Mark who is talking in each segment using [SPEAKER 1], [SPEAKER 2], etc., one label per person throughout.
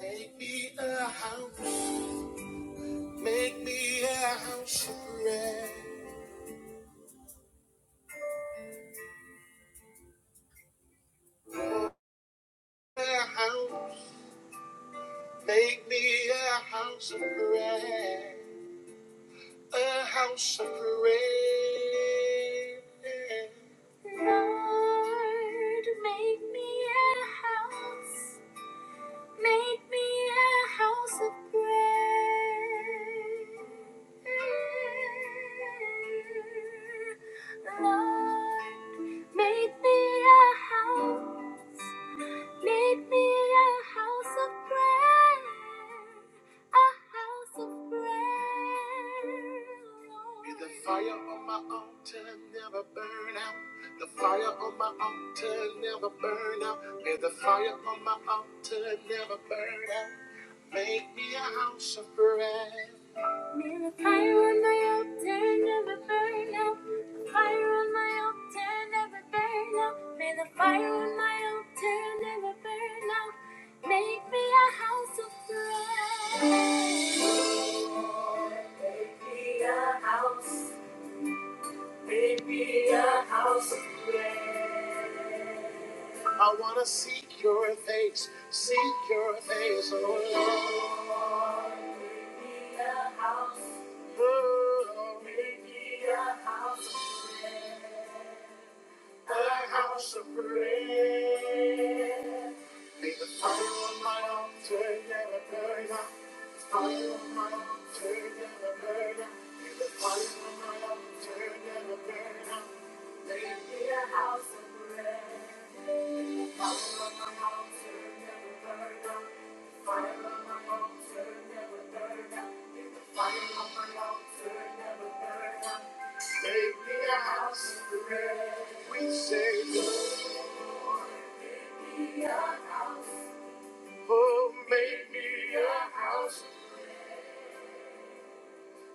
[SPEAKER 1] Make me a house. Make me a house of prayer. A house. Make me a house of prayer. A house of prayer. Lord, make me a house. Make me a house of prayer. Lord, make me a house. Make me a house of prayer, a house of prayer. May the fire on my altar never burn out. The fire on my altar never burn out. May the fire on my altar never burn out. Make me a house of prayer. Fire on my altar, never burn out. Fire on my altar, never burn out. May the fire on my altar never burn out. Make me a house of prayer. Make me a house of prayer. I wanna seek your face, seek your face, oh Lord. Oh, Make me a house of prayer. Make me a house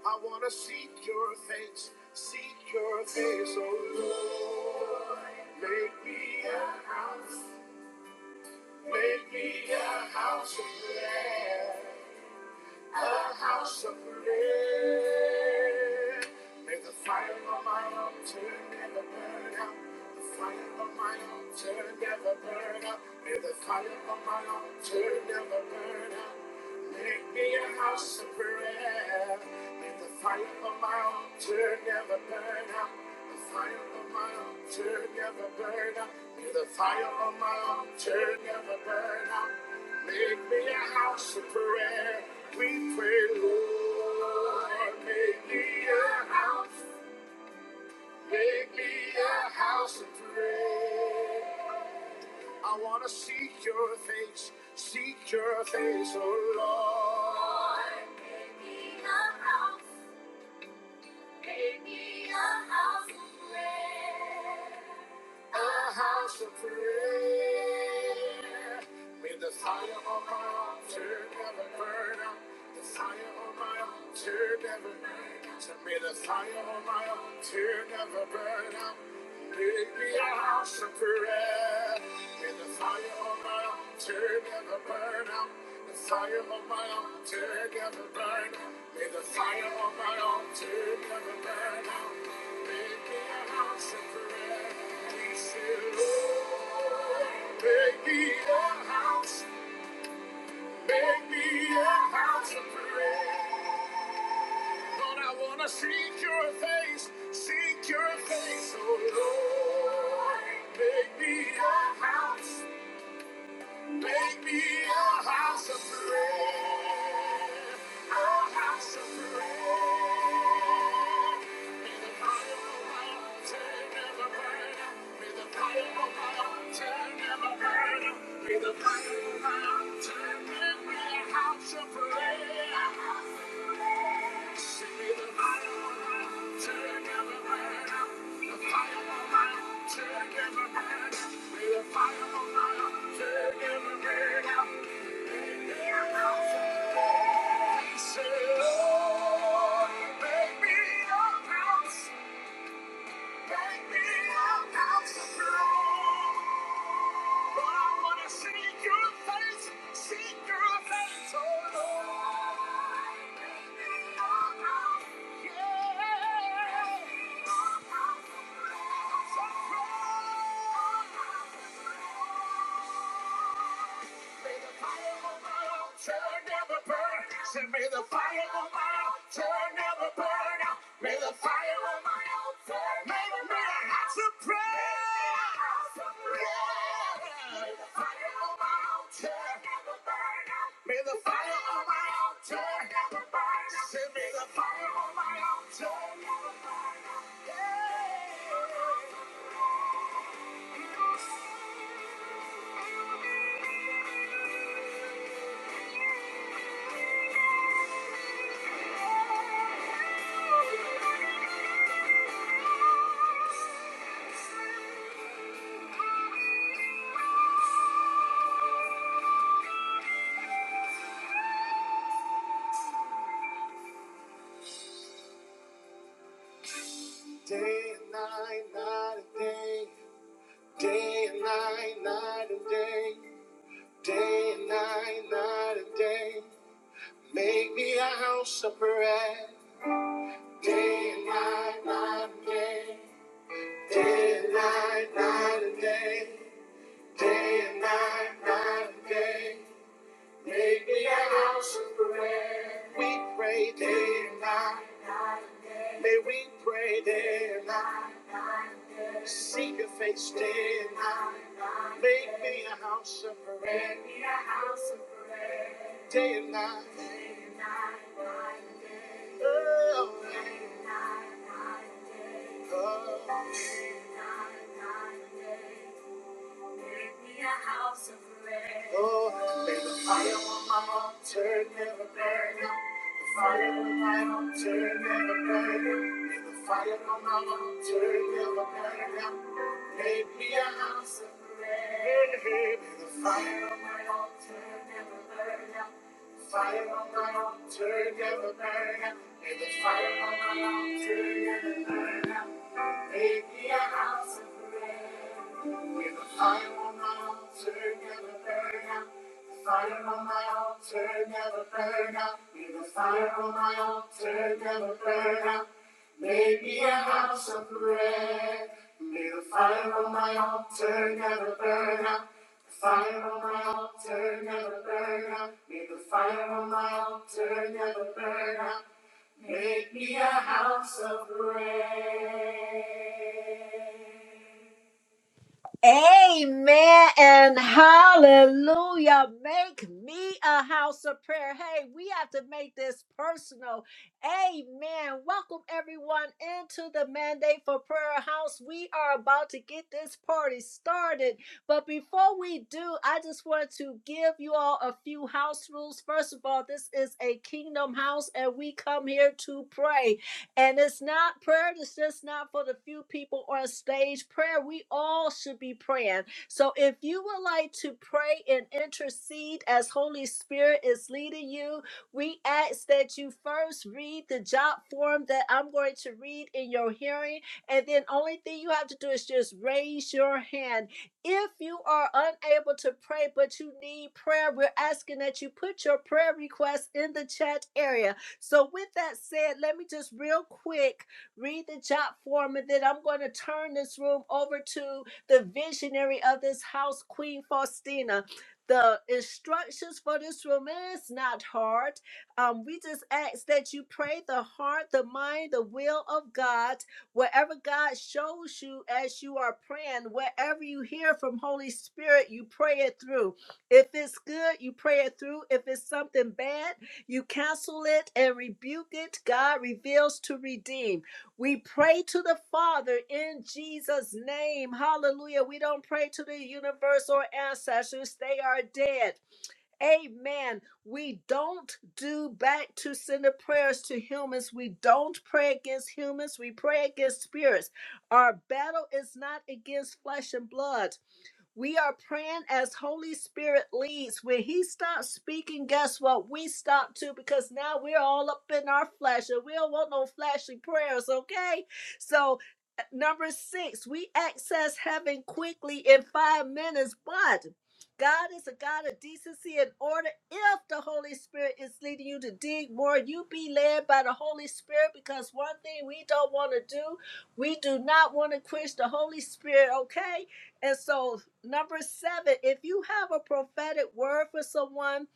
[SPEAKER 1] I wanna seek your face, seek your face, oh Lord. Make me a house, make me a house of prayer, a house of prayer. May the fire of my altar never burn out. The fire of my altar never burn out. May the fire of my altar never burn out. Make me a house of prayer. The fire of my altar never burn out. The fire of my altar never burn out. May the fire of my altar never burn out. Make me a house of prayer. We pray, Lord, make me a house. Make me a house of prayer. I wanna seek your face, seek your face, oh Lord. A house, a house. a house of prayer. May the fire of my altar never burn out. The fire of my altar never burn out. So may the fire of my altar never burn out. Make me a house Forever. May the fire on my altar never burn out. The fire on my altar never burn out. May the fire on my altar never burn out. Make me a house of prayer. Please, Lord, Make me a house. Make me a house of prayer. Make me a house. Make me a house of prayer. A house of prayer. Fire on my own, turn every burn out. Yeah. fire may the fire on my altar never burn out. May the fire on my altar never burn out. That's a prayer. May the fire on my altar never burn out. May the fire on my altar never burn out. Say, may the fire on my altar never burn out. Yeah. Day and night, night and day. Day and night, night and day, day and night, night and day. Make me a house of prayer. Day and night, night and day, day and night, night and day, day and night, night and day. Make me a house of prayer. We pray day and night. May we pray day and night. Seek your face day and night. Make me a house of prayer. Day and night. Oh, yeah. Oh, make me a house of bread. Oh, may the fire on my altar never burn out. The fire on my altar never burn out. May the fire on my altar never burn out. Make me a house of bread. May the fire, fire on my altar never burn out. May the fire on my altar never burn out. Make me a house. With a Fire on my altar, never burn out. The Fire on my altar, never burn out. May the fire on my altar never burn out. Make me a house of prayer. May the fire on my altar never burn out. The Fire on my altar never burn out. May the fire on my altar never burn out. Make me a house of prayer. Amen and hallelujah. Make me a house of prayer. Hey, we have to make this personal. Amen. Welcome everyone into the Mandate for Prayer House. We are about to get this party started. But before we do, I just want to give you all a few house rules. First of all, this is a kingdom house and we come here to pray. And it's not prayer, it's just not for the few people on stage. Prayer, we all should be praying. So if you would like to pray and intercede as Holy Spirit is leading you, we ask that you first read the job form that I'm going to read in your hearing. And then only thing you have to do is just raise your hand. If you are unable to pray, but you need prayer, we're asking that you put your prayer request in the chat area so, with that said, let me just real quick read the job form, and then I'm going to turn this room over to the visionary of this house, Queen Faustina. The instructions for this room is not hard. Um, we just ask that you pray the heart, the mind, the will of God, wherever God shows you as you are praying, wherever you hear from Holy Spirit, you pray it through. If it's good, you pray it through. If it's something bad, you cancel it and rebuke it. God reveals to redeem. We pray to the Father in Jesus' name. Hallelujah. We don't pray to the universe or ancestors, they are dead. Amen. We don't do back to sender prayers to humans. We don't pray against humans. We pray against spirits. Our battle is not against flesh and blood. We are praying as Holy Spirit leads. When He stops speaking, guess what? We stop too because now we're all up in our flesh and we don't want no flashy prayers, okay? So, uh, number six, we access heaven quickly in five minutes, but God is a God of decency and order. If the Holy Spirit is leading you to dig more, you be led by the Holy Spirit because one thing we don't want to do, we do not want to quench the Holy Spirit, okay? And so Number seven, if you have a prophetic word for someone,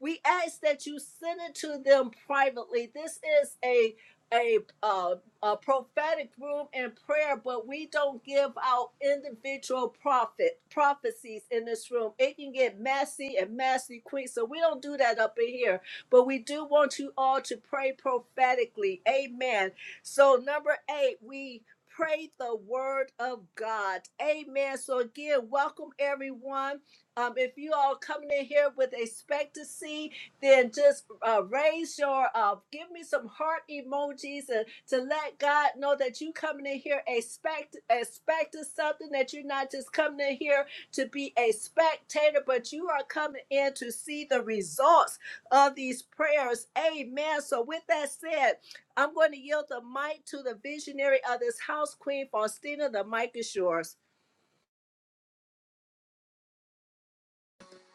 [SPEAKER 1] we ask that you send it to them privately. This is a a, uh, a prophetic room and prayer, but we don't give out individual prophet prophecies in this room. It can get messy and messy quick, so we don't do that up in here. But we do want you all to pray prophetically. Amen. So number eight, we pray the word of God. Amen. So again, welcome everyone. Um, if you all coming in here with expectancy, then just uh, raise your, uh, give me some heart emojis and to let God know that you coming in here expect expecting something that you're not just coming in here to be a spectator, but you are coming in to see the results of these prayers. Amen. So with that said, I'm going to yield the mic to the visionary of this house, Queen Faustina. The mic is yours.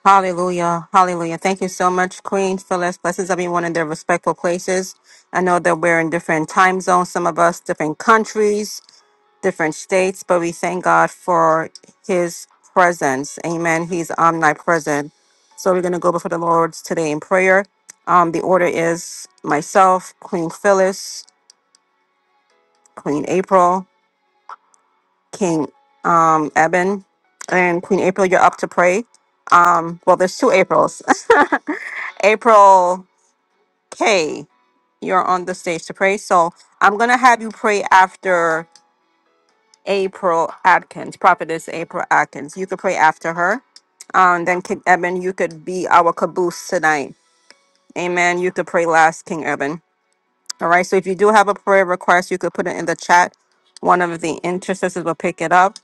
[SPEAKER 2] Hallelujah. Hallelujah. Thank you so much, Queen Phyllis. Blessings everyone in their respectful places. I know that we're in different time zones, some of us different countries, different states, but we thank God for his presence. Amen. He's omnipresent. So we're going to go before the Lord today in prayer. Um, the order is myself, Queen Phyllis, Queen April. King um, Eben and Queen April, you're up to pray. Um, well, there's two Aprils. April K, you're on the stage to pray. So I'm going to have you pray after April Atkins, Prophetess April Atkins. You could pray after her. Um, then King Eben, you could be our caboose tonight. Amen. You could pray last, King Eben. All right. So if you do have a prayer request, you could put it in the chat. One of the intercessors will pick it up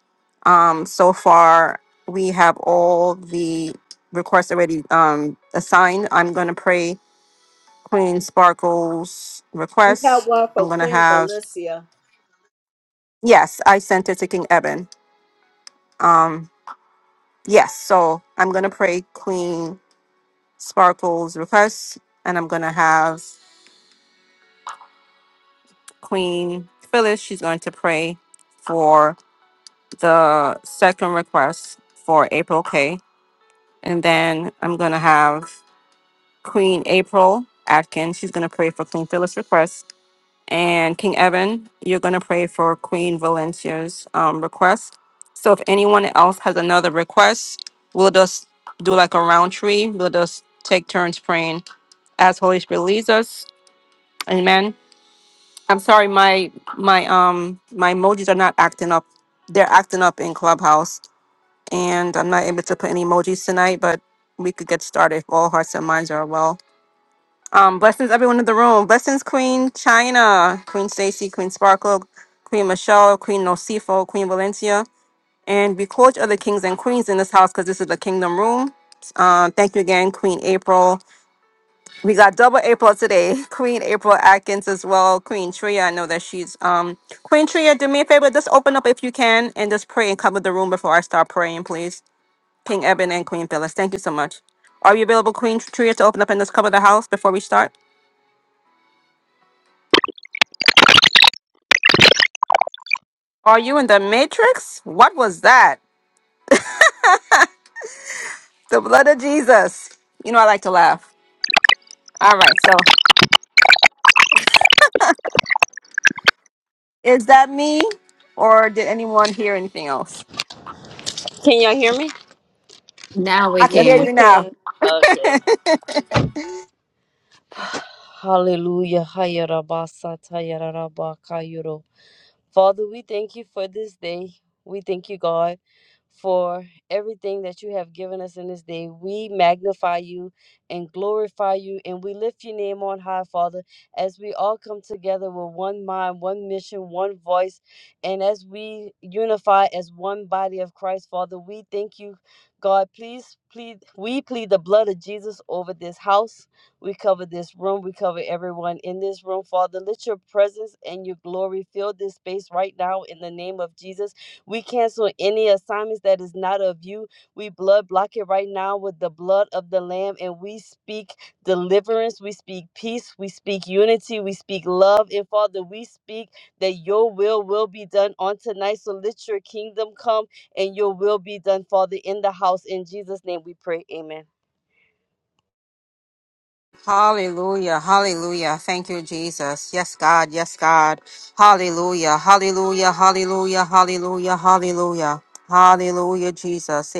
[SPEAKER 2] Um, so far, we have all the requests already um, assigned. I'm going to pray Queen Sparkle's
[SPEAKER 1] We have
[SPEAKER 2] request.
[SPEAKER 1] one for
[SPEAKER 2] I'm going to
[SPEAKER 1] Queen
[SPEAKER 2] have,
[SPEAKER 1] Valencia.
[SPEAKER 2] yes, I sent it to King Eben. Um, yes, so I'm going to pray Queen Sparkle's request, and I'm going to have Queen Phyllis, she's going to pray for the second request for April K. And then I'm going to have Queen April Atkins. She's going to pray for Queen Phyllis' request. And King Evan, you're going to pray for Queen Valencia's um, request. So if anyone else has another request, we'll just do like a round tree. We'll just take turns praying as Holy Spirit leads us. Amen. I'm sorry, my my um my emojis are not acting up. They're acting up in Clubhouse, and I'm not able to put any emojis tonight. But we could get started if all hearts and minds are well. Um, blessings, everyone in the room. Blessings, Queen China, Queen Stacy, Queen Sparkle, Queen Michelle, Queen Nocifo, Queen Valencia. And we call each other kings and queens in this house because this is the kingdom room. Uh, thank you again, Queen April. We got double April today. Queen April Atkins as well. Queen Tria, I know that she's um Queen Tria, do me a favor, just open up if you can and just pray and cover the room before I start praying, please. King Eben and Queen Phyllis. Thank you so much. Are you available, Queen Tria, to open up and just cover the house before we start? Are you in the Matrix? What was that? The blood of Jesus. You know, I like to laugh. All right. So is that me or did anyone hear anything else?
[SPEAKER 3] Can y'all hear me?
[SPEAKER 4] Now
[SPEAKER 2] I
[SPEAKER 4] we
[SPEAKER 2] can hear
[SPEAKER 4] can.
[SPEAKER 2] you now.
[SPEAKER 3] Okay. Hallelujah. Hayarabasa tayararaba Father, we thank you for this day. We thank you, God, for everything that you have given us in this day. We magnify you and glorify you, and we lift your name on high, Father, as we all come together with one mind, one mission, one voice, and as we unify as one body of Christ, Father, we thank you, God. Please plead, we plead the blood of Jesus over this house we cover this room. We cover everyone in this room. Father, let your presence and your glory fill this space right now in the name of Jesus. We cancel any assignments that is not of you. We blood block it right now with the blood of the Lamb and we speak deliverance. We speak peace. We speak unity. We speak love. And Father, we speak that your will will be done on tonight. So let your kingdom come and your will be done, Father, in the house. In Jesus' name we pray. Amen.
[SPEAKER 2] Hallelujah, hallelujah. Thank you, Jesus. Yes, God, yes, God. Hallelujah, hallelujah, hallelujah, hallelujah, hallelujah. Hallelujah, Jesus.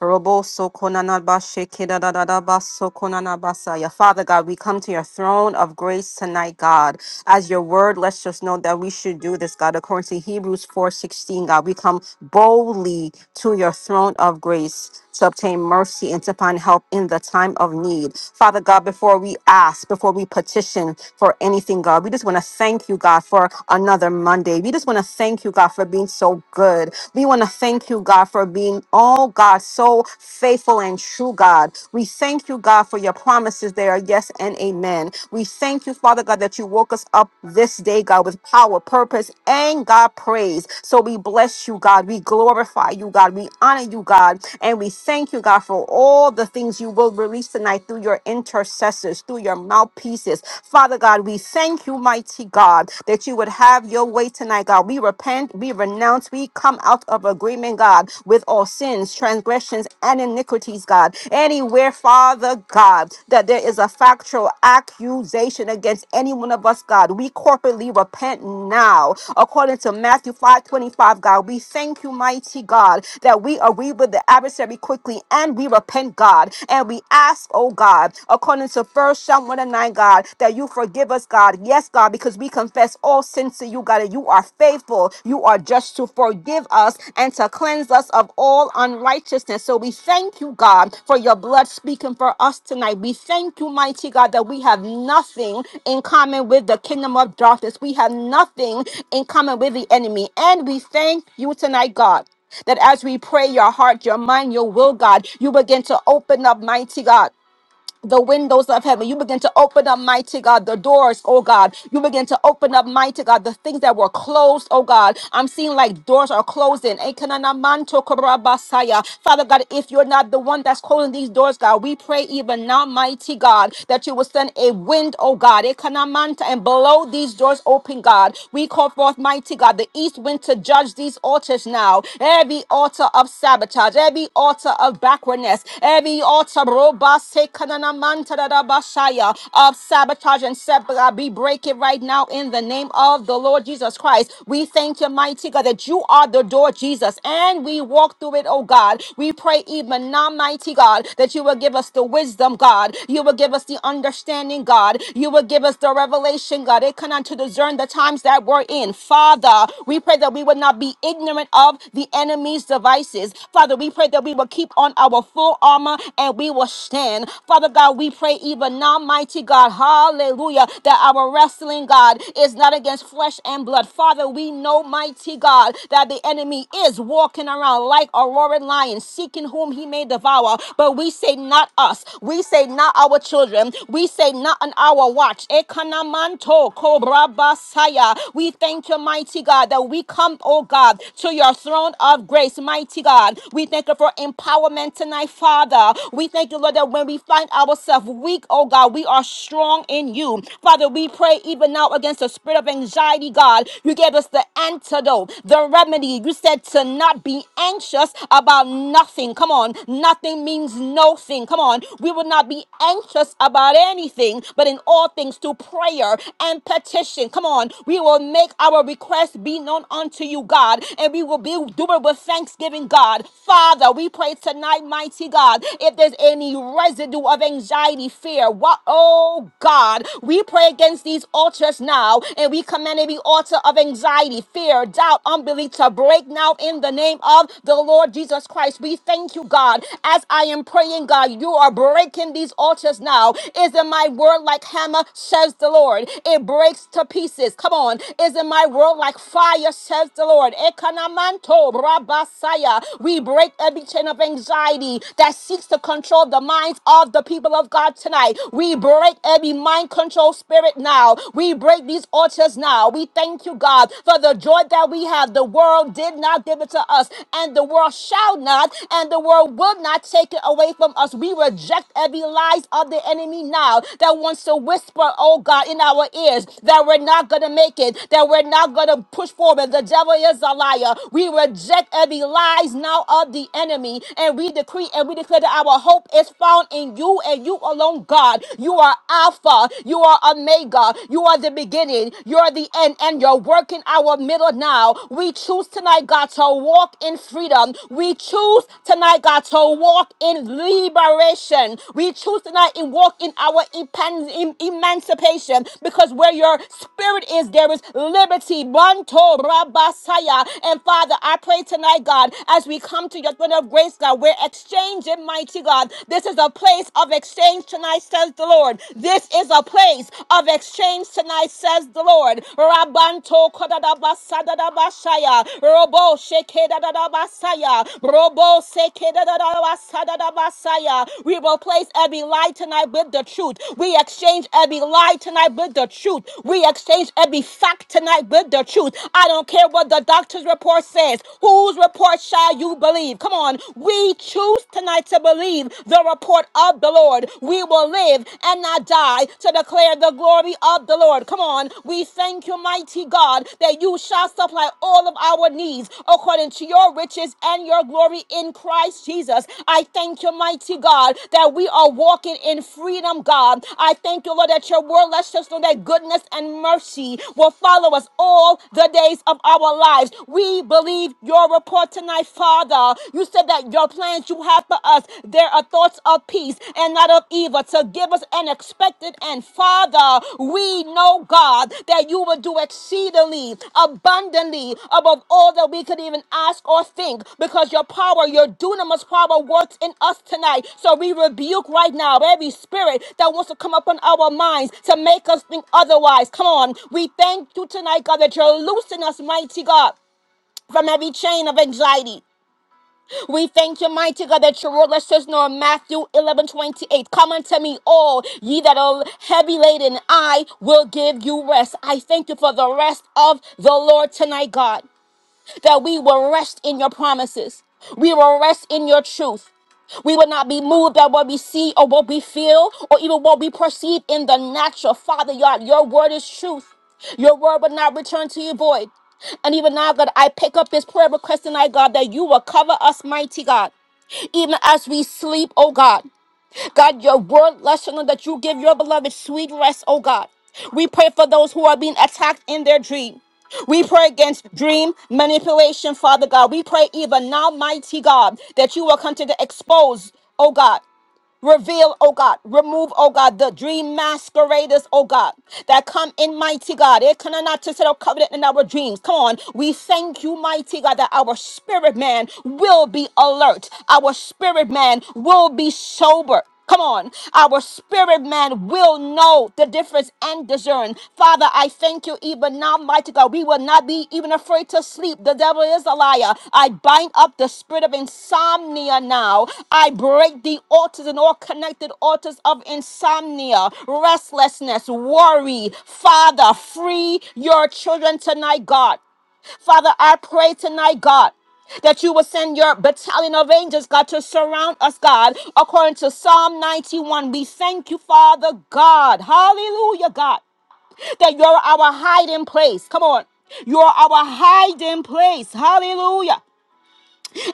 [SPEAKER 2] Robo sokonana bashe kidadadada baso konana basaya. Father God, we come to your throne of grace tonight, God. As your word lets us know that we should do this, God, according to Hebrews 4:16, God. We come boldly to your throne of grace to obtain mercy and to find help in the time of need. Father God, before we ask, before we petition for anything, God, we just want to thank you, God, for another Monday. We just want to thank you, God, for being so good. We want to thank you, God, for being, oh God, so faithful and true, God. We thank you, God, for your promises. They are yes and amen. We thank you, Father God, that you woke us up this day, God, with power, purpose, and God praise. So we bless you, God. We glorify you, God. We honor you, God. And we thank you, God, for all the things you will release tonight through your intercessors, through your mouthpieces. Father God, we thank you, mighty God, that you would have have your way tonight, God. We repent, we renounce, we come out of agreement, God, with all sins, transgressions, and iniquities, God. Anywhere, Father God, that there is a factual accusation against any one of us, God, we corporately repent now. According to Matthew 5 25, God, we thank you, mighty God, that we agree with the adversary quickly and we repent, God. And we ask, oh God, according to First Samuel 9, God, that you forgive us, God. Yes, God, because we confess all sins to you, God, and you are faithful. You are just to forgive us and to cleanse us of all unrighteousness. So we thank you, God, for your blood speaking for us tonight. We thank you, mighty God, that we have nothing in common with the kingdom of darkness. We have nothing in common with the enemy. And we thank you tonight, God, that as we pray your heart, your mind, your will, God, you begin to open up, mighty God the windows of heaven. You begin to open up, mighty God, the doors, oh God. You begin to open up, mighty God, the things that were closed, oh God. I'm seeing like doors are closing. Ekananamanto korabasaya. Father God, if you're not the one that's closing these doors, God, we pray even now, mighty God, that you will send a wind, oh God, Ekanamanta, and blow these doors open, God. We call forth, mighty God, the east wind to judge these altars now. Every altar of sabotage, every altar of backwardness, every altar, Rase kanana mantara da basaya of sabotage and setback. We break it right now in the name of the Lord Jesus Christ. We thank you, mighty God, that you are the door, Jesus, and we walk through it, oh God. We pray even now, mighty God, that you will give us the wisdom, God. You will give us the understanding, God. You will give us the revelation, God. It can to discern the times that we're in. Father, we pray that we would not be ignorant of the enemy's devices. Father, we pray that we will keep on our full armor and we that we will stand. Father God, we pray even now, mighty God, hallelujah, that our wrestling, God, is not against flesh and blood. Father, we know, mighty God, that the enemy is walking around like a roaring lion, seeking whom he may devour. But we say, not us. We say, not our children. We say, not on our watch. Ekanamanto kobra Basaya. We thank you, mighty God, that we come, oh God, to your throne of grace, mighty God. We thank you for empowerment tonight, Father. Father. We thank you, Lord, that when we find ourselves weak, oh God, we are strong in you. Father, we pray even now against the spirit of anxiety, God. You gave us the antidote, the remedy. You said to not be anxious about nothing. Come on. Nothing means no thing. Come on. We will not be anxious about anything, but in all things through prayer and petition. Come on. We will make our requests be known unto you, God, and we will be doing with thanksgiving, God. Father, we pray tonight, God, mighty God. If there's any residue of anxiety, fear, what, oh God, we pray against these altars now and we command every altar of anxiety, fear, doubt, unbelief to break now in the name of the Lord Jesus Christ. We thank you, God. As I am praying, God, you are breaking these altars now. Isn't my word like hammer, says the Lord? It breaks to pieces. Come on. Isn't my word like fire, says the Lord? Ekanamanto brabasaya. We break every chain mountain of anxiety that seeks to control the minds of the people of God tonight. We break every mind control spirit now. We break these altars now. We thank you, God, for the joy that we have. The world did not give it to us, and the world shall not, and the world will not take it away from us. We reject every lies of the enemy now that wants to whisper, oh God, in our ears that we're not going to make it, that we're not going to push forward. The devil is a liar. We reject every lies now of the enemy. And we decree and we declare that our hope is found in you and you alone, God. You are Alpha, you are Omega, you are the beginning, you are the end, and you're working our middle now. We choose tonight, God, to walk in freedom. We choose tonight, God, to walk in liberation. We choose tonight and walk in our epan- em- emancipation because where your spirit is, there is liberty. Manto rabasaya. And Father, I pray tonight, God as we come to your throne of grace, God. We're exchanging, mighty God. This is a place of exchange tonight, says the Lord. This is a place of exchange tonight, says the Lord. Rabanto kodadabasadadabashaya. Robo shekedadadabasaya. Robo sekedadadabasadadabasaya. We replace every lie tonight with the truth. We exchange every lie tonight with the truth. We exchange every fact tonight with the truth. I don't care what the doctor's report says. Who whose report shall you believe? Come on. We choose tonight to believe the report of the Lord. We will live and not die to declare the glory of the Lord. Come on. We thank you, mighty God, that you shall supply all of our needs according to your riches and your glory in Christ Jesus. I thank you, mighty God, that we are walking in freedom, God. I thank you, Lord, that your word lets us know that goodness and mercy will follow us all the days of our lives. We believe believe your report tonight, Father. You said that your plans you have for us, there are thoughts of peace and not of evil to give us an expected and Father, we know, God, that you will do exceedingly, abundantly, above all that we could even ask or think, because your power, your dunamis power works in us tonight. So we rebuke right now every spirit that wants to come upon our minds to make us think otherwise. Come on. We thank you tonight, God, that you're loosing us, mighty God from every chain of anxiety. We thank you, mighty God, that your word lets us know in Matthew 11 28. Come unto me, all ye that are heavy laden, I will give you rest. I thank you for the rest of the Lord tonight, God that we will rest in your promises. We will rest in your truth. We will not be moved by what we see or what we feel or even what we perceive in the natural. Father, God, your word is truth. Your word will not return to you void. And even now, God, I pick up this prayer request tonight, God, that you will cover us, mighty God, even as we sleep, oh God. God, your word lesson that you give your beloved sweet rest, oh God. We pray for those who are being attacked in their dream. We pray against dream manipulation, Father God. We pray even now, mighty God, that you will continue to expose, oh God. Reveal, oh God, remove, oh God, the dream masqueraders, oh God, that come in, mighty God. It cannot to set a covenant in our dreams. Come on, we thank you, mighty God, that our spirit man will be alert, our spirit man will be sober. Come on. Our spirit man will know the difference and discern. Father, I thank you even now, mighty God. We will not be even afraid to sleep. The devil is a liar. I bind up the spirit of insomnia now. I break the altars and all connected altars of insomnia, restlessness, worry. Father, free your children tonight, God. Father, I pray tonight, God, that you will send your battalion of angels, God, to surround us, God, according to Psalm 91. We thank you, Father God. Hallelujah, God, that you're our hiding place. Come on. You're our hiding place. Hallelujah.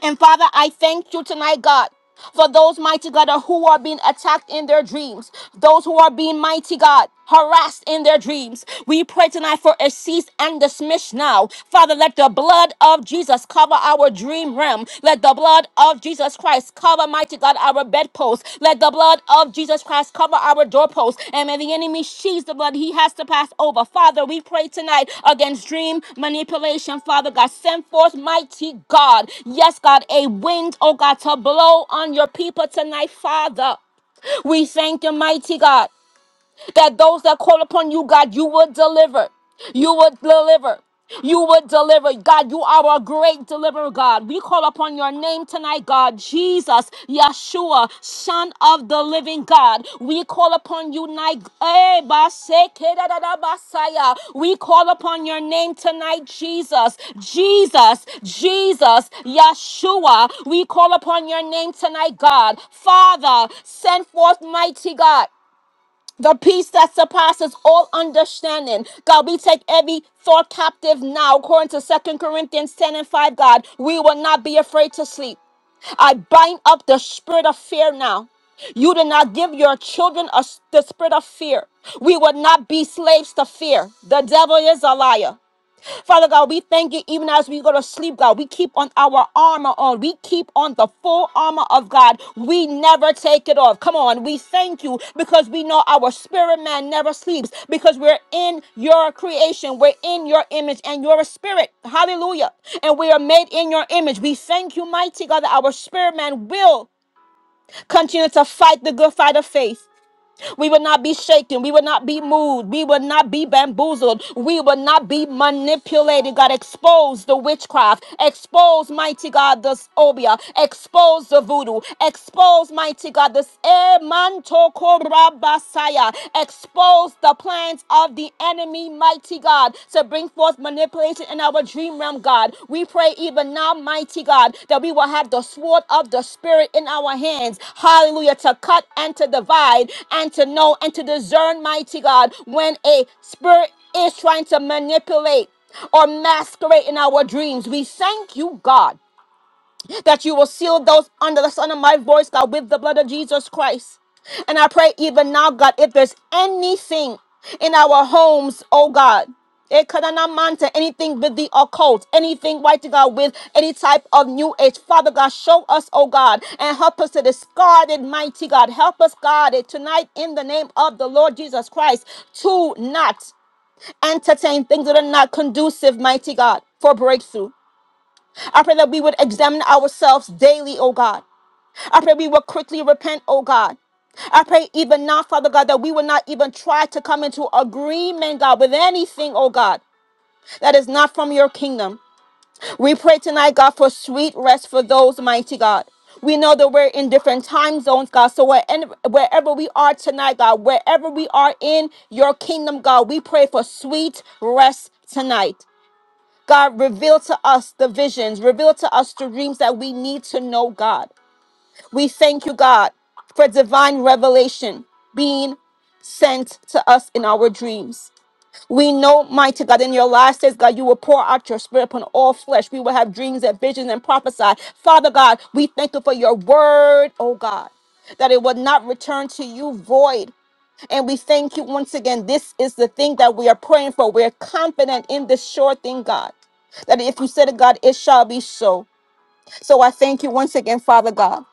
[SPEAKER 2] And Father, I thank you tonight, God. For those mighty God who are being attacked in their dreams, those who are being mighty God harassed in their dreams, we pray tonight for a cease and dismiss now. Father, let the blood of Jesus cover our dream realm. Let the blood of Jesus Christ cover. Father, mighty God, our bedpost. Let the blood of Jesus Christ cover our doorpost. And when the enemy sees the blood, he has to pass over. Father, we pray tonight against dream manipulation. Father God, send forth mighty God. Yes, God, a wind, oh God, to blow on your people tonight, Father. We thank you, mighty God that those that call upon you, God, you will deliver. You will deliver. You will deliver. God, you are a great deliverer, God. We call upon your name tonight, God. Jesus, Yeshua, Son of the living God. We call upon you tonight. Eh, basekedadadabasaya. We call upon your name tonight, Jesus. Jesus, Jesus, Yeshua. We call upon your name tonight, God. Father, send forth mighty God the peace that surpasses all understanding. God, we take every thought captive now, according to Second Corinthians 10 and 5. God, we will not be afraid to sleep. I bind up the spirit of fear now. You did not give your children a, the spirit of fear. We would not be slaves to fear. The devil is a liar. Father God, we thank you even as we go to sleep, God. We keep on our armor on. We keep on the full armor of God. We never take it off. Come on. We thank you because we know our spirit man never sleeps because we're in your creation. We're in your image and you're a spirit. Hallelujah. And we are made in your image. We thank you, mighty God, that our spirit man will continue to fight the good fight of faith. We will not be shaken. We will not be moved. We will not be bamboozled. We will not be manipulated. God, expose the witchcraft. Expose, mighty God, the obia. Expose the voodoo. Expose, mighty God, this emantokorabasaya. Expose the plans of the enemy, mighty God. God, to bring forth manipulation in our dream realm, God. We pray even now, mighty God, that we will have the sword of the Spirit in our hands. Hallelujah. To cut and to divide and to know and to discern, mighty God, when a spirit is trying to manipulate or masquerade in our dreams. We thank you, God that you will seal those under the sound of my voice, God, with the blood of Jesus Christ. And I pray even now, God, if there's anything in our homes, oh God. Ekanamanta, Anything with the occult, anything right to God with any type of new age. Father God, show us, oh God, and help us to discard it, mighty God. Help us, God, it tonight in the name of the Lord Jesus Christ to not entertain things that are not conducive, mighty God, for breakthrough. I pray that we would examine ourselves daily, oh God. I pray we would quickly repent, oh God. I pray even now, Father God, that we would not even try to come into agreement, God, with anything, oh God, that is not from your kingdom. We pray tonight, God, for sweet rest for those, mighty God. We know that we're in different time zones, God. So wherever wherever we are tonight, God, wherever we are in your kingdom, God, we pray for sweet rest tonight. God, reveal to us the visions, reveal to us the dreams that we need to know, God. We thank you, God, for divine revelation being sent to us in our dreams. We know, mighty God, in your last days, God, you will pour out your spirit upon all flesh. We will have dreams and visions and prophesy. Father God, we thank you for your word, oh God, that it will not return to you void, and we thank you once again. This is the thing that we are praying for. We're confident in this sure thing, God, that if you said it, God, it shall be so. So I thank you once again, Father God.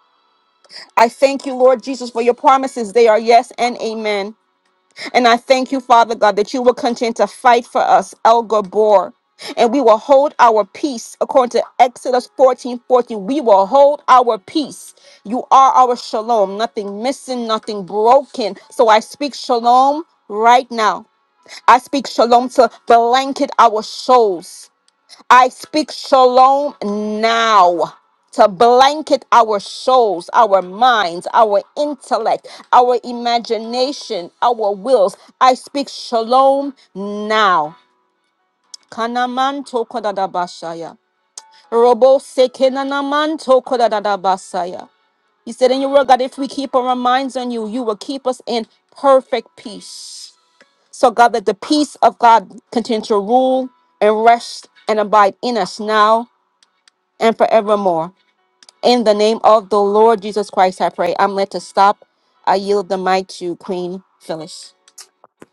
[SPEAKER 2] I thank you, Lord Jesus, for your promises. They are yes and amen. And I thank you, Father God, that you will continue to fight for us, El Gabor. And we will hold our peace according to Exodus 14 fourteen, We will hold our peace. You are our shalom, nothing missing, nothing broken. So I speak shalom right now. I speak shalom to blanket our souls. I speak shalom now to blanket our souls, our minds, our intellect, our imagination, our wills. I speak shalom now. Kanamanto kodadabashaya. Robo sekenanamanto kodadadabasaya. You said in your word, God, if we keep our minds on you, you will keep us in perfect peace. So, God, that the peace of God continue to rule and rest and abide in us now and forevermore. In the name of the Lord Jesus Christ, I pray. I'm led to stop. I yield the mic to Queen Phyllis.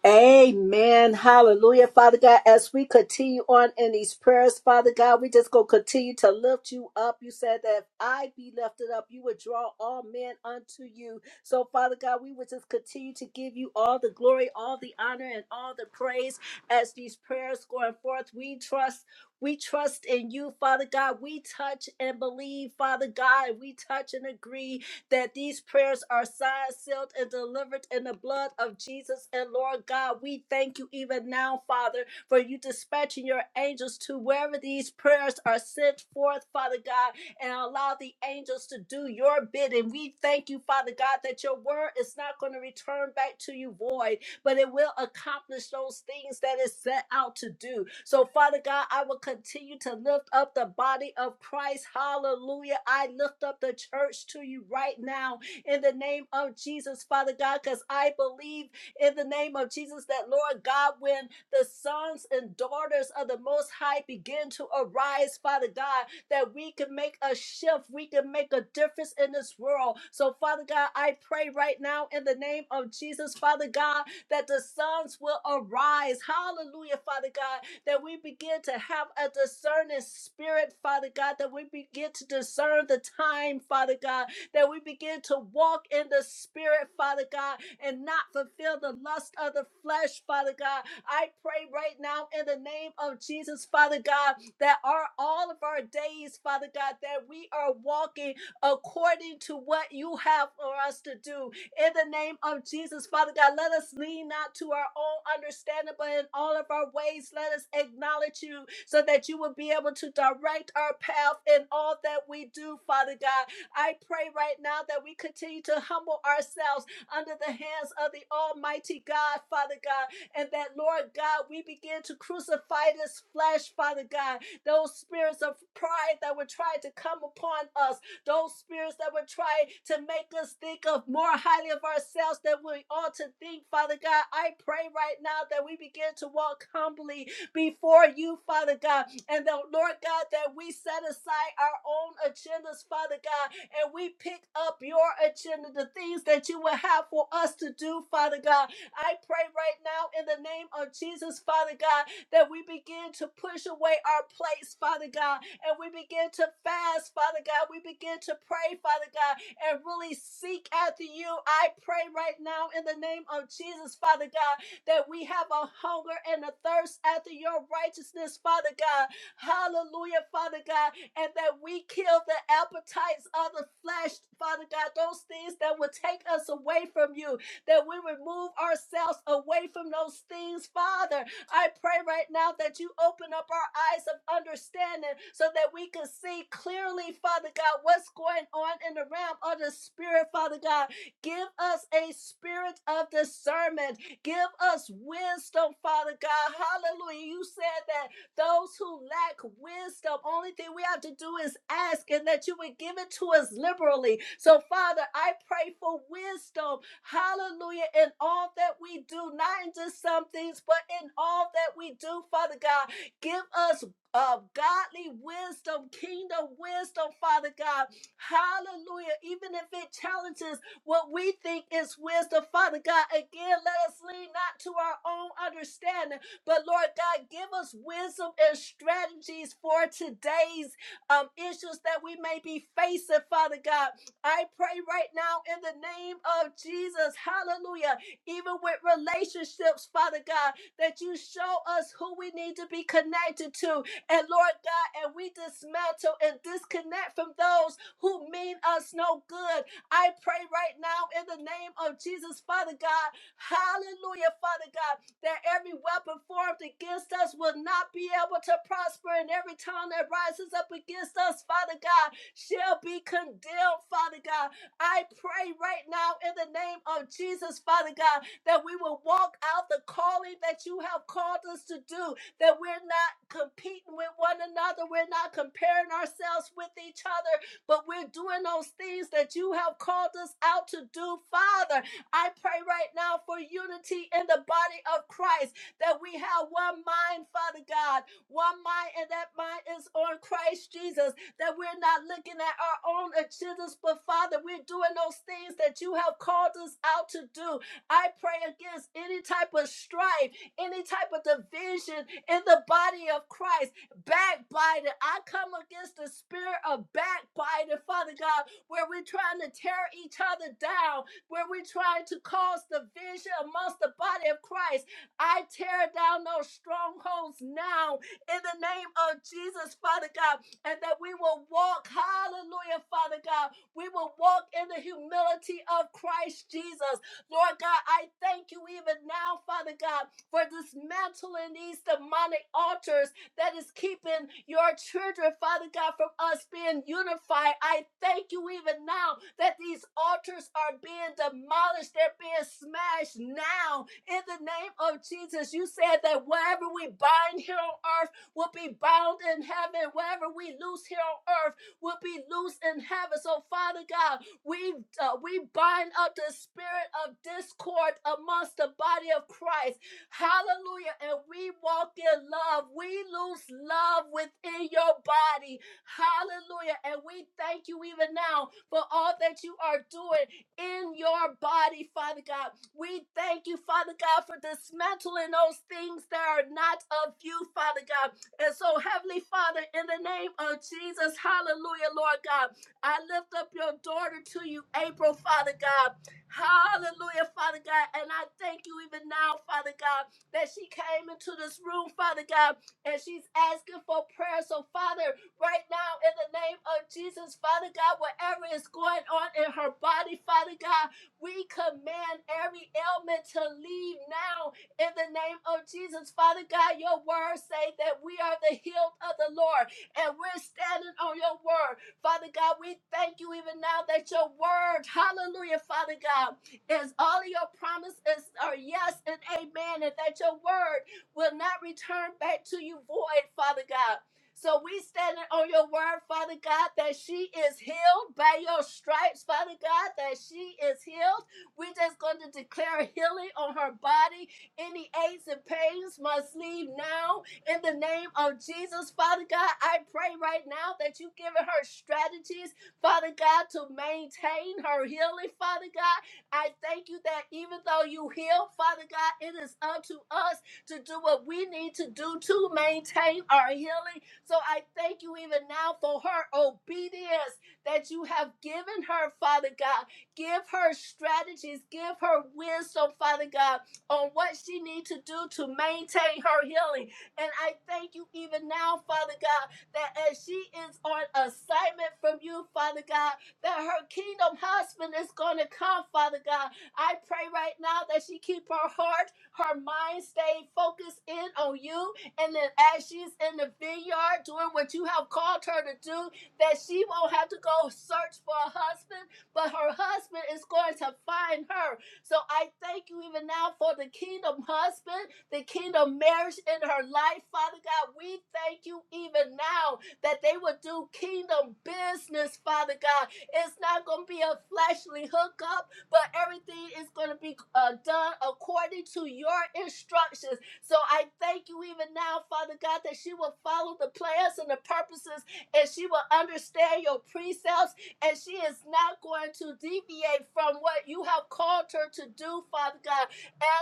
[SPEAKER 1] Amen. Hallelujah. Father God, as we continue on in these prayers, Father God, we just going to continue to lift you up. You said that if I be lifted up, you would draw all men unto you. So, Father God, we would just continue to give you all the glory, all the honor, and all the praise as these prayers going forth. We trust. We trust in you, Father God. We touch and believe, Father God. We touch and agree that these prayers are signed, sealed, and delivered in the blood of Jesus. And Lord God, we thank you even now, Father, for you dispatching your angels to wherever these prayers are sent forth, Father God, and allow the angels to do your bidding. We thank you, Father God, that your word is not going to return back to you void but it will accomplish those things that it set out to do. So, Father God, I will continue to lift up the body of Christ. Hallelujah. I lift up the church to you right now in the name of Jesus, Father God, because I believe in the name of Jesus that, Lord God, when the sons and daughters of the Most High begin to arise, Father God, that we can make a shift, we can make a difference in this world. So, Father God, I pray right now in the name of Jesus, Father God, that the sons will arise. Hallelujah, Father God, that we begin begin to have a discerning spirit, Father God, that we begin to discern the time, Father God, that we begin to walk in the spirit, Father God, and not fulfill the lust of the flesh, Father God. I pray right now in the name of Jesus, Father God, that our all of our days, Father God, that we are walking according to what you have for us to do. In the name of Jesus, Father God, let us lean not to our own understanding, but in all of our ways, let us acknowledge you so that you will be able to direct our path in all that we do, Father God. I pray right now that we continue to humble ourselves under the hands of the Almighty God, Father God, and that, Lord God, we begin to crucify this flesh, Father God, those spirits of pride that were trying to come upon us those spirits that would try to make us think of more highly of ourselves than we ought to think, Father God. I pray right now that we begin to walk humbly before you, Father God, and that, Lord God, that we set aside our own agendas, Father God, and we pick up your agenda, the things that you will have for us to do, Father God. I pray right now in the name of Jesus, Father God, that we begin to push away our plates, Father God, and we begin to fast, Father God. We begin to pray, Father God, and really seek after you. I pray right now in the name of Jesus, Father God, that we have a hunger and a thirst after your righteousness, Father God. Hallelujah, Father God, and that we kill the appetites of the flesh, Father God, those things that would take us away from you, that we remove ourselves away from those things, Father, I pray right now that you open up our eyes of understanding so that we can see clearly, Father God, what's going on in the realm of the Spirit, Father God. Give us a spirit of discernment. Give us wisdom, Father God. Hallelujah. You said that those who lack wisdom, only thing we have to do is ask and that you would give it to us liberally. So, Father, I pray for wisdom Hallelujah. In all that we do, not in just some things, but in all that we do, Father God, give us uh, godly wisdom, kingdom wisdom, Father God. Hallelujah. Even if it challenges what we think is wisdom, Father God, again, let us lean not to our own understanding, but Lord God, give us wisdom and strategies for today's um, issues that we may be facing, Father God. I pray right now in the name of Jesus, hallelujah, even with relationships, Father God, that you show us who we need to be connected to. And Lord God, and we dismantle and disconnect from those who mean us no good. I pray right now in the name of Jesus, Father God, hallelujah, Father God, that every weapon formed against us will not be able to prosper, and every tongue that rises up against us, Father God, shall be condemned, Father God. I pray right now in the name of Jesus, Father God, that we will walk out the calling that you have called us to do, that we're not competing with one another, we're not comparing ourselves with each other, but we're doing those things that you have called us out to do, Father. I pray right now for unity in the body of Christ that we have one mind, Father God, one mind, and that mind is on Christ Jesus. That we're not looking at our own agendas, but Father, we're doing those things that you have called us out to do. I pray against any type of strife, any type of division in the body of Christ. Backbiting, I come against the spirit of backbiting, Father God, where we're trying to tear each other down where we try to cause division amongst the body of Christ. I tear down those strongholds now in the name of Jesus, Father God, and that we will walk, hallelujah, Father God. We will walk in the humility of Christ Jesus. Lord God, I thank you even now, Father God, for dismantling these demonic altars that is keeping your children, Father God, from us being unified. I thank you even now that these altars are being demolished, they're being smashed now in the name of Jesus. You said that whatever we bind here on earth will be bound in heaven, whatever we loose here on earth will be loose in heaven. So, Father God, we uh, we bind up the spirit of discord amongst the body of Christ. Hallelujah. And we walk in love. We lose love within your body. Hallelujah. And we thank you even now for all that you are doing in your body, Father God. We thank you, Father God, for dismantling those things that are not of you, Father God. And so, Heavenly Father, in the name of Jesus, hallelujah, Lord God, I lift up your daughter to you, April, Father God. Hallelujah, Father God. And I thank you even now, Father God, that she came into this room, Father God, and she's asking for prayer. So, Father, right now, in the name of Jesus, Father God, whatever is going on in her body, Father God, we command every ailment to leave now in the name of Jesus. Father God, your words say that we are the healed of the Lord, and we're standing on your word. Father God, we thank you even now that your word, hallelujah, Father God, is all of your promises are yes and amen, and that your word will not return back to you void, Father God. So we standing on your word, Father God, that she is healed by your stripes, Father God, that she is healed. We're just going to declare healing on her body. Any aches and pains must leave now in the name of Jesus, Father God, I pray right now that you give her strategies, Father God, to maintain her healing, Father God. I thank you that even though you heal, Father God, it is up to us to do what we need to do to maintain our healing. So I thank you even now for her obedience that you have given her, Father God. Give her strategies, give her wisdom, Father God, on what she needs to do to maintain her healing. And I thank you even now, Father God, that as she is on assignment from you, Father God, that her kingdom husband is going to come, Father God. I pray right now that she keep her heart, her mind stay focused in on you. And then as she's in the vineyard doing what you have called her to do, that she won't have to go search for a husband, but her husband is going to find her. So I thank you even now for the kingdom husband the kingdom marriage in her life, Father God. We thank you even now that they will do kingdom business, Father God. It's not going to be a fleshly hookup, but everything is going to be uh, done according to your instructions. So I thank you even now, Father God, that she will follow the plans and the purposes and she will understand your precepts and she is not going to deviate from what you have called her to do, Father God,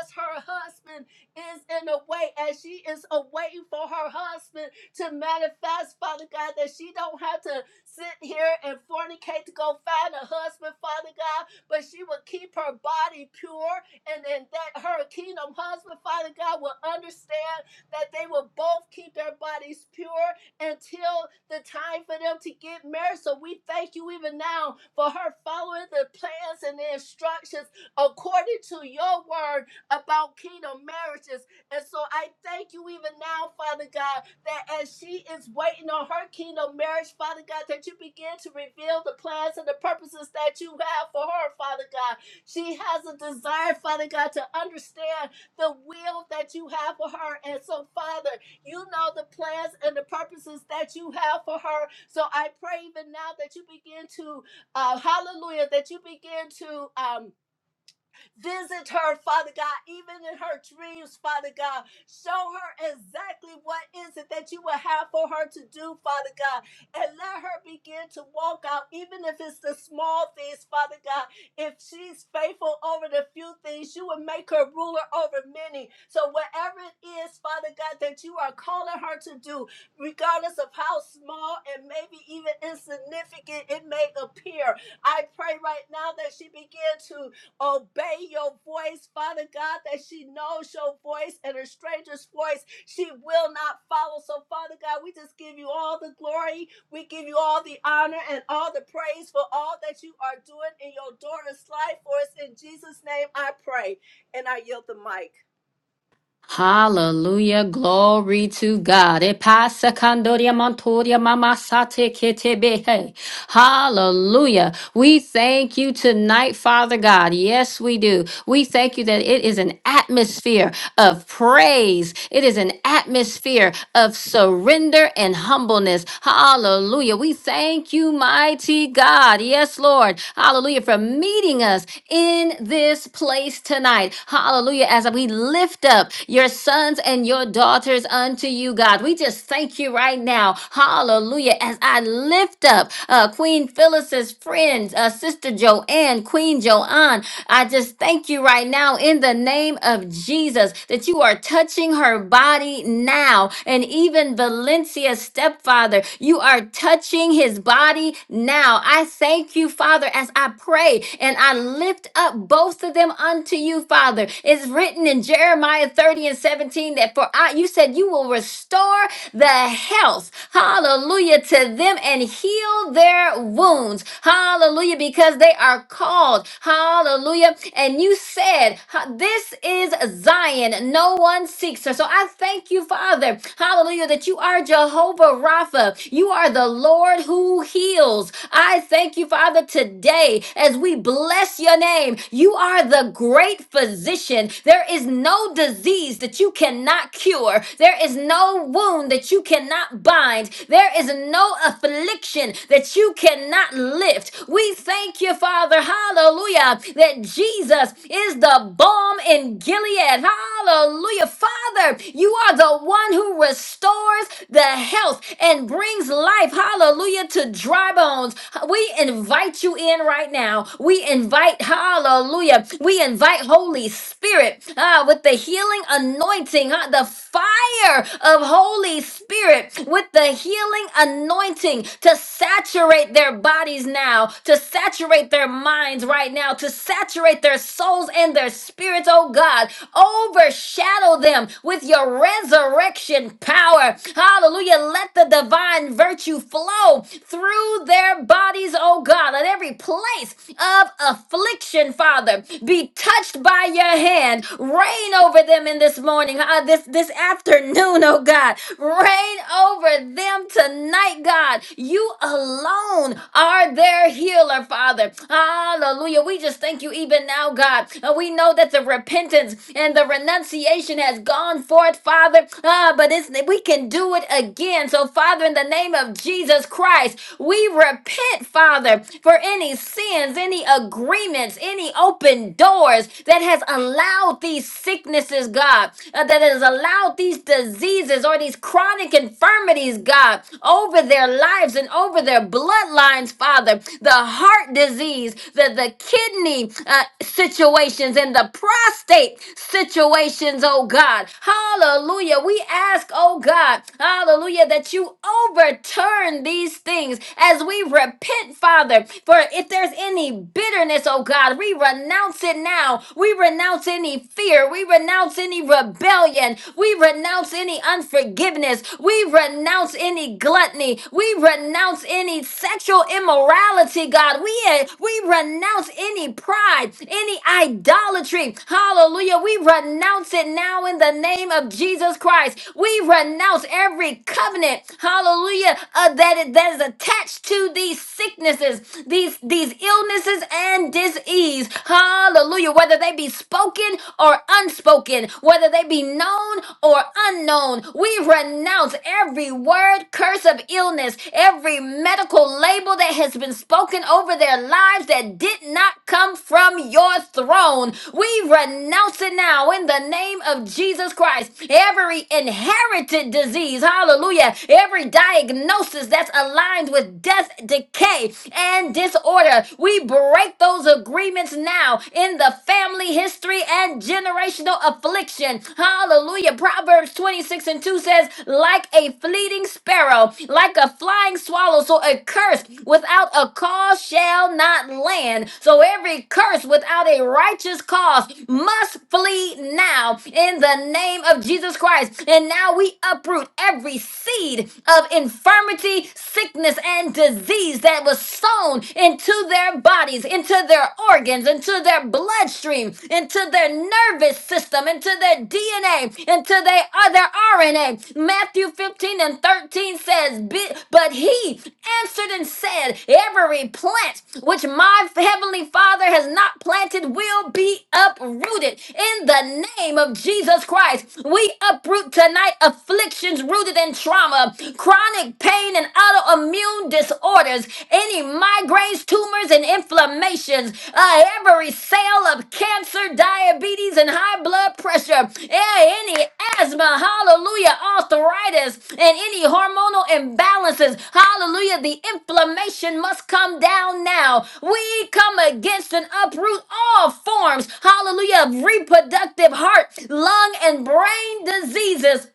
[SPEAKER 1] as her husband is in a way as she is awaiting for her husband to manifest, Father God, that she don't have to sit here and fornicate to go find a husband, Father God, but she will keep her body pure and then that her kingdom husband, Father God, will understand that they will both keep their bodies pure until the time for them to get married. So we thank you even now for her following the plans and the instructions according to your word about kingdom marriages. And so I thank you even now, Father God, that as she is waiting on her kingdom marriage, Father God, that you begin to reveal the plans and the purposes that you have for her, Father God. She has a desire, Father God, to understand the will that you have for her. And so, Father, you know the plans and the purposes that you have for her. So I pray even now that you begin to, uh, hallelujah, that you begin to. Um, Visit her, Father God, even in her dreams, Father God. Show her exactly what is it that you will have for her to do, Father God. And let her begin to walk out, even if it's the small things, Father God. If she's faithful over the few things, you will make her ruler over many. So, whatever it is, Father God, that you are calling her to do, regardless of how small and maybe even insignificant it may appear, I pray right now that she begin to obey your voice, Father God, that she knows your voice and her stranger's voice she will not follow. So, Father God, we just give you all the glory, we give you all the honor and all the praise for all that you are doing in your daughter's life for us. In Jesus' name, I pray and I yield the mic.
[SPEAKER 4] Hallelujah. Glory to God. Epasa kandoria mantoria mamasate ketebehe. Hallelujah. We thank you tonight, Father God. Yes, we do. We thank you that it is an atmosphere of praise. It is an atmosphere of surrender and humbleness. Hallelujah. We thank you, mighty God. Yes, Lord. Hallelujah. For meeting us in this place tonight. Hallelujah. As we lift up your sons and your daughters unto you, God, we just thank you right now. Hallelujah. As I lift up uh, Queen Phyllis's friends, uh, Sister Joanne, Queen Joanne, I just thank you right right now in the name of Jesus that you are touching her body now. And even Valencia's stepfather, you are touching his body now. I thank you, Father, as I pray and I lift up both of them unto you, Father. It's written in Jeremiah 30 and 17 that for I, you said you will restore the health, hallelujah, to them and heal their wounds, hallelujah, because they are called called. Hallelujah. And you said, ha- This is Zion. No one seeks her. So I thank you, Father. Hallelujah, that you are Jehovah Rapha. You are the Lord who heals. I thank you, Father, today as we bless your name. You are the great physician. There is no disease that you cannot cure, there is no wound that you cannot bind, there is no affliction that you cannot not lift. We thank you, Father, hallelujah, that Jesus is the balm in Gilead. Hallelujah. Father, you are the one who restores the health and brings life, hallelujah, to dry bones. We invite you in right now. We invite, hallelujah, we invite Holy Spirit ah, with the healing anointing, ah, the fire of Holy Spirit with the healing anointing anointing to saturate their bodies now, to saturate their minds right now, to saturate their souls and their spirits, oh God. Overshadow them with your resurrection power. Hallelujah. Let the divine virtue flow through their bodies, oh God. Let every place of affliction, Father, be touched by your hand. Reign over them in this morning, uh, this, this afternoon, oh God reign over them tonight, God. You alone are their healer, Father. Hallelujah. We just thank you even now, God. Uh, We know that the repentance and the renunciation has gone forth, Father. Ah, but it's, we can do it again. So, Father, in the name of Jesus Christ, we repent, Father, for any sins, any agreements, any open doors that has allowed these sicknesses, God, uh, that has doctors allow these diseases or these chronic infirmities, God, over their lives and over their bloodlines, Father. The heart disease, the, the kidney uh, situations, and the prostate situations, oh God. Hallelujah. We ask, oh God, hallelujah, that you overturn these things as we repent, Father. For if there's any bitterness, oh God, we renounce it now. We renounce any any fear. We renounce any rebellion. We renounce any unforgiveness. We renounce any gluttony. We renounce any sexual immorality, God. We, eh, we renounce any pride, any idolatry. Hallelujah. We renounce it now in the name of Jesus Christ. We renounce every covenant, hallelujah, uh, that, that is attached to these sicknesses, these, these illnesses and disease. Hallelujah. Whether they be spoken or unspoken, whether they be known or unknown, we renounce every word, curse of illness, every medical label that has been spoken over their lives that did not come from your throne. We renounce it now in the name of Jesus Christ. Every inherited disease, hallelujah, every diagnosis that's aligned with death, decay, and disorder order. We break those agreements now in the family history and generational affliction. Hallelujah. Proverbs 26 and 2 says, like a fleeting sparrow, like a flying swallow, so a curse without a cause shall not land. So every curse without a righteous cause must flee now in the name of Jesus Christ. And now we uproot every seed of infirmity, sickness, and and disease that was sown into their bodies, into their organs, into their bloodstream, into their nervous system, into their DNA, into their other RNA. Matthew 15 and 13 says, "Be- But he answered and said, Every plant which my heavenly Father has not planted will be uprooted. In the name of Jesus Christ, we uproot tonight afflictions rooted in trauma, chronic pain and autoimmune disorders, any migraines, tumors, and inflammations, uh, every cell of cancer, diabetes, and high blood pressure, yeah, any asthma, hallelujah, arthritis, and any hormonal imbalances, hallelujah, the inflammation must come down now. We come against and uproot all forms, hallelujah, of reproductive heart, lung, and brain diseases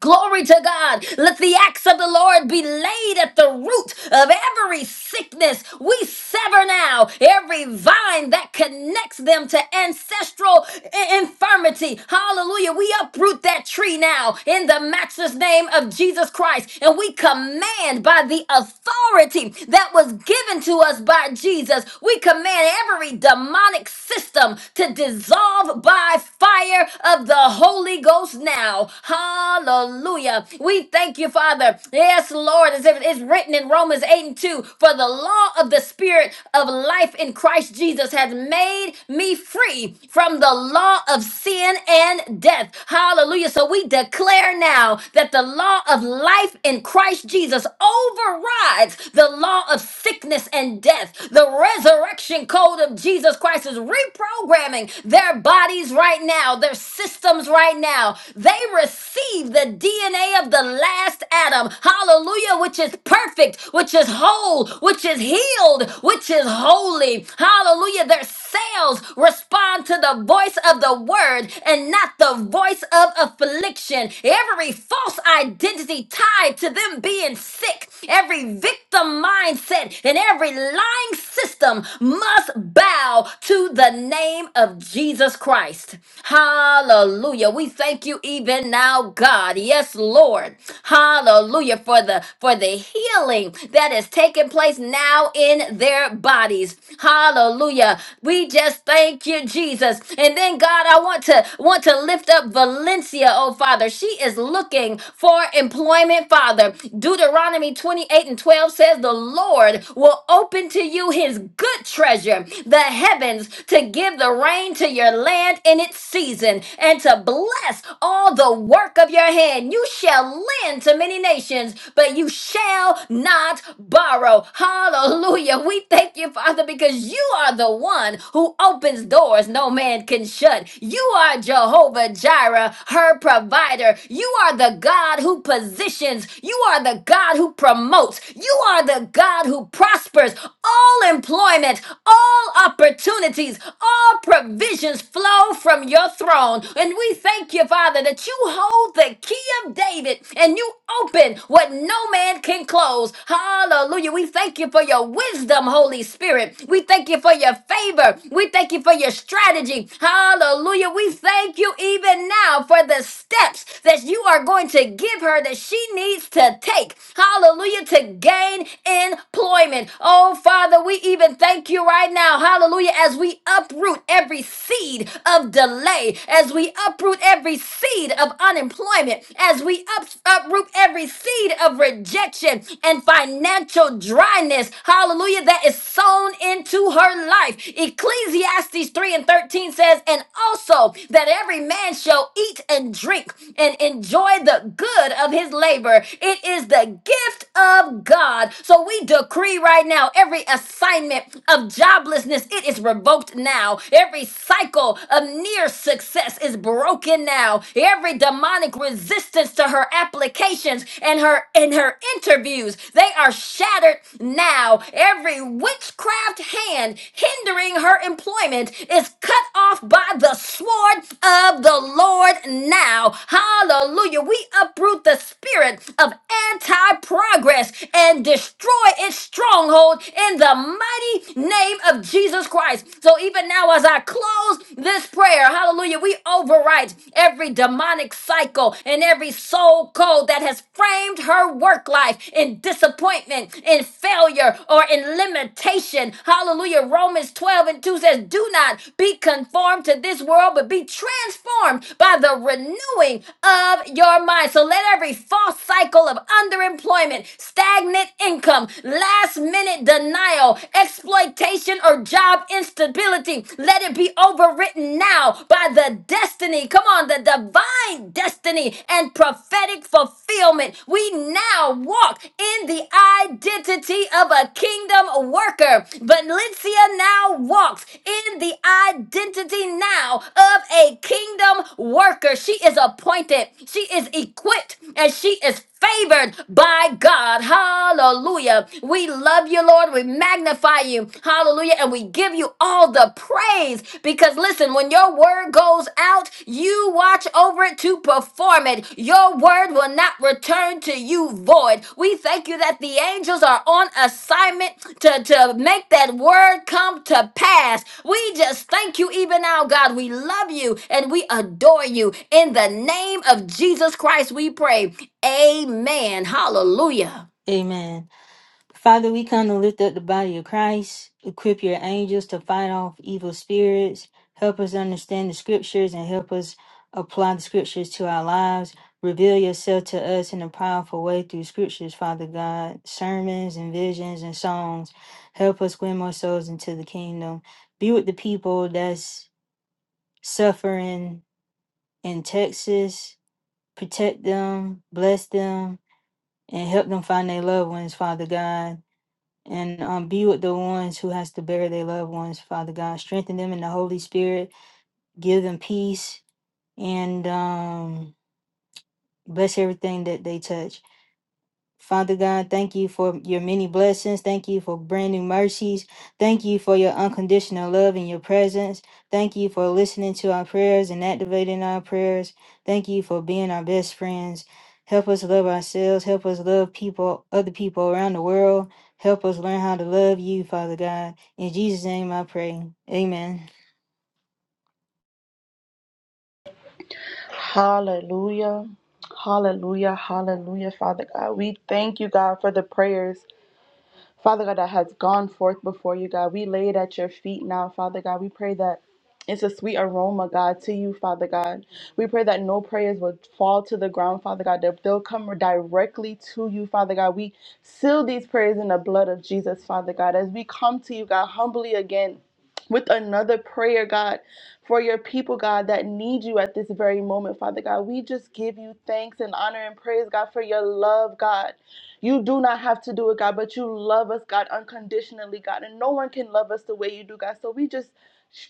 [SPEAKER 4] Glory to God. Let the axe of the Lord be laid at the root of every sickness. We sever now every vine that connects them to ancestral i- infirmity. Hallelujah. We uproot that tree now in the matchless name of Jesus Christ. And we command by the authority that was given to us by Jesus, we command every demonic system to dissolve by fire of the Holy Holy Ghost now. Hallelujah. We thank you, Father. Yes, Lord, as if it's written in Romans 8 and 2 For the law of the Spirit of life in Christ Jesus has made me free from the law of sin and death. Hallelujah. So we declare now that the law of life in Christ Jesus overrides the law of sickness and death. The resurrection code of Jesus Christ is reprogramming their their bodies right now, their systems right now. They receive the DNA of the last Adam. Hallelujah, which is perfect, which is whole, which is healed, which is holy. Hallelujah, their cells respond to the voice of the word and not the voice of affliction. Every false identity tied to them being sick, every victim mindset, and every lying system must bow bow to the name of Jesus Christ. Hallelujah. We thank you even now, God. Yes, Lord. Hallelujah for the for the healing that is taking place now in their bodies. Hallelujah. We just thank you, Jesus. And then God, I want to want to lift up Valencia, oh Father. She is looking for employment, Father. Deuteronomy 28 and 12 says the Lord will open to to you his good treasure, the heavens, to give the rain to your land in its season, and to bless all the work of your hand. You shall lend to many nations, but you shall not borrow. Hallelujah. We thank you, Father, because you are the one who opens doors no man can shut. You are Jehovah Jireh, her provider. You are the God who positions. You are the God who promotes. You you are the God who prospers all employment, all opportunities, all provisions flow from your throne. And we thank you, Father, that you hold the key of David and you open what no man can close. Hallelujah. We thank you for your wisdom, Holy Spirit. We thank you for your favor. We thank you for your strategy. Hallelujah. We thank you even now for the steps that you are going to give her that she needs needs to take, hallelujah, to gain employment. Oh, Father, we even thank you right now, hallelujah, as we uproot every seed of delay, as we uproot every seed of unemployment, as we up, uproot every seed of rejection and financial dryness, hallelujah, that is sown into her life. Ecclesiastes 3 and 13 says, and also that every man shall eat and drink and enjoy." enjoy the good of his labor. It is the gift of God. So we decree right now every assignment of joblessness, it is revoked now. Every cycle of near success is broken now. Every demonic resistance to her applications and her and her interviews, they are shattered now. Every witchcraft hand hindering her employment is cut off by the sword of of the Lord now. Hallelujah. We uproot the spirit of anti progress and destroy its stronghold in the mighty name of Jesus Christ. So even now, as I close this prayer, hallelujah, we overwrite every demonic cycle and every soul code that has framed her work life in disappointment, in failure, or in limitation. Hallelujah. Romans 12 and 2 says, Do not be conformed to this world, but be transformed by the renewing of your mind. So let every false cycle of underemployment, stagnant income, last minute denial, exploitation, or job instability, let it be overwritten now by the destiny. Come on, the divine destiny and prophetic fulfillment. We now walk in the identity of a kingdom worker. Valencia now walks in the identity now of a kingdom worker. She is appointed, she is equipped, and she is favored by God. Hallelujah. We love you, Lord. We magnify you. Hallelujah. And we give you all the praise because listen, when your word goes out, you watch over it to perform it. Your word will not return to you void. We thank you that the angels are on assignment to, to make that word come to pass. We just thank you even now, God. We love you and we adore you. In the name of Jesus Christ, we pray. Amen. Hallelujah.
[SPEAKER 5] Amen. Father, we come to lift up the body of Christ. Equip your angels to fight off evil spirits. Help us understand the scriptures and help us apply the scriptures to our lives. Reveal yourself to us in a powerful way through scriptures, Father God, sermons and visions and songs. Help us win more souls into the kingdom. Be with the people that's suffering in Texas. Protect them, bless them, and help them find their loved ones, Father God and um, be with the ones who has to bury their loved ones father god strengthen them in the holy spirit give them peace and um, bless everything that they touch Father God, thank you for your many blessings. Thank you for brand new mercies. Thank you for your unconditional love and your presence. Thank you for listening to our prayers and activating our prayers. Thank you for being our best friends. Help us love ourselves. Help us love people, other people around the world. Help us learn how to love you, Father God. In Jesus' name I pray. Amen.
[SPEAKER 6] Hallelujah. Hallelujah. Hallelujah, Father God. We thank you, God, for the prayers. Father God, that has gone forth before you, God. We lay it at your feet now, Father God. We pray that it's a sweet aroma, God, to you, Father God. We pray that no prayers would fall to the ground, Father God, that they'll come directly to you, Father God. We seal these prayers in the blood of Jesus, Father God, as we come to you, God, humbly again with another prayer, God, for your people, God, that need you at this very moment, Father God. We just give you thanks and honor and praise, God, for your love, God. You do not have to do it, God, but you love us, God, unconditionally, God. And no one can love us the way you do, God. So we just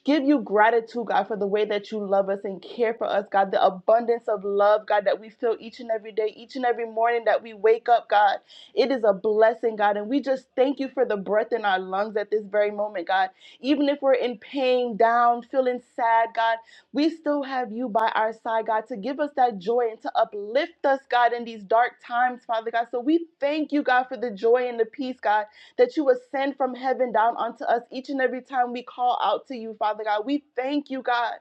[SPEAKER 6] give you gratitude, God, for the way that you love us and care for us, God. The abundance of love, God, that we feel each and every day, each and every morning that we wake up, God. It is a blessing, God. And we just thank you for the breath in our lungs at this very moment, God. Even if we're in pain, down, feeling sad, God. We still have you by our side, God, to give us that joy and to uplift us, God, in these dark times, Father God. So we thank you, God, for the joy and the peace, God, that you ascend from heaven down onto us each and every time we call out to you, Father God. We thank you, God.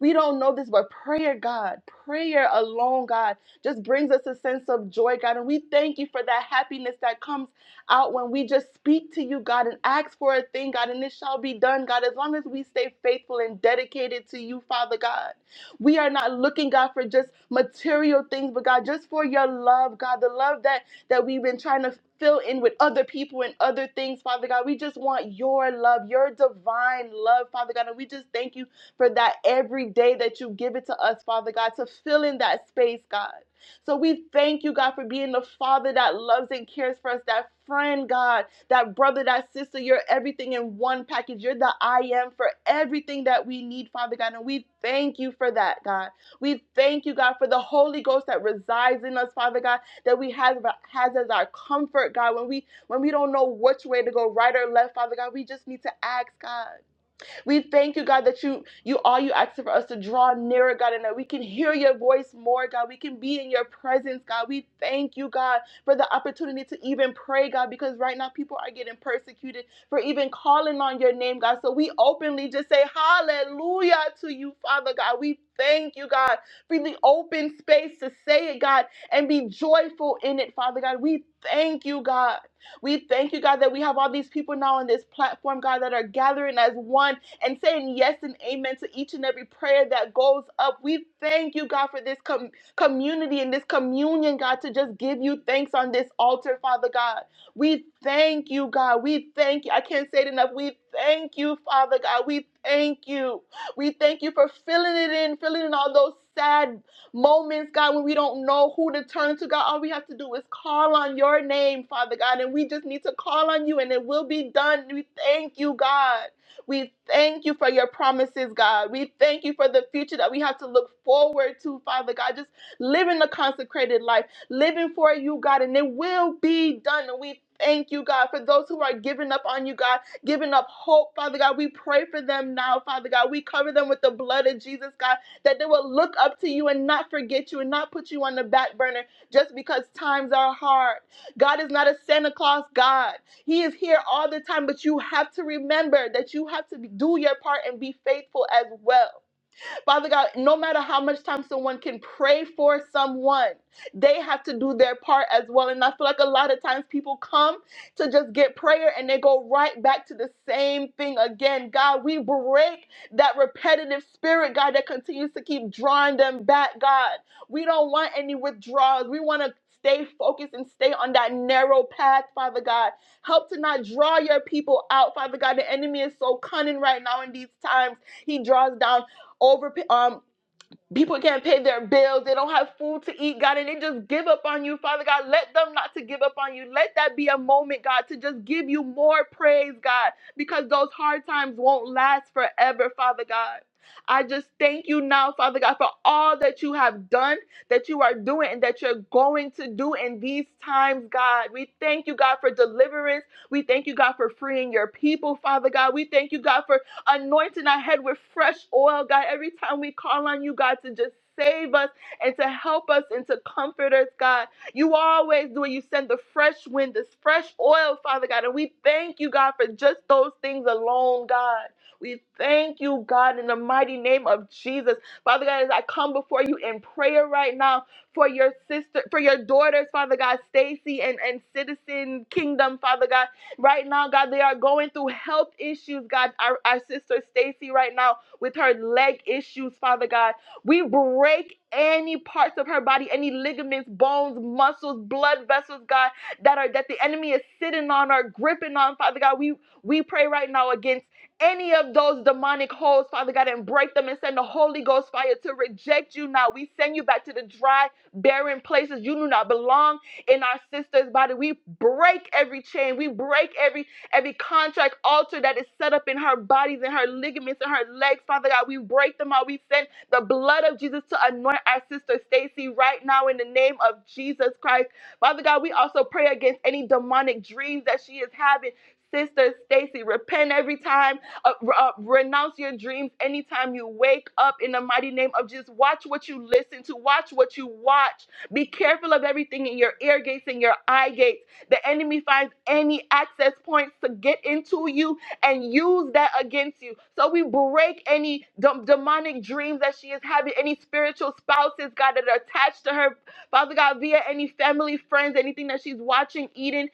[SPEAKER 6] We don't know this, but prayer, God, prayer alone, God, just brings us a sense of joy, God. And we thank you for that happiness that comes out when we just speak to you, God, and ask for a thing, God, and it shall be done, God, as long as we stay faithful and dedicated to you, Father God. We are not looking, God, for just material things, but God, just for your love, God, the love that that we've been trying to fill in with other people and other things, Father God. We just want your love, your divine love, Father God. And we just thank you for that every day that you give it to us, Father God, to fill in that space, God. So we thank you, God, for being the Father that loves and cares for us, that friend, God, that brother, that sister. You're everything in one package. You're the I am for everything that we need, Father God. And we thank you for that, God. We thank you, God, for the Holy Ghost that resides in us, Father God, that we have has as our comfort, God. When we when we don't know which way to go, right or left, Father God, we just need to ask, God. We thank you, God, that you you are you asking for us to draw nearer, God, and that we can hear your voice more, God. We can be in your presence, God. We thank you, God, for the opportunity to even pray, God, because right now people are getting persecuted for even calling on your name, God. So we openly just say hallelujah to you, Father God. We thank you, God, for the open space to say it, God, and be joyful in it, Father God. We thank you, God. We thank you, God, that we have all these people now on this platform, God, that are gathering as one and saying yes and amen to each and every prayer that goes up. We thank you, God, for this com- community and this communion, God, to just give you thanks on this altar, Father God. We thank you, God. We thank you. I can't say it enough. We thank you, Father God. We thank you. We thank you for filling it in, filling in all those sad moments, God, when we don't know who to turn to, God. All we have to do is call on your name, Father God, and we just need to call on you and it will be done. We thank you, God. We thank you for your promises, God. We thank you for the future that we have to look forward to, Father God. Just living a consecrated life, living for you, God, and it will be done. And we thank you, God, for those who are giving up on you, God, giving up hope, Father God. We pray for them now, Father God. We cover them with the blood of Jesus, God, that they will look up to you and not forget you and not put you on the back burner just because times are hard. God is not a Santa Claus God. He is here all the time, but you have to remember that you have to do your part and be faithful as well. Father God, no matter how much time someone can pray for someone, they have to do their part as well. And I feel like a lot of times people come to just get prayer and they go right back to the same thing again. God, we break that repetitive spirit, God, that continues to keep drawing them back, God. We don't want any withdrawals. We want to stay focused and stay on that narrow path, Father God. Help to not draw your people out, Father God. The enemy is so cunning right now in these times. He draws down over um people can't pay their bills they don't have food to eat god and they just give up on you father god let them not to give up on you let that be a moment god to just give you more praise god because those hard times won't last forever father god I just thank you now, Father God, for all that you have done, that you are doing, and that you're going to do in these times, God. We thank you, God, for deliverance. We thank you, God, for freeing your people, Father God. We thank you, God, for anointing our head with fresh oil, God. Every time we call on you, God, to just save us and to help us and to comfort us, God. You always do it. You send the fresh wind, this fresh oil, Father God. And we thank you, God, for just those things alone, God. We thank you, God, in the mighty name of Jesus. Father God, as I come before you in prayer right now for your sister, for your daughters, Father God, Stacy and, and citizen kingdom, Father God. Right now, God, they are going through health issues, God. Our, our sister Stacy, right now, with her leg issues, Father God. We break any parts of her body, any ligaments, bones, muscles, blood vessels, God, that are that the enemy is sitting on or gripping on, Father God. We we pray right now against any of those demonic holes, Father God, and break them and send the Holy Ghost fire to reject you now. We send you back to the dry, barren places you do not belong in our sister's body. We break every chain. We break every every contract altar that is set up in her bodies and her ligaments and her legs. Father God, we break them out. We send the blood of Jesus to anoint our sister Stacy right now in the name of Jesus Christ. Father God, we also pray against any demonic dreams that she is having. Sister Stacy, repent every time. Uh, uh, renounce your dreams anytime you wake up in the mighty name of Jesus. Watch what you listen to. Watch what you watch. Be careful of everything in your ear gates and your eye gates. The enemy finds any access points to get into you and use that against you. So we break any dem- demonic dreams that she is having, any spiritual spouses, God, that are attached to her. Father God, via any family, friends, anything that she's watching, eating.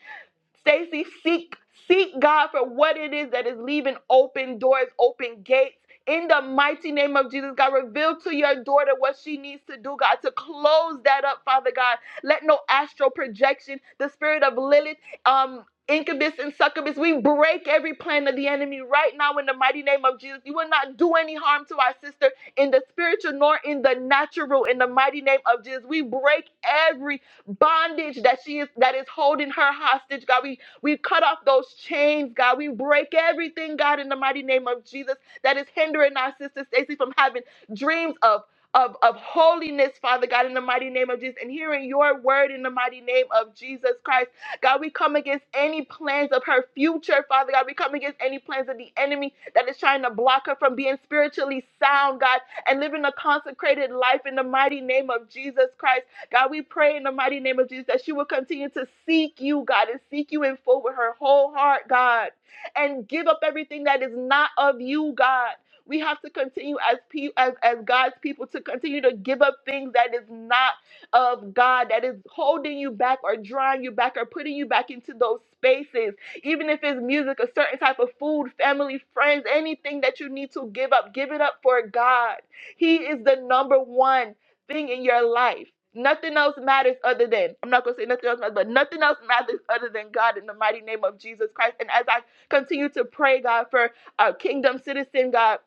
[SPEAKER 6] Stacy, seek seek God for what it is that is leaving open doors, open gates. In the mighty name of Jesus, God, reveal to your daughter what she needs to do, God, to close that up, Father God. Let no astral projection, the spirit of Lilith, um, incubus and succubus, we break every plan of the enemy right now in the mighty name of Jesus. You will not do any harm to our sister in the spiritual nor in the natural. In the mighty name of Jesus, we break every bondage that she is that is holding her hostage, God. We we cut off those chains, God. We break everything, God, in the mighty name of Jesus that is hindering our sister Stacy from having dreams of of, of holiness, Father God, in the mighty name of Jesus, and hearing your word in the mighty name of Jesus Christ. God, we come against any plans of her future, Father God. We come against any plans of the enemy that is trying to block her from being spiritually sound, God, and living a consecrated life in the mighty name of Jesus Christ. God, we pray in the mighty name of Jesus that she will continue to seek you, God, and seek you in full with her whole heart, God, and give up everything that is not of you, God. We have to continue as, pe- as as God's people to continue to give up things that is not of God, that is holding you back or drawing you back or putting you back into those spaces. Even if it's music, a certain type of food, family, friends, anything that you need to give up, give it up for God. He is the number one thing in your life. Nothing else matters other than, I'm not going to say nothing else matters, but nothing else matters other than God in the mighty name of Jesus Christ. And as I continue to pray, God, for our kingdom citizen, God,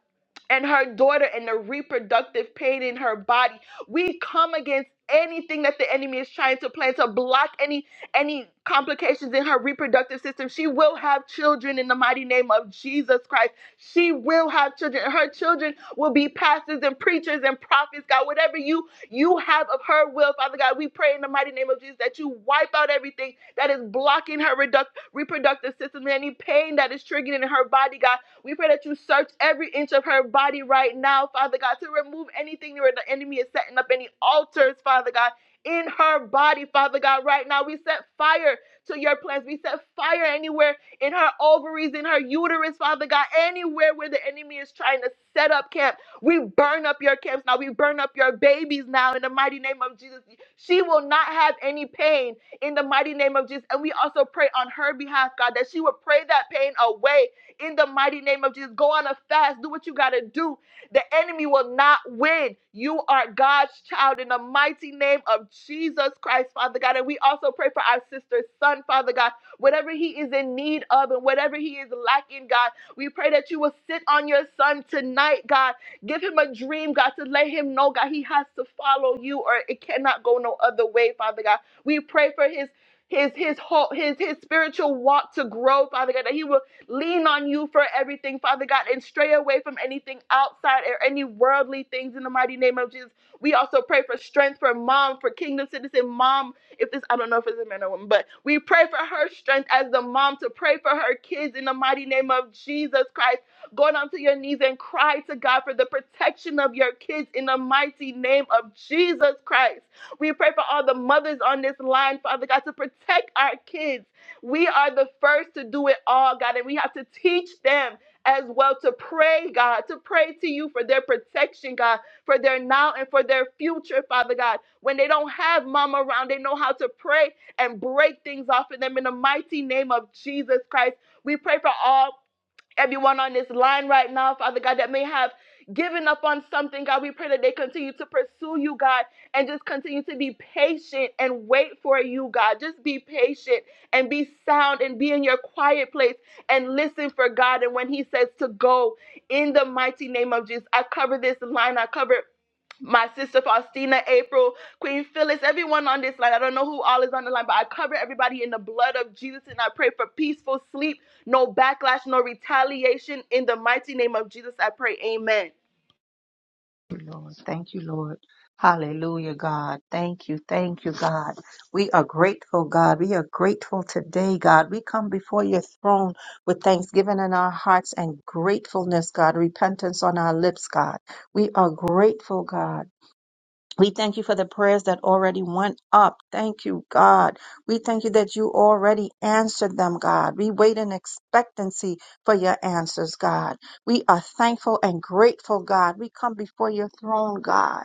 [SPEAKER 6] and her daughter and the reproductive pain in her body, we come against anything that the enemy is trying to plan to block any any complications in her reproductive system she will have children in the mighty name of jesus christ she will have children her children will be pastors and preachers and prophets god whatever you you have of her will, Father God. We pray in the mighty name of Jesus that you wipe out everything that is blocking her reduc- reproductive system, any pain that is triggering in her body, God. We pray that you search every inch of her body right now, Father God, to remove anything where the enemy is setting up any altars, Father God. In her body, Father God, right now we set fire to your plans. We set fire anywhere in her ovaries, in her uterus, Father God, anywhere where the enemy is trying to set up camp. We burn up your camps now. We burn up your babies now in the mighty name of Jesus. She will not have any pain in the mighty name of Jesus. And we also pray on her behalf, God, that she will pray that pain away in the mighty name of Jesus. Go on a fast. Do what you got to do. The enemy will not win. You are God's child in the mighty name of Jesus Christ, Father God. And we also pray for our sister's son, Father God. Whatever he is in need of and whatever he is lacking, God, we pray that you will sit on your son tonight, God Give him a dream, God, to let him know, God, he has to follow you or it cannot go no other way, Father God. We pray for his his his whole his his spiritual walk to grow, Father God, that he will lean on you for everything, Father God, and stray away from anything outside or any worldly things in the mighty name of Jesus. We also pray for strength for mom, for kingdom citizen mom. If this, I don't know if it's a man or woman, but we pray for her strength as the mom to pray for her kids in the mighty name of Jesus Christ going onto your knees and cry to God for the protection of your kids in the mighty name of Jesus Christ. We pray for all the mothers on this line, Father God, to protect our kids. We are the first to do it all, God, and we have to teach them as well to pray, God, to pray to you for their protection, God, for their now and for their future, Father God. When they don't have mom around, they know how to pray and break things off of them in the mighty name of Jesus Christ. We pray for all everyone on this line right now, Father God, that may have given up on something, God. We pray that they continue to pursue you, God, and just continue to be patient and wait for you, God. Just be patient and be sound and be in your quiet place and listen for God. And when He says to go, in the mighty name of Jesus, I cover this line. I cover my sister Faustina, April, Queen Phyllis, everyone on this line. I don't know who all is on the line, but I cover everybody in the blood of Jesus and I pray for peaceful sleep, no backlash, no retaliation. In the mighty name of Jesus, I pray. Amen.
[SPEAKER 7] you, Lord. Thank you, Lord. Hallelujah, God. Thank you. Thank you, God. We are grateful, God. We are grateful today, God. We come before your throne with thanksgiving in our hearts and gratefulness, God. Repentance on our lips, God. We are grateful, God. We thank you for the prayers that already went up. Thank you, God. We thank you that you already answered them, God. We wait in expectancy for your answers, God. We are thankful and grateful, God. We come before your throne, God.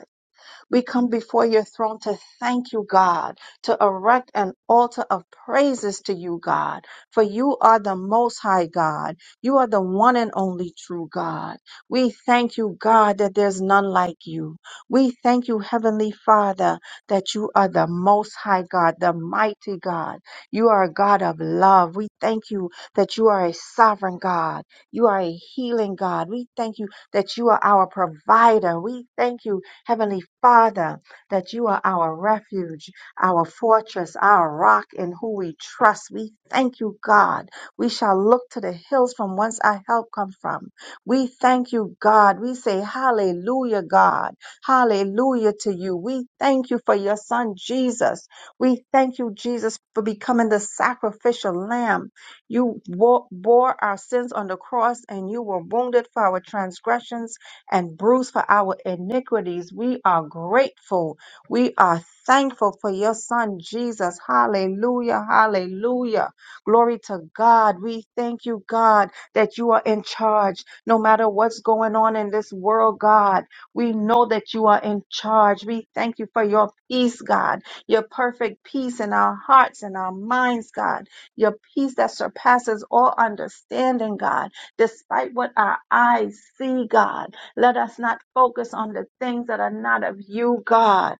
[SPEAKER 7] We come before your throne to thank you, God, to erect an altar of praises to you, God, for you are the most high God. You are the one and only true God. We thank you, God, that there's none like you. We thank you, Heavenly Father, that you are the most high God, the mighty God. You are a God of love. We thank you that you are a sovereign God. You are a healing God. We thank you that you are our provider. We thank you Heavenly Father, that you are our refuge, our fortress, our rock in who we trust. We thank you, God. We shall look to the hills from whence our help comes from. We thank you, God. We say hallelujah, God. Hallelujah to you. We thank you for your son, Jesus. We thank you, Jesus, for becoming the sacrificial lamb. You wo- bore our sins on the cross and you were wounded for our transgressions and bruised for our iniquities. We are grateful. We are thankful for your son, Jesus. Hallelujah. Hallelujah. Glory to God. We thank you, God, that you are in charge. No matter what's going on in this world, God, we know that you are in charge. We thank you for your peace, God, your perfect peace in our hearts and our minds, God, your peace that surpasses all understanding, God despite what our eyes see, God. Let us not focus on the things that are not of you, God.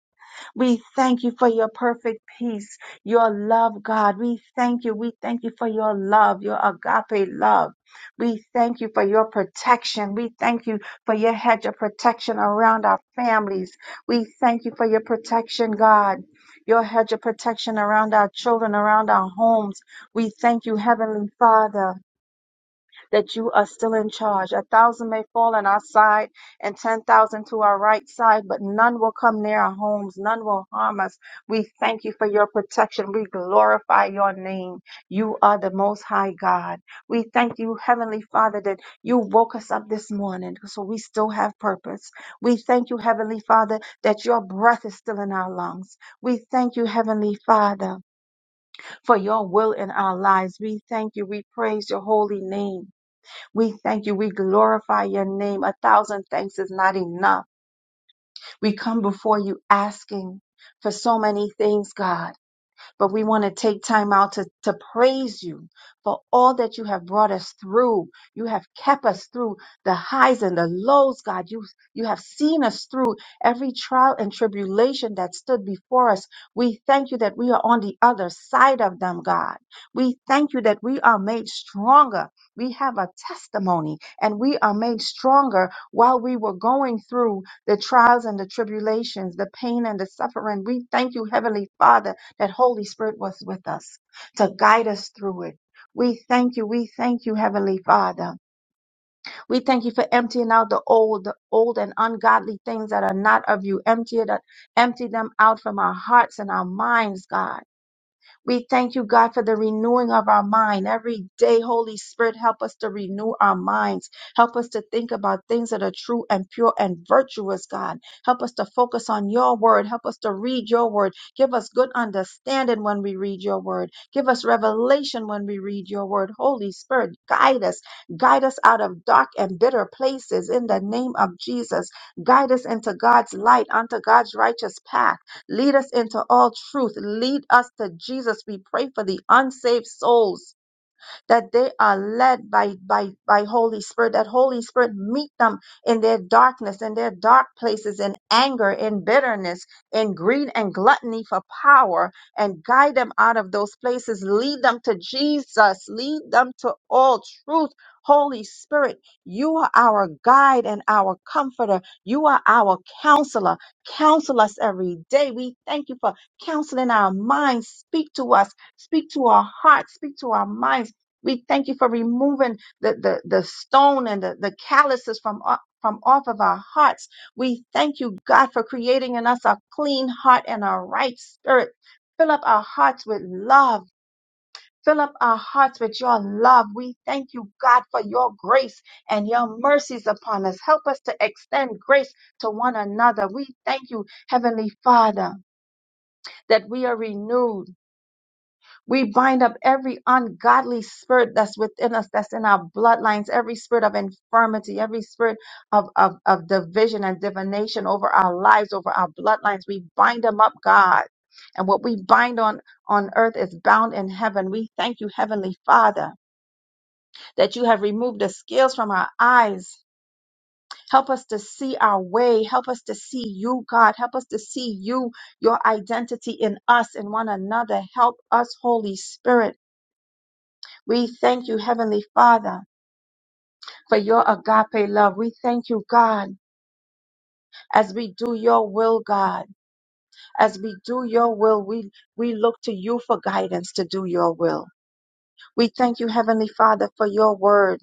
[SPEAKER 7] We thank you for your perfect peace, your love, God. We thank you. We thank you for your love, your agape love. We thank you for your protection. We thank you for your hedge of protection around our families. We thank you for your protection, God. Your hedge of protection around our children, around our homes. We thank you, Heavenly Father that you are still in charge. A thousand may fall on our side and 10,000 to our right side, but none will come near our homes. None will harm us. We thank you for your protection. We glorify your name. You are the most high God. We thank you, Heavenly Father, that you woke us up this morning so we still have purpose. We thank you, Heavenly Father, that your breath is still in our lungs. We thank you, Heavenly Father, for your will in our lives. We thank you. We praise your holy name. We thank you. We glorify your name. A thousand thanks is not enough. We come before you asking for so many things, God. But we want to take time out to, to praise you for all that you have brought us through. You have kept us through the highs and the lows, God. You, you have seen us through every trial and tribulation that stood before us. We thank you that we are on the other side of them, God. We thank you that we are made stronger. We have a testimony and we are made stronger while we were going through the trials and the tribulations, the pain and the suffering. We thank you, Heavenly Father that Holy Spirit was with us to guide us through it. We thank you. We thank you, Heavenly Father. We thank you for emptying out the old, the old and ungodly things that are not of you. Empty it, empty them out from our hearts and our minds, God. We thank you, God, for the renewing of our mind. Every day, Holy Spirit, help us to renew our minds. Help us to think about things that are true and pure and virtuous, God. Help us to focus on your word. Help us to read your word. Give us good understanding when we read your word. Give us revelation when we read your word. Holy Spirit, guide us. Guide us out of dark and bitter places in the name of Jesus. Guide us into God's light, unto God's righteous path. Lead us into all truth. Lead us to Jesus. We pray for the unsaved souls that they are led by by by Holy Spirit, that Holy Spirit meet them in their darkness, in their dark places, in anger, in bitterness, in greed and gluttony for power, and guide them out of those places. Lead them to Jesus, lead them to all truth. Holy Spirit, you are our guide and our comforter. You are our counselor. Counsel us every day. We thank you for counseling our minds. Speak to us. Speak to our hearts. Speak to our minds we thank you for removing the, the, the stone and the, the calluses from, o- from off of our hearts. We thank you, God, for creating in us a clean heart and a right spirit. Fill up our hearts with love. Fill up our hearts with your love. We thank you, God, for your grace and your mercies upon us. Help us to extend grace to one another. We thank you, Heavenly Father, that we are renewed we bind up every ungodly spirit that's within us, that's in our bloodlines, every spirit of infirmity, every spirit of, of, of division and divination over our lives, over our bloodlines. We bind them up, God. And what we bind on, on earth is bound in heaven. We thank you, Heavenly Father, that you have removed the scales from our eyes. Help us to see our way. Help us to see you, God. Help us to see you, your identity in us and one another. Help us, Holy Spirit. We thank you, Heavenly Father, for your agape love. We thank you, God, as we do your will, God. As we do your will, we, we look to you for guidance to do your will. We thank you, Heavenly Father, for your word.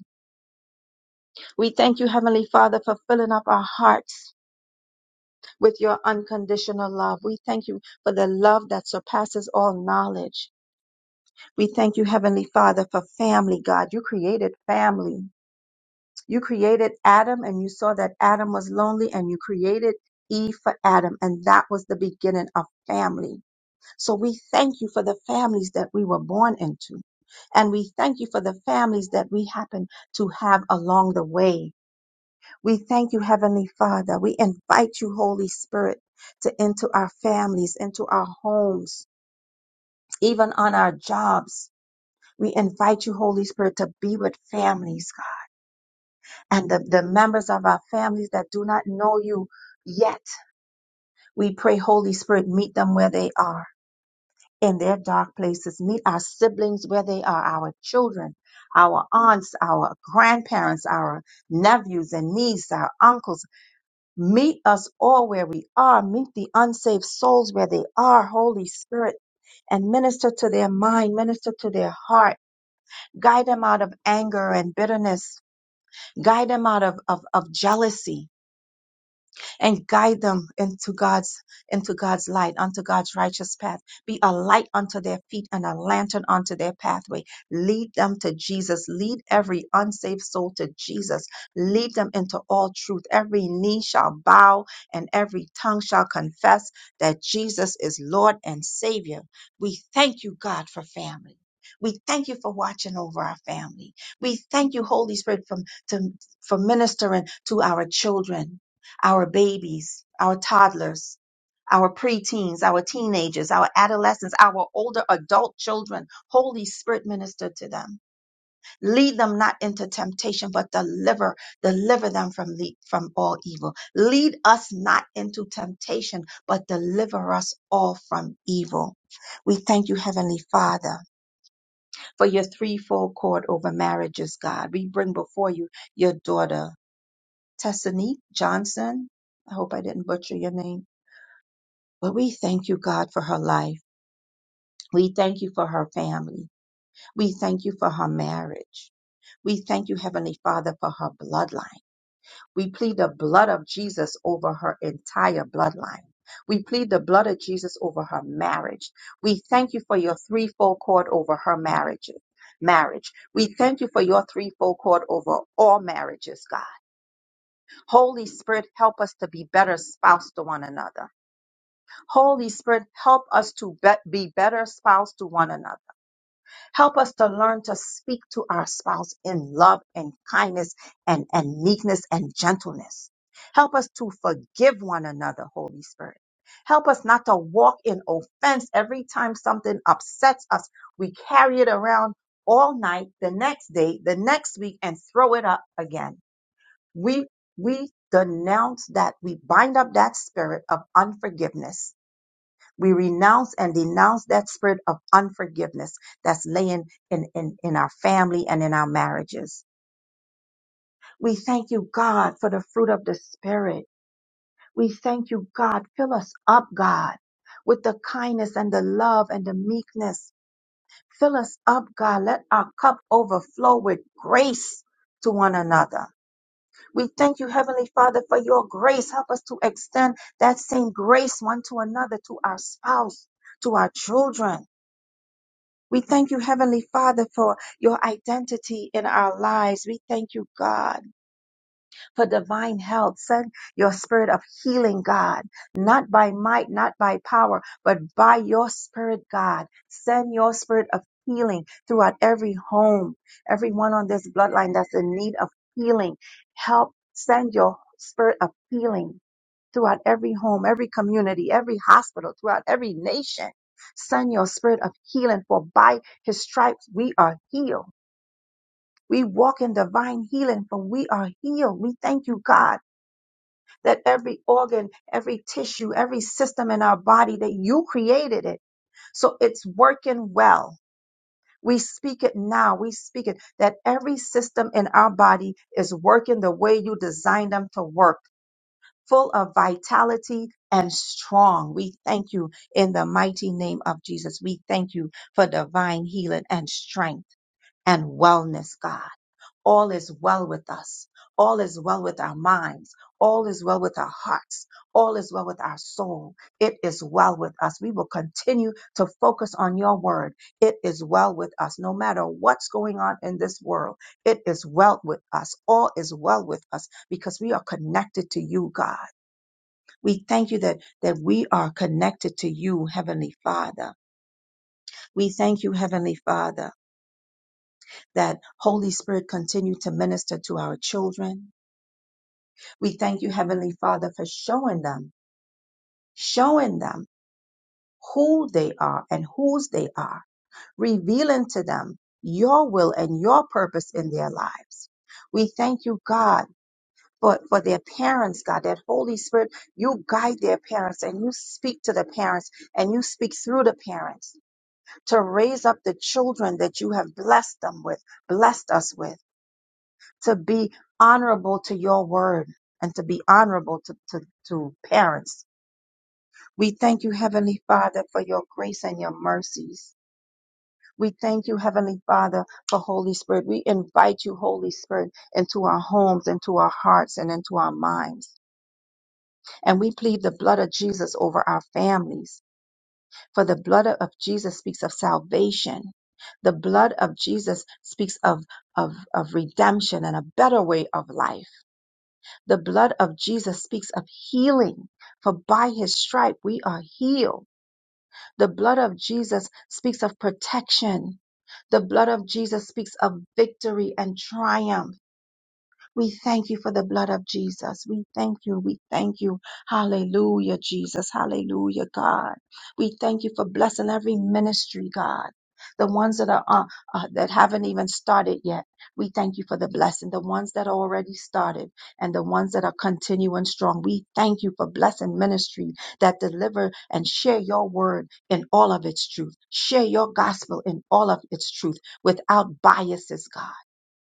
[SPEAKER 7] We thank you, Heavenly Father, for filling up our hearts with your unconditional love. We thank you for the love that surpasses all knowledge. We thank you, Heavenly Father, for family, God. You created family. You created Adam and you saw that Adam was lonely and you created Eve for Adam. And that was the beginning of family. So we thank you for the families that we were born into. And we thank you for the families that we happen to have along the way. We thank you, Heavenly Father. We invite you, Holy Spirit, to into our families, into our homes, even on our jobs. We invite you, Holy Spirit, to be with families and the, the members of our families that do not know you yet. We pray, Holy Spirit, meet them where they are in their dark places. Meet our siblings where they are, our children, our aunts, our grandparents, our nephews and nieces, our uncles. Meet us all where we are. Meet the unsaved souls where they are, Holy Spirit, and minister to their mind, minister to their heart. Guide them out of anger and bitterness. Guide them out of, of, of jealousy and guide them into God's into God's light, unto God's righteous path. Be a light unto their feet and a lantern unto their pathway. Lead them to Jesus. Lead every unsaved soul to Jesus. Lead them into all truth. Every knee shall bow and every tongue shall confess that Jesus is Lord and Savior. We thank you, God, for family. We thank you for watching over our family. We thank you, Holy Spirit, for, to, for ministering to our children our babies, our toddlers, our preteens, our teenagers, our adolescents, our older adult children. Holy Spirit, minister to them. Lead them not into temptation, but deliver, deliver them from, le- from all evil. Lead us not into temptation, but deliver us all from evil. We thank you, Heavenly Father, for your threefold cord over marriages, God. We bring before you your daughter, Tessanique Johnson. I hope I didn't butcher your name But we thank you, God, for her life. We thank you for her family. We thank you for her marriage. We thank you, Heavenly Father, for her bloodline. We plead the blood of Jesus over her entire bloodline. We plead the blood of Jesus over her marriage. We thank you for your threefold cord over her marriage. Marriage. We thank you for your threefold cord over all marriages, God. Holy Spirit, help us to be better spouse to one another. Holy Spirit, help us to be, be better spouse to one another. Help us to learn to speak to our spouse in love and kindness and, and meekness and gentleness. Help us to forgive one another, Holy Spirit. Help us not to walk in offense every time something upsets us. We carry it around all night, the next day, the next week, and throw it up again. We, we denounce that. We bind up that spirit of unforgiveness we renounce and denounce that spirit of unforgiveness that's laying in, in, in our family and in our marriages. We thank you, God, for the fruit of the spirit. We thank you, God. Fill us up, God, with the kindness and the love and the meekness. Fill us up, God. Let our cup overflow with grace to one another. We thank you, Heavenly Father, for your grace. Help us to extend that same grace one to another, to our spouse, to our children We thank you, Heavenly Father, for your identity in our lives. We thank you, God, for divine health. Send your spirit of healing, God, not by might, not by power, but by your spirit, God. Send your spirit of healing throughout every home, everyone on this bloodline that's in need of healing. Help send your spirit of healing throughout every home, every community, every hospital, throughout every nation. Send your spirit of healing, for by his stripes we are healed. We walk in divine healing, for we are healed. We thank you, God, that every organ, every tissue, every system in our body, that you created it. So it's working well. We speak it now. We speak it that every system in our body is working the way you designed them to work full of vitality and strong. We thank you in the mighty name of Jesus. We thank you for divine healing and strength and wellness, God. All is well with us. All is well with our minds. All is well with our hearts. All is well with our soul. It is well with us. We will continue to focus on your word. It is well with us. No matter what's going on in this world, it is well with us. All is well with us because we are connected to you, God. We thank you that, that we are connected to you, Heavenly Father. We thank you, Heavenly Father, that Holy Spirit continue to minister to our children. We thank you, Heavenly Father, for showing them, showing them who they are and whose they are, revealing to them your will and your purpose in their lives. We thank you, God, for, for their parents, God, that Holy Spirit, you guide their parents and you speak to the parents and you speak through the parents to raise up the children that you have blessed them with, blessed us with, to be honorable to your word and to be honorable to, to, to parents. We thank you, Heavenly Father, for your grace and your mercies. We thank you, Heavenly Father, for Holy Spirit. We invite you, Holy Spirit, into our homes, into our hearts, and into our minds. And we plead the blood of Jesus over our families. For the blood of Jesus speaks of salvation. The blood of Jesus speaks of, of, of redemption and a better way of life. The blood of Jesus speaks of healing, for by his stripe we are healed. The blood of Jesus speaks of protection. The blood of Jesus speaks of victory and triumph. We thank you for the blood of Jesus. We thank you. We thank you. Hallelujah, Jesus. Hallelujah, God. We thank you for blessing every ministry, God. The ones that are uh, uh, that haven't even started yet. We thank you for the blessing. The ones that are already started and the ones that are continuing strong. We thank you for blessing ministry that deliver and share your word in all of its truth. Share your gospel in all of its truth without biases, God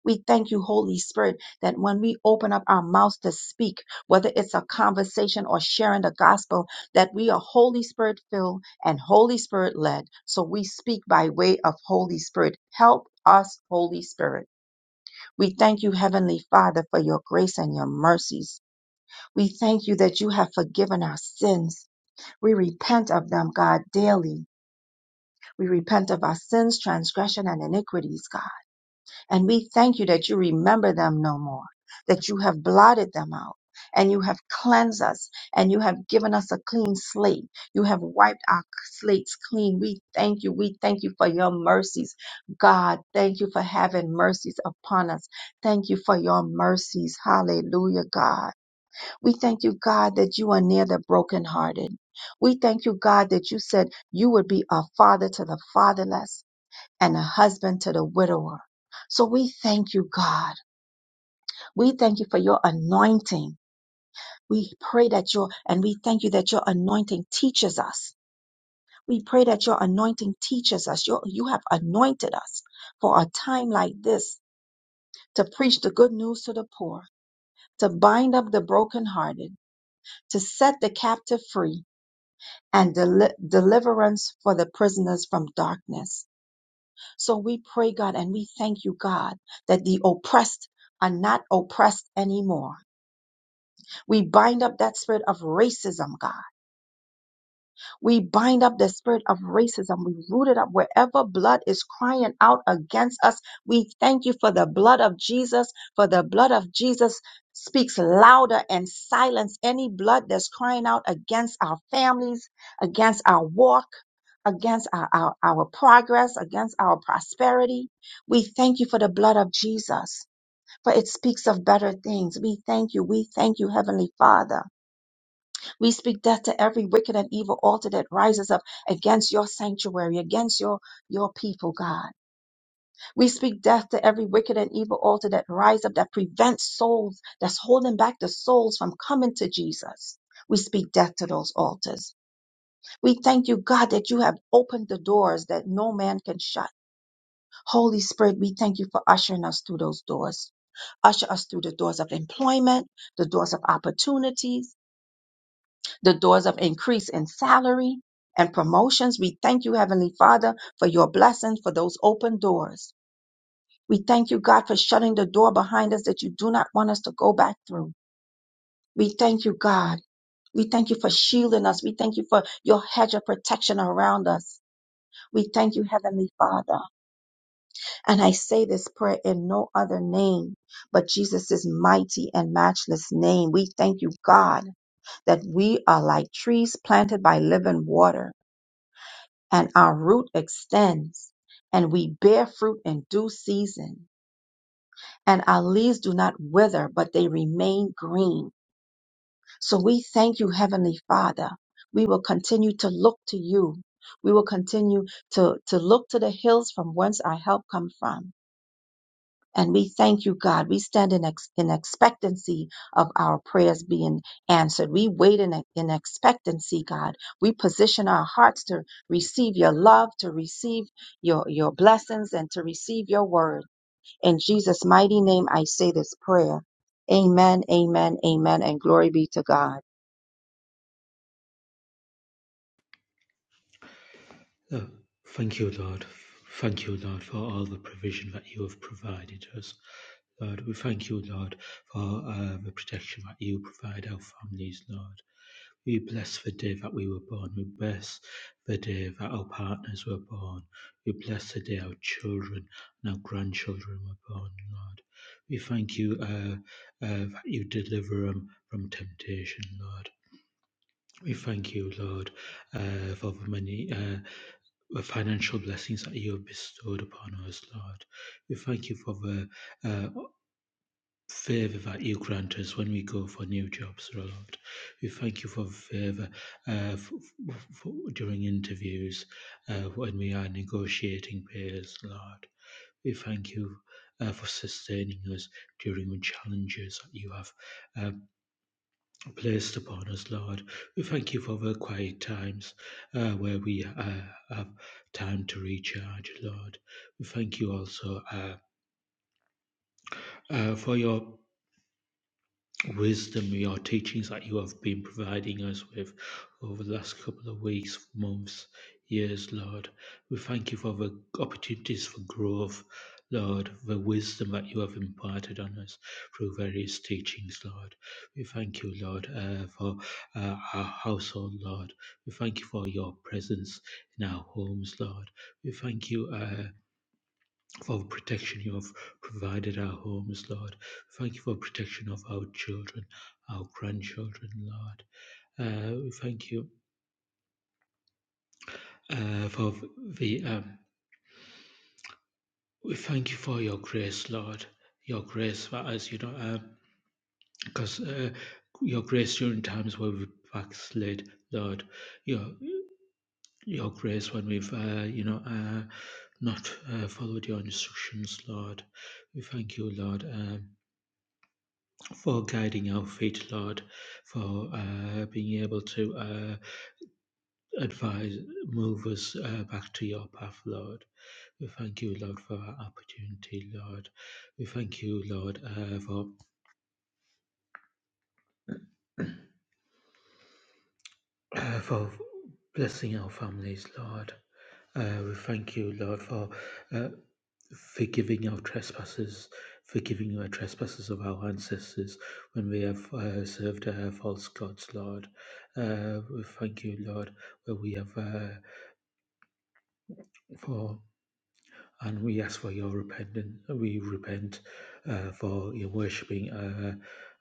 [SPEAKER 7] we thank you, Holy Spirit, that when we open up our mouths to speak, whether it's a conversation or sharing the gospel, that we are Holy Spirit filled and Holy Spirit led. So we speak by way of Holy Spirit. Help us, Holy Spirit. We thank you, Heavenly Father, for your grace and your mercies. We thank you that you have forgiven our sins. We repent of them, God, daily. We repent of our sins, transgression, and iniquities, God. And we thank you that you remember them no more, that you have blotted them out, and you have cleansed us, and you have given us a clean slate. You have wiped our slates clean. We thank you. We thank you for your mercies. God, thank you for having mercies upon us. Thank you for your mercies. Hallelujah, God. We thank you, God, that you are near the brokenhearted. We thank you, God, that you said you would be a father to the fatherless and a husband to the widower. So we thank you, God. We thank you for your anointing. We pray that your, and we thank you that your anointing teaches us. We pray that your anointing teaches us. Your, you have anointed us for a time like this to preach the good news to the poor, to bind up the brokenhearted, to set the captive free, and deli- deliverance for the prisoners from darkness. So we pray, God, and we thank you, God, that the oppressed are not oppressed anymore. We bind up that spirit of racism, God. We bind up the spirit of racism. We root it up wherever blood is crying out against us. We thank you for the blood of Jesus, for the blood of Jesus speaks louder and silence any blood that's crying out against our families, against our walk, against our, our, our progress, against our prosperity. We thank you for the blood of Jesus, for it speaks of better things. We thank you. We thank you, Heavenly Father. We speak death to every wicked and evil altar that rises up against your sanctuary, against your, your people, God. We speak death to every wicked and evil altar that rises up that prevents souls, that's holding back the souls from coming to Jesus. We speak death to those altars. We thank you, God, that you have opened the doors that no man can shut. Holy Spirit, we thank you for ushering us through those doors. Usher us through the doors of employment, the doors of opportunities, the doors of increase in salary and promotions. We thank you, Heavenly Father, for your blessings, for those open doors. We thank you, God, for shutting the door behind us that you do not want us to go back through. We thank you, God. We thank you for shielding us. We thank you for your hedge of protection around us. We thank you, Heavenly Father. And I say this prayer in no other name but Jesus' mighty and matchless name. We thank you, God, that we are like trees planted by living water and our root extends, and we bear fruit in due season, and our leaves do not wither, but they remain green. So we thank you, Heavenly Father. We will continue to look to you. We will continue to, to look to the hills from whence our help come from. And we thank you, God. We stand in, ex- in expectancy of our prayers being answered. We wait in, in expectancy, God. We position our hearts to receive your love, to receive your, your blessings, and to receive your word. In Jesus' mighty name, I say this prayer. Amen, amen, amen, and glory be to God.
[SPEAKER 8] Oh, thank you, Lord. Thank you, Lord, for all the provision that you have provided us. Lord, we thank you, Lord, for uh, the protection that you provide our families, Lord. We bless the day that we were born. We bless the day that our partners were born. We bless the day our children and our grandchildren were born, Lord. We thank you uh, uh, that you deliver them from temptation, Lord. We thank you, Lord, uh, for the many uh, the financial blessings that you have bestowed upon us, Lord. We thank you for the uh, favor that you grant us when we go for new jobs, Lord. We thank you for the favor uh, for, for, during interviews uh, when we are negotiating payers, Lord. We thank you uh, for sustaining us during the challenges that you have uh, Placed upon us, Lord. We thank you for the quiet times uh, where we uh, have time to recharge, Lord. We thank you also uh, uh, for your wisdom, your teachings that you have been providing us with over the last couple of weeks, months, years, Lord. We thank you for the opportunities for growth, Lord, the wisdom that you have imparted on us through various teachings, Lord. We thank you, Lord, uh, for uh, our household, Lord. We thank you for your presence in our homes, Lord. We thank you. Uh, for the protection you have provided our homes, Lord. Thank you for protection of our children, our grandchildren, Lord. Uh, we thank you uh, for the. Um, we thank you for your grace, Lord. Your grace for us, you know, because uh, uh, your grace during times where we backslid, Lord. Your your grace when we've, uh, you know, uh, not uh, followed your instructions, Lord. We thank you, Lord. Um, for guiding our feet, Lord, for uh, being able to uh, advise, move us uh, back to your path, Lord. We thank you, Lord, for our opportunity, Lord. We thank you, Lord, uh, for uh, for blessing our families, Lord. Uh, we thank you, Lord, for uh, forgiving our trespasses, forgiving the trespasses of our ancestors when we have uh, served uh, false gods, Lord. Uh, we thank you, Lord, where we have uh, for. And we ask for your repentance. We repent uh, for your worshipping uh,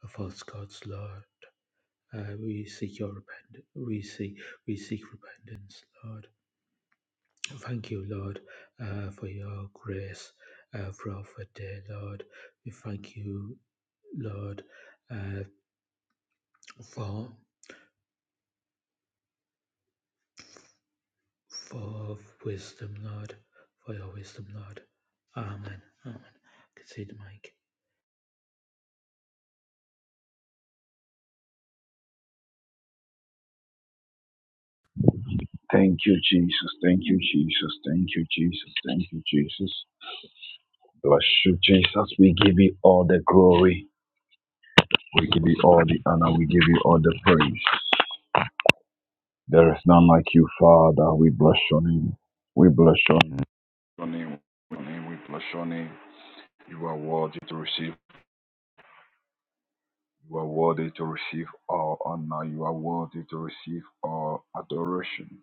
[SPEAKER 8] false gods, Lord. Uh, we seek your repent. We seek we seek repentance, Lord. Thank you, Lord, uh, for your grace uh, throughout the day, Lord. We thank you Lord, uh, for for wisdom, Lord, for your wisdom, Lord. Amen. Amen. Concede the mic.
[SPEAKER 9] Thank you, Jesus. Thank you, Jesus. Thank you, Jesus. Thank you, Jesus. Bless you, Jesus. We give you all the glory. We give you all the honor. We give you all the praise. There is none like you, Father. We bless your name. We bless your name. Your name. Your name. We bless your name. You are worthy to receive. You are worthy to receive all honor. You are worthy to receive all adoration.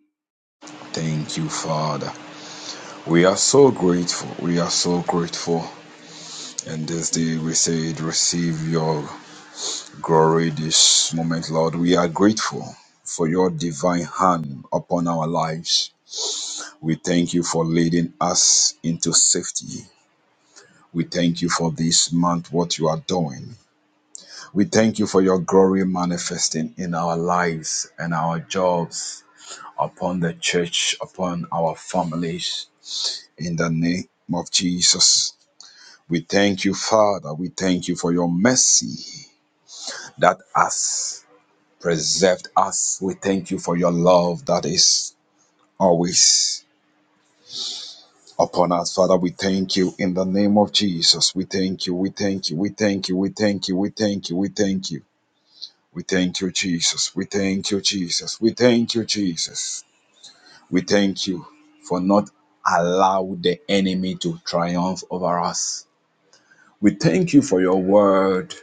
[SPEAKER 9] Thank you, Father. We are so grateful. We are so grateful. And this day we said, Receive your glory this moment, Lord. We are grateful for your divine hand upon our lives. We thank you for leading us into safety. We thank you for this month, what you are doing. We thank you for your glory manifesting in our lives and our jobs, upon the church, upon our families. In the name of Jesus, we thank you, Father. We thank you for your mercy. that has preserved us. We thank you for your love that is always upon us. Father, we thank you in the name of Jesus. We thank you. We thank you. We thank you. We thank you. We thank you. We thank you. We thank you, Jesus. We thank you, Jesus. We thank you, Jesus. We thank you for not allowing the enemy to triumph over us. We thank you for your word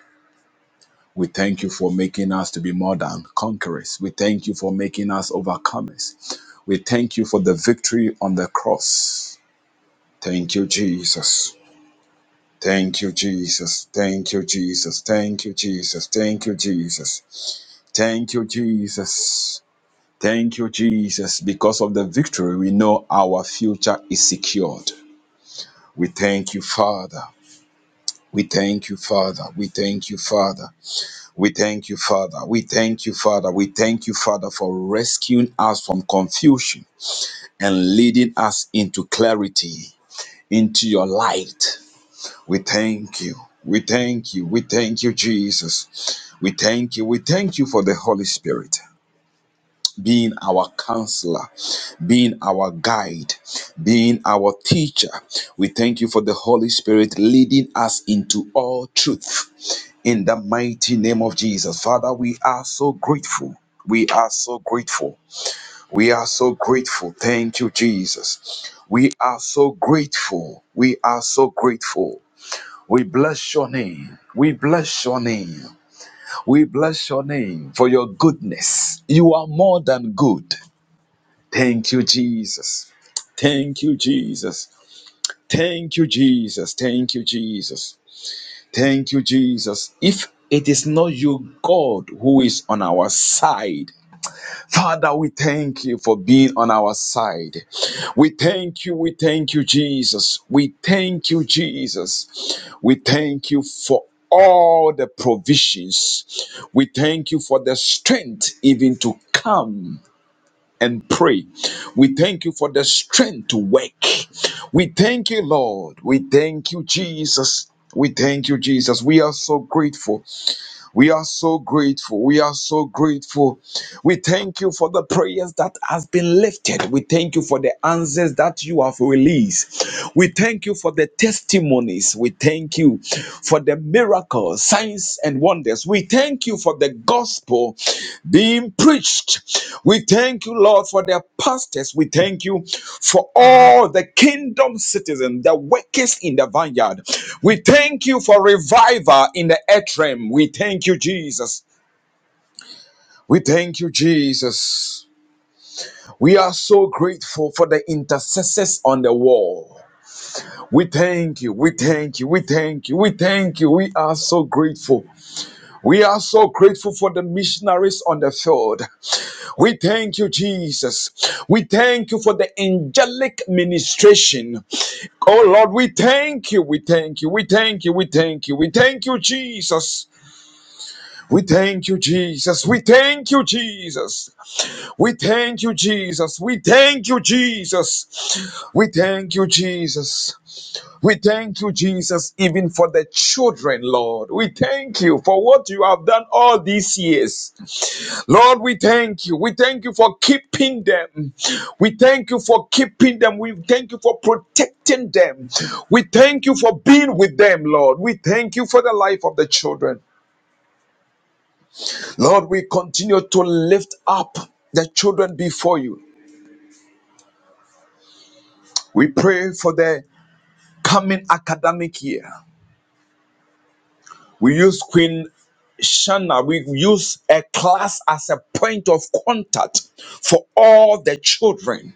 [SPEAKER 9] We thank you for making us to be more than conquerors. We thank you for making us overcomers. We thank you for the victory on the cross. Thank you, Jesus. Thank you, Jesus. Thank you, Jesus. Thank you, Jesus. Thank you, Jesus. Thank you, Jesus. Thank you, Jesus. Because of the victory, we know our future is secured. We thank you, Father. We thank you, Father. We thank you, Father. We thank you, Father. We thank you, Father. We thank you, Father, for rescuing us from confusion and leading us into clarity, into your light. We thank you. We thank you. We thank you, Jesus. We thank you. We thank you for the Holy Spirit being our counselor, being our guide, being our teacher. We thank you for the Holy Spirit leading us into all truth. In the mighty name of Jesus. Father, we are so grateful. We are so grateful. We are so grateful. Thank you, Jesus. We are so grateful. We are so grateful. We bless your name. We bless your name. We bless your name for your goodness. You are more than good. Thank you, Jesus. Thank you, Jesus. Thank you, Jesus. Thank you, Jesus. Thank you, Jesus. If it is not you, God, who is on our side, Father, we thank you for being on our side. We thank you. We thank you, Jesus. We thank you, Jesus. We thank you for all the provisions. We thank you for the strength even to come and pray. We thank you for the strength to work. We thank you, Lord. We thank you, Jesus. We thank you, Jesus. We are so grateful. We are so grateful. We are so grateful. We thank you for the prayers that has been lifted. We thank you for the answers that you have released. We thank you for the testimonies. We thank you for the miracles, signs, and wonders. We thank you for the gospel being preached. We thank you, Lord, for the pastors. We thank you for all the kingdom citizens, the workers in the vineyard. We thank you for revival in the earth realm. We thank you, Jesus. We thank you, Jesus. We are so grateful for the intercessors on the wall. We thank you, we thank you, we thank you, we thank you. We are so grateful. We are so grateful for the missionaries on the field. We thank you, Jesus. We thank you for the angelic ministration. Oh Lord, we thank you, we thank you, we thank you, we thank you, we thank you, Jesus. We thank you, Jesus. We thank you, Jesus. We thank you, Jesus. We thank you, Jesus. We thank you, Jesus. We thank you, Jesus, even for the children, Lord. We thank you for what you have done all these years. Lord, we thank you. We thank you for keeping them. We thank you for keeping them. We thank you for protecting them. We thank you for being with them, Lord. We thank you for the life of the children. Lord, we continue to lift up the children before you. We pray for the coming academic year. We use Queen Shanna, we use a class as a point of contact for all the children.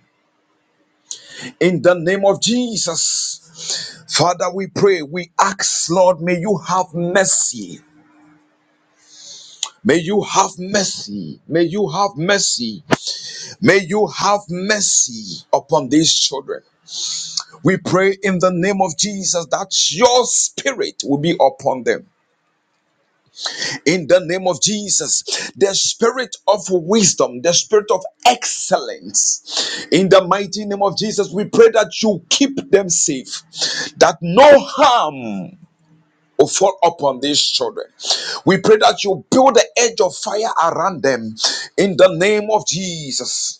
[SPEAKER 9] In the name of Jesus, Father, we pray, we ask, Lord, may you have mercy. May you have mercy. May you have mercy. May you have mercy upon these children. We pray in the name of Jesus that your spirit will be upon them. In the name of Jesus, the spirit of wisdom, the spirit of excellence. In the mighty name of Jesus, we pray that you keep them safe, that no harm will fall upon these children. We pray that you build the edge of fire around them. In the name of Jesus.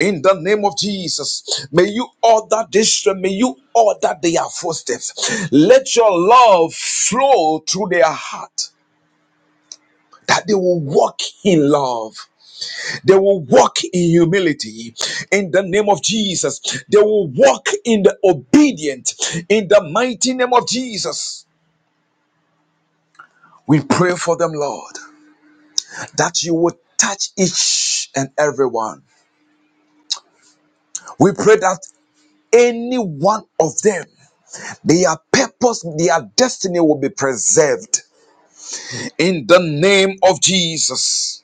[SPEAKER 9] In the name of Jesus, may you order this, may you order their footsteps. Let your love flow through their heart. That they will walk in love. They will walk in humility. In the name of Jesus. They will walk in the obedient. In the mighty name of Jesus. We pray for them, Lord, that you would touch each and every one. We pray that any one of them Their purpose, their destiny will be preserved in the name of Jesus.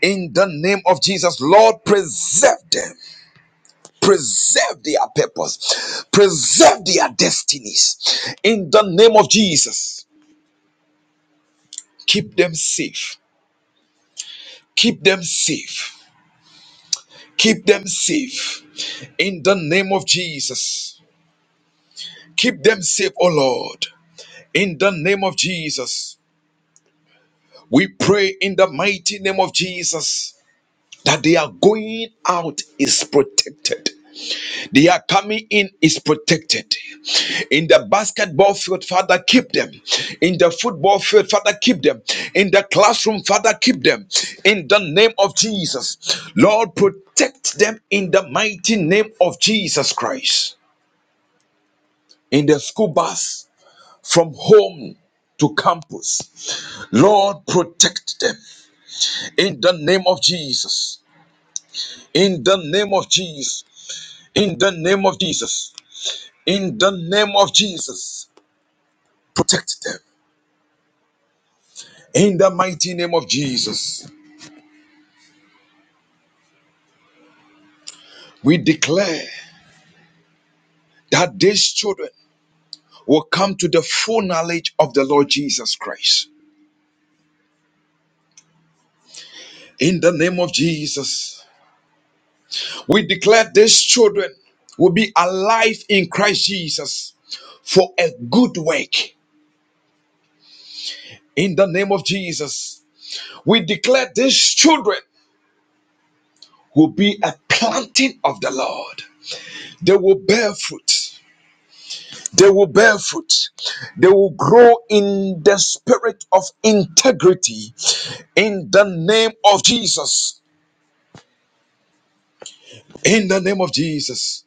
[SPEAKER 9] In the name of Jesus, Lord, preserve them. Preserve their purpose. Preserve their destinies. In the name of Jesus, keep them safe. Keep them safe. Keep them safe. In the name of Jesus, keep them safe, O Lord. In the name of Jesus, we pray in the mighty name of Jesus that they are going out is protected. They are coming in is protected. In the basketball field, Father, keep them. In the football field, Father, keep them. In the classroom, Father, keep them. In the name of Jesus, Lord, protect them in the mighty name of Jesus Christ. In the school bus, from home to campus, Lord, protect them in the name of Jesus. In the name of Jesus. In the name of Jesus. In the name of Jesus. Protect them. In the mighty name of Jesus. We declare that these children will come to the full knowledge of the Lord Jesus Christ. In the name of Jesus. We declare these children will be alive in Christ Jesus for a good work. In the name of Jesus. We declare these children will be a planting of the Lord. They will bear fruit. They will bear fruit. They will grow in the spirit of integrity in the name of Jesus. In the name of Jesus.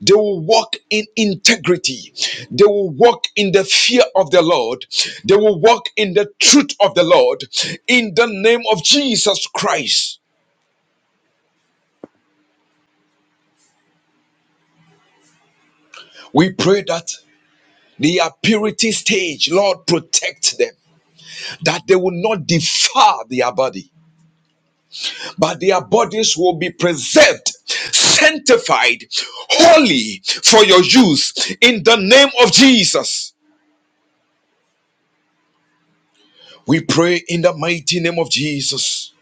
[SPEAKER 9] They will walk in integrity. They will walk in the fear of the Lord. They will walk in the truth of the Lord. In the name of Jesus Christ. We pray that their purity stage, Lord, protect them, that they will not defile their body but their bodies will be preserved, sanctified, holy for your use in the name of Jesus. We pray in the mighty name of Jesus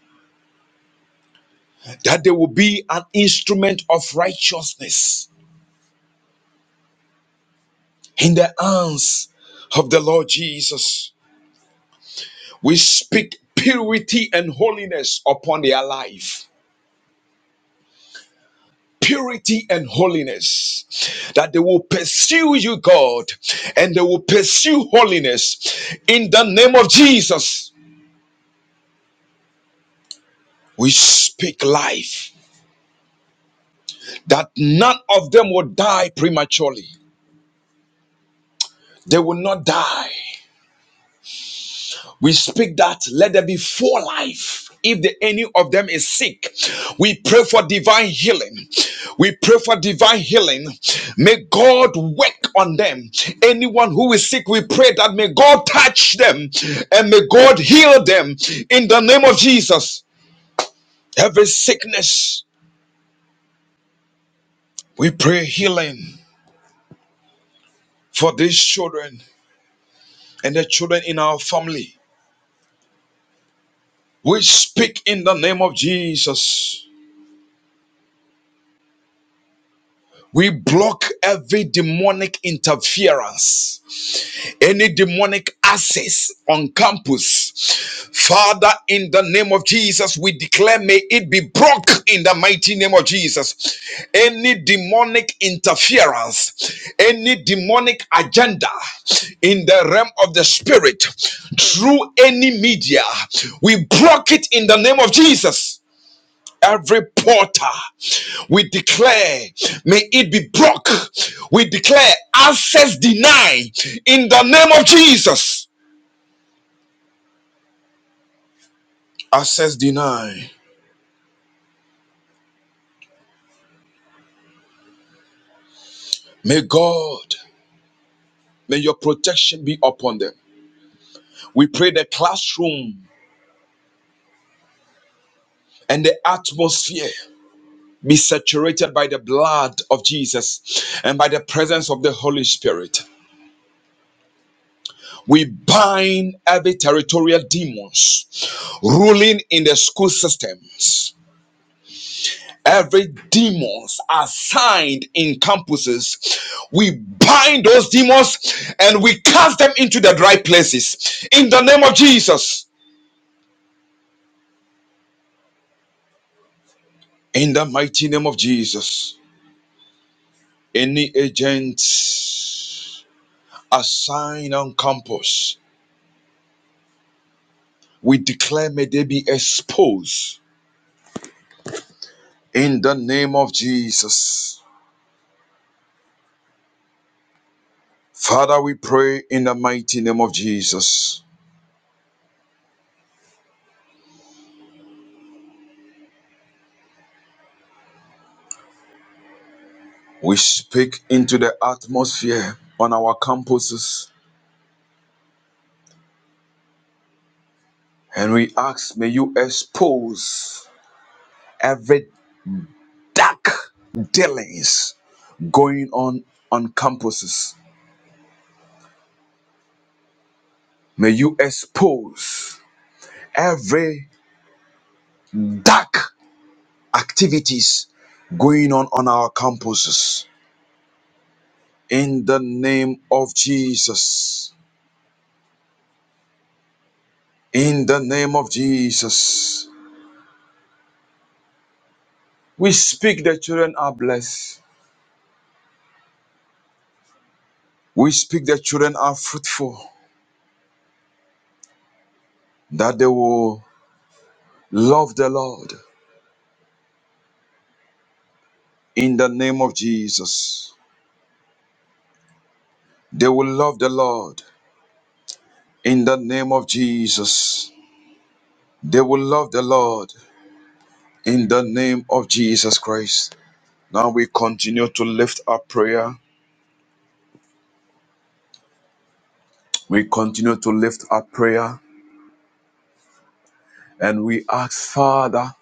[SPEAKER 9] that they will be an instrument of righteousness in the hands of the Lord Jesus. We speak purity and holiness upon their life purity and holiness that they will pursue you god and they will pursue holiness in the name of jesus we speak life that none of them will die prematurely they will not die We speak that let there be full life. If the, any of them is sick, we pray for divine healing. We pray for divine healing. May God work on them. Anyone who is sick, we pray that may God touch them and may God heal them in the name of Jesus. Every sickness, we pray healing for these children and the children in our family. We speak in the name of Jesus. We block every demonic interference, any demonic access on campus. Father, in the name of Jesus, we declare may it be broken in the mighty name of Jesus. Any demonic interference, any demonic agenda in the realm of the spirit through any media, we block it in the name of Jesus. Every porter, we declare, may it be broke. We declare access denied in the name of Jesus. Access denied. May God, may your protection be upon them. We pray the classroom and the atmosphere be saturated by the blood of Jesus and by the presence of the Holy Spirit. We bind every territorial demons ruling in the school systems. Every demons assigned in campuses, we bind those demons and we cast them into the dry places in the name of Jesus. In the mighty name of Jesus, any agent assigned on campus, we declare may they be exposed in the name of Jesus. Father, we pray in the mighty name of Jesus. We speak into the atmosphere on our campuses And we ask, may you expose every dark dealings going on on campuses. May you expose every dark activities going on on our campuses. In the name of Jesus. In the name of Jesus. We speak the children are blessed. We speak the children are fruitful. That they will love the Lord in the name of Jesus. They will love the Lord in the name of Jesus. They will love the Lord in the name of Jesus Christ. Now we continue to lift up prayer. We continue to lift up prayer and we ask, Father,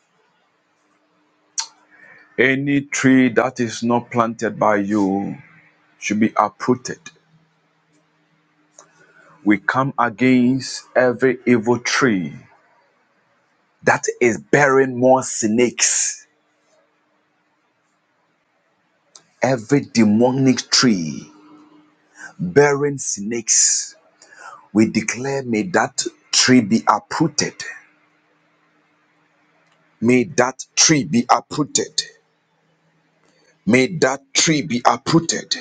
[SPEAKER 9] any tree that is not planted by you should be uprooted. We come against every evil tree that is bearing more snakes, every demonic tree bearing snakes. We declare, may that tree be uprooted. May that tree be uprooted. May that tree be uprooted.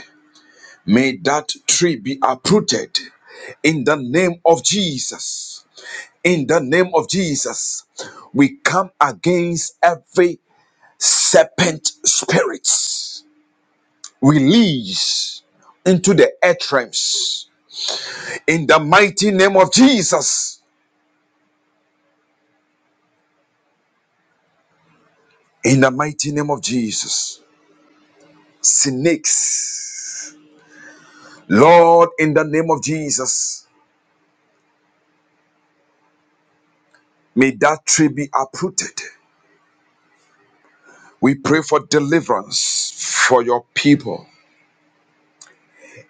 [SPEAKER 9] May that tree be uprooted. In the name of Jesus. In the name of Jesus. We come against every serpent spirits. Release into the earth realms. In the mighty name of Jesus. In the mighty name of Jesus. snakes. Lord, in the name of Jesus, may that tree be uprooted. We pray for deliverance for your people.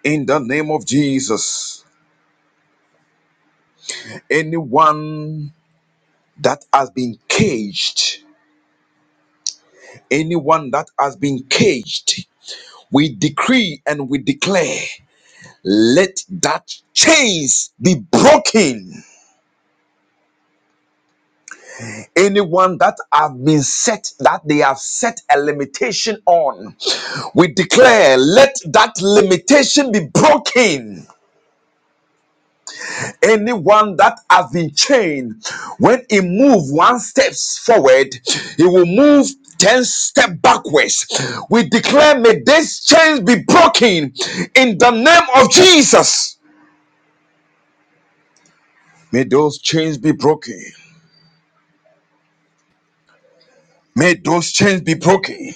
[SPEAKER 9] In the name of Jesus, anyone that has been caged, anyone that has been caged, we decree and we declare, let that chains be broken anyone that have been set that they have set a limitation on we declare let that limitation be broken anyone that has been chained when he move one steps forward he will move 10 step backwards we declare may these chains be broken in the name of jesus may those chains be broken may those chains be broken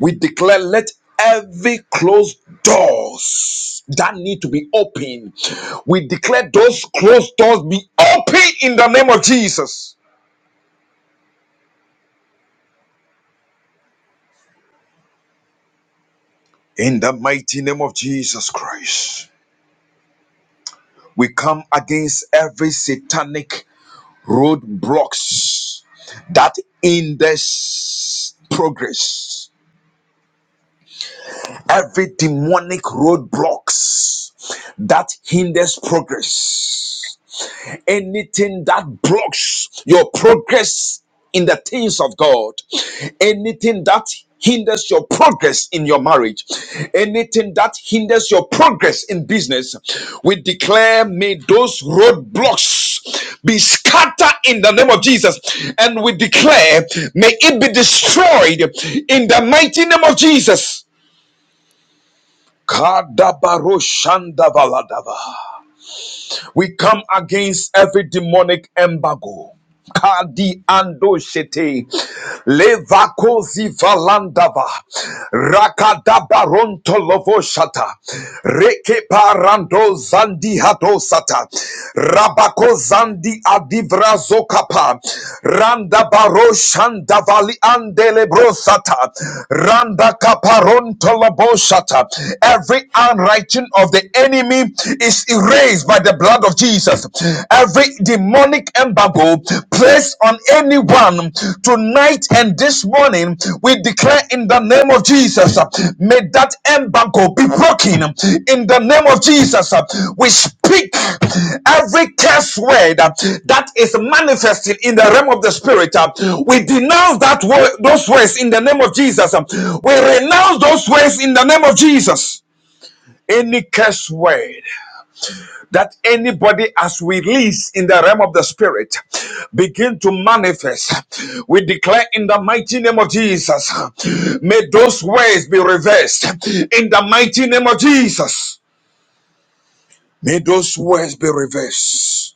[SPEAKER 9] We declare, let every closed doors that need to be open, we declare those closed doors be open in the name of Jesus. In the mighty name of Jesus Christ, we come against every satanic roadblocks that hinders progress every demonic roadblocks that hinders progress anything that blocks your progress in the things of God, anything that hinders your progress in your marriage, anything that hinders your progress in business, we declare may those roadblocks be scattered in the name of Jesus and we declare may it be destroyed in the mighty name of Jesus. Kadabaroshandabaladaba. We come against every demonic embargo. Kadi ando shete levakozi valandava rakadaba ronto lovo shata reke parando zandi hado sata rabako zandi adivra zokapa randa baro shanda vali andele bro sata randa kaparonto lovo shata every unrighteous of the enemy is erased by the blood of Jesus. Every demonic embargo placed on anyone tonight and this morning, we declare in the name of Jesus, may that embargo be broken in the name of Jesus. We speak every curse word that is manifested in the realm of the spirit. We denounce that word, those words in the name of Jesus. We renounce those words in the name of Jesus. Any curse word that anybody as we release in the realm of the spirit begin to manifest we declare in the mighty name of jesus may those words be reversed in the mighty name of jesus may those words be reversed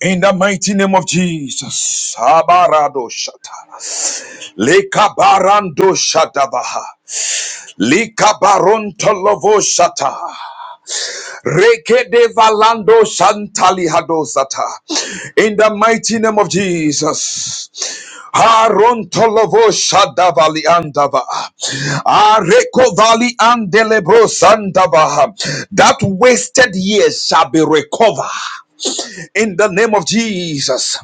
[SPEAKER 9] in the mighty name of jesus Abarado shata. Lekabarando shadabaha. Likabarontolovo shata. Rekede valando shantali hadosata. In the mighty name of Jesus. Harontolovo shadavali andava. Areko vali andelebro sandava. That wasted years shall be recovered. In the name of Jesus.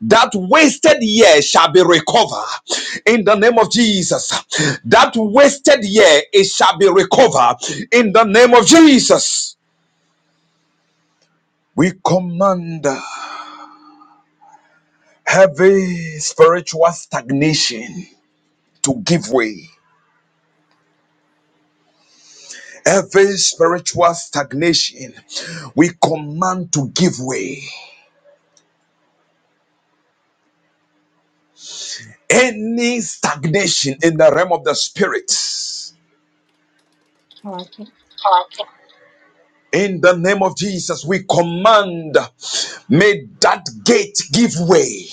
[SPEAKER 9] That wasted year shall be recovered. In the name of Jesus. That wasted year it shall be recovered. In the name of Jesus. We command every spiritual stagnation to give way. Every spiritual stagnation, we command to give way. Any stagnation in the realm of the spirits, in the name of Jesus, we command, may that gate give way.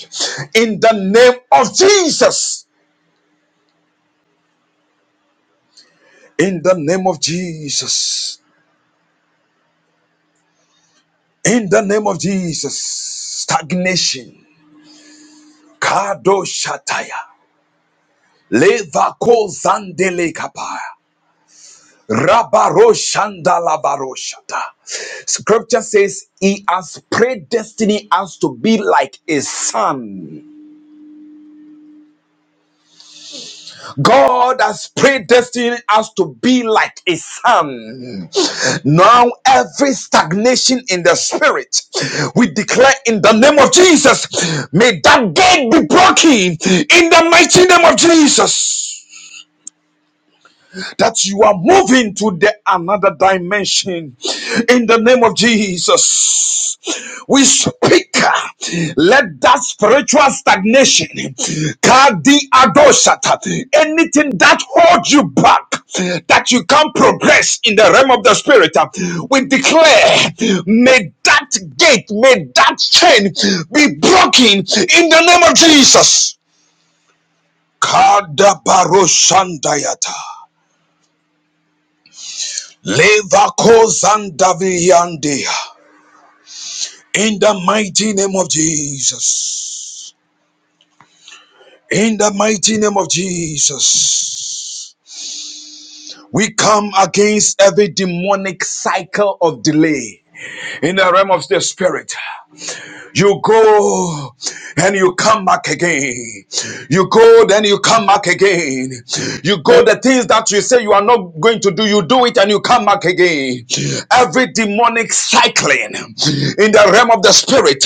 [SPEAKER 9] In the name of Jesus. In the name of Jesus. In the name of Jesus. Stagnation. Kado Shataya. Levako Zandele Kapaya. Rabaro Shanda Labaro Shata. Scripture says, He has predestined us to be like a son. God has predestined us to be like a son. Now, every stagnation in the spirit, we declare in the name of Jesus, may that gate be broken in the mighty name of Jesus. that you are moving to the another dimension in the name of Jesus. We speak, let that spiritual stagnation, kadi adoshata, anything that holds you back, that you can't progress in the realm of the spirit, we declare, may that gate, may that chain be broken in the name of Jesus. Kada Levakozandaviandia. In the mighty name of Jesus. In the mighty name of Jesus. We come against every demonic cycle of delay in the realm of the spirit. You go and you come back again. You go, then you come back again. You go, the things that you say you are not going to do, you do it and you come back again. Every demonic cycling in the realm of the spirit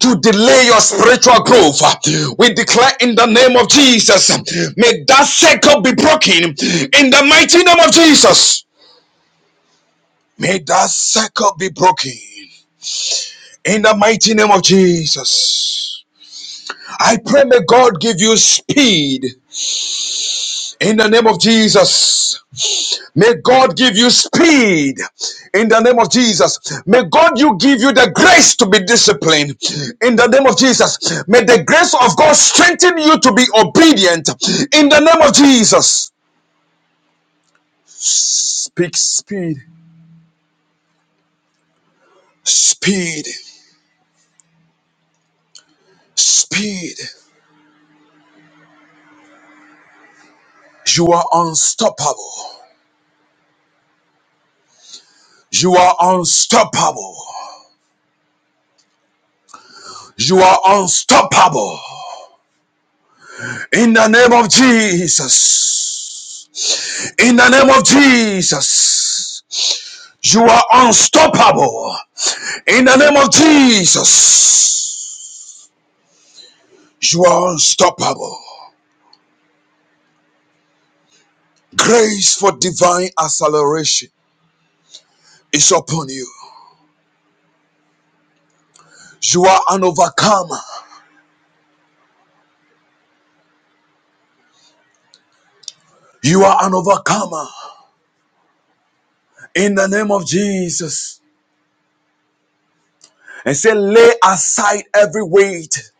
[SPEAKER 9] to delay your spiritual growth, we declare in the name of Jesus, may that cycle be broken in the mighty name of Jesus. May that cycle be broken in the mighty name of Jesus. I pray, may God give you speed in the name of Jesus. May God give you speed in the name of Jesus. May God you give you the grace to be disciplined in the name of Jesus. May the grace of God strengthen you to be obedient in the name of Jesus. Speak speed, speed, speed. You are unstoppable. You are unstoppable. You are unstoppable. In the name of Jesus. In the name of Jesus. You are unstoppable. In the name of Jesus. You are unstoppable. Grace for divine acceleration is upon you. You are an overcomer. You are an overcomer. In the name of Jesus. And say, lay aside every weight.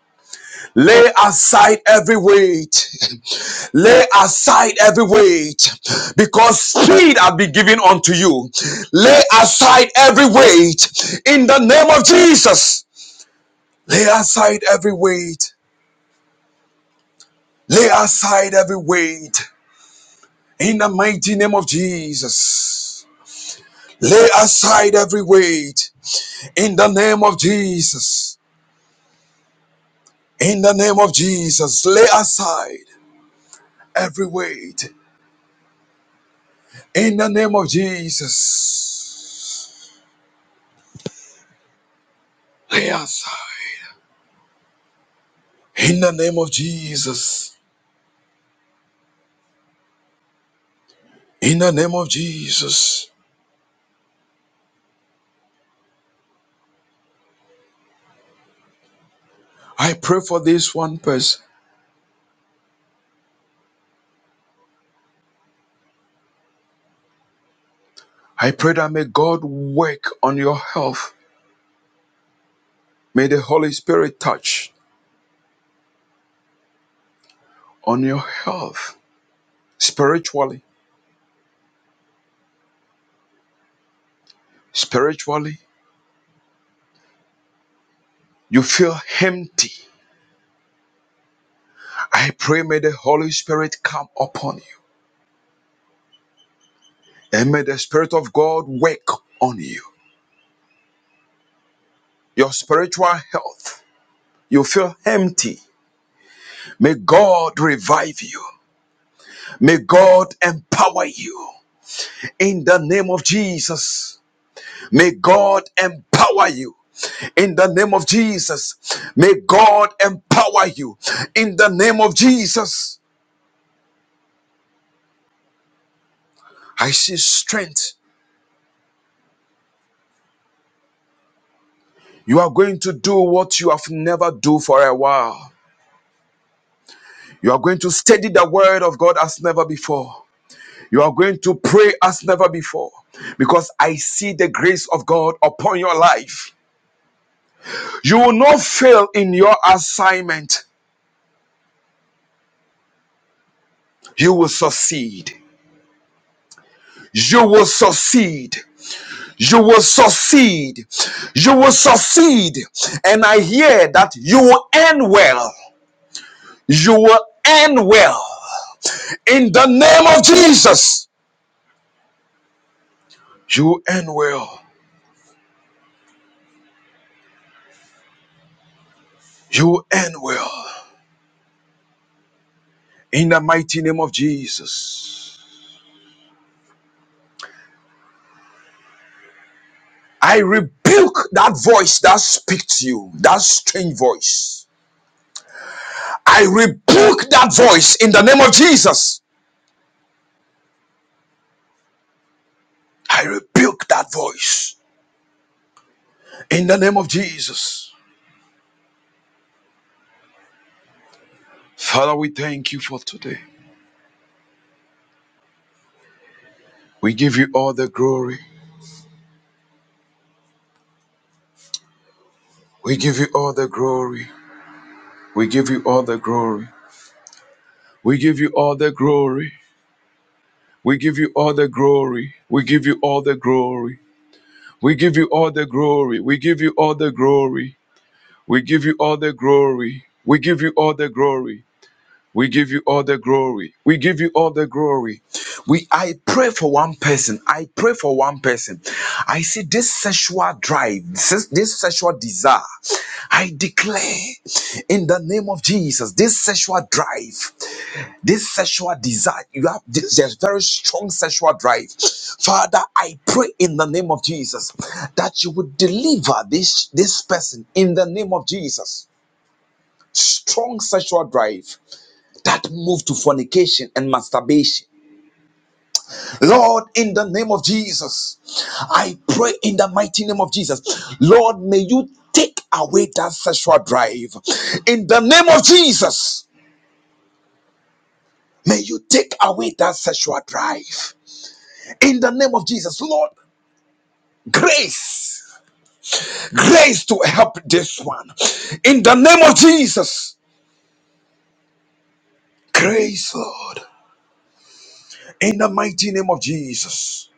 [SPEAKER 9] Lay aside every weight. Lay aside every weight because speed have been given unto you. Lay aside every weight in the name of Jesus. Lay aside every weight. Lay aside every weight in the mighty name of Jesus. Lay aside every weight in the name of Jesus. In the name of Jesus. Lay aside every weight in the name of Jesus. Lay aside. In the name of Jesus. In the name of Jesus. I pray for this one person. I pray that may God work on your health. May the Holy Spirit touch on your health spiritually. Spiritually, you feel empty. I pray may the Holy Spirit come upon you and may the Spirit of God work on you. Your spiritual health, you feel empty. May God revive you. May God empower you. in the name of Jesus. May God empower you. In the name of Jesus. May God empower you. In the name of Jesus. I see strength. You are going to do what you have never do for a while. You are going to study the word of God as never before. You are going to pray as never before because I see the grace of God upon your life. You will not fail in your assignment. You will succeed. You will succeed. You will succeed. You will succeed. And I hear that you will end well. You will end well. In the name of Jesus, you will end well. You will end well. In the mighty name of Jesus. I rebuke that voice that speaks to you, that strange voice. I rebuke that voice in the name of Jesus. I rebuke that voice in the name of Jesus. Father, we thank you for today. We give you all the glory. We give you all the glory. We give you all the glory. We give you all the glory. We give you all the glory. We give you all the glory. We give you all the glory. We give you all the glory. We give you all the glory. We give you all the glory. We give you all the glory. We give you all the glory. We I pray for one person. I pray for one person. I see this sexual drive, this, this sexual desire. I declare in the name of Jesus, this sexual drive, this sexual desire, you have this there's very strong sexual drive. Father, I pray in the name of Jesus that you would deliver this this person in the name of Jesus. Strong sexual drive that move to fornication and masturbation. Lord, in the name of Jesus, I pray in the mighty name of Jesus, Lord, may you take away that sexual drive. In the name of Jesus, may you take away that sexual drive. In the name of Jesus, Lord, grace, grace to help this one. In the name of Jesus, grace, Lord, in the mighty name of Jesus,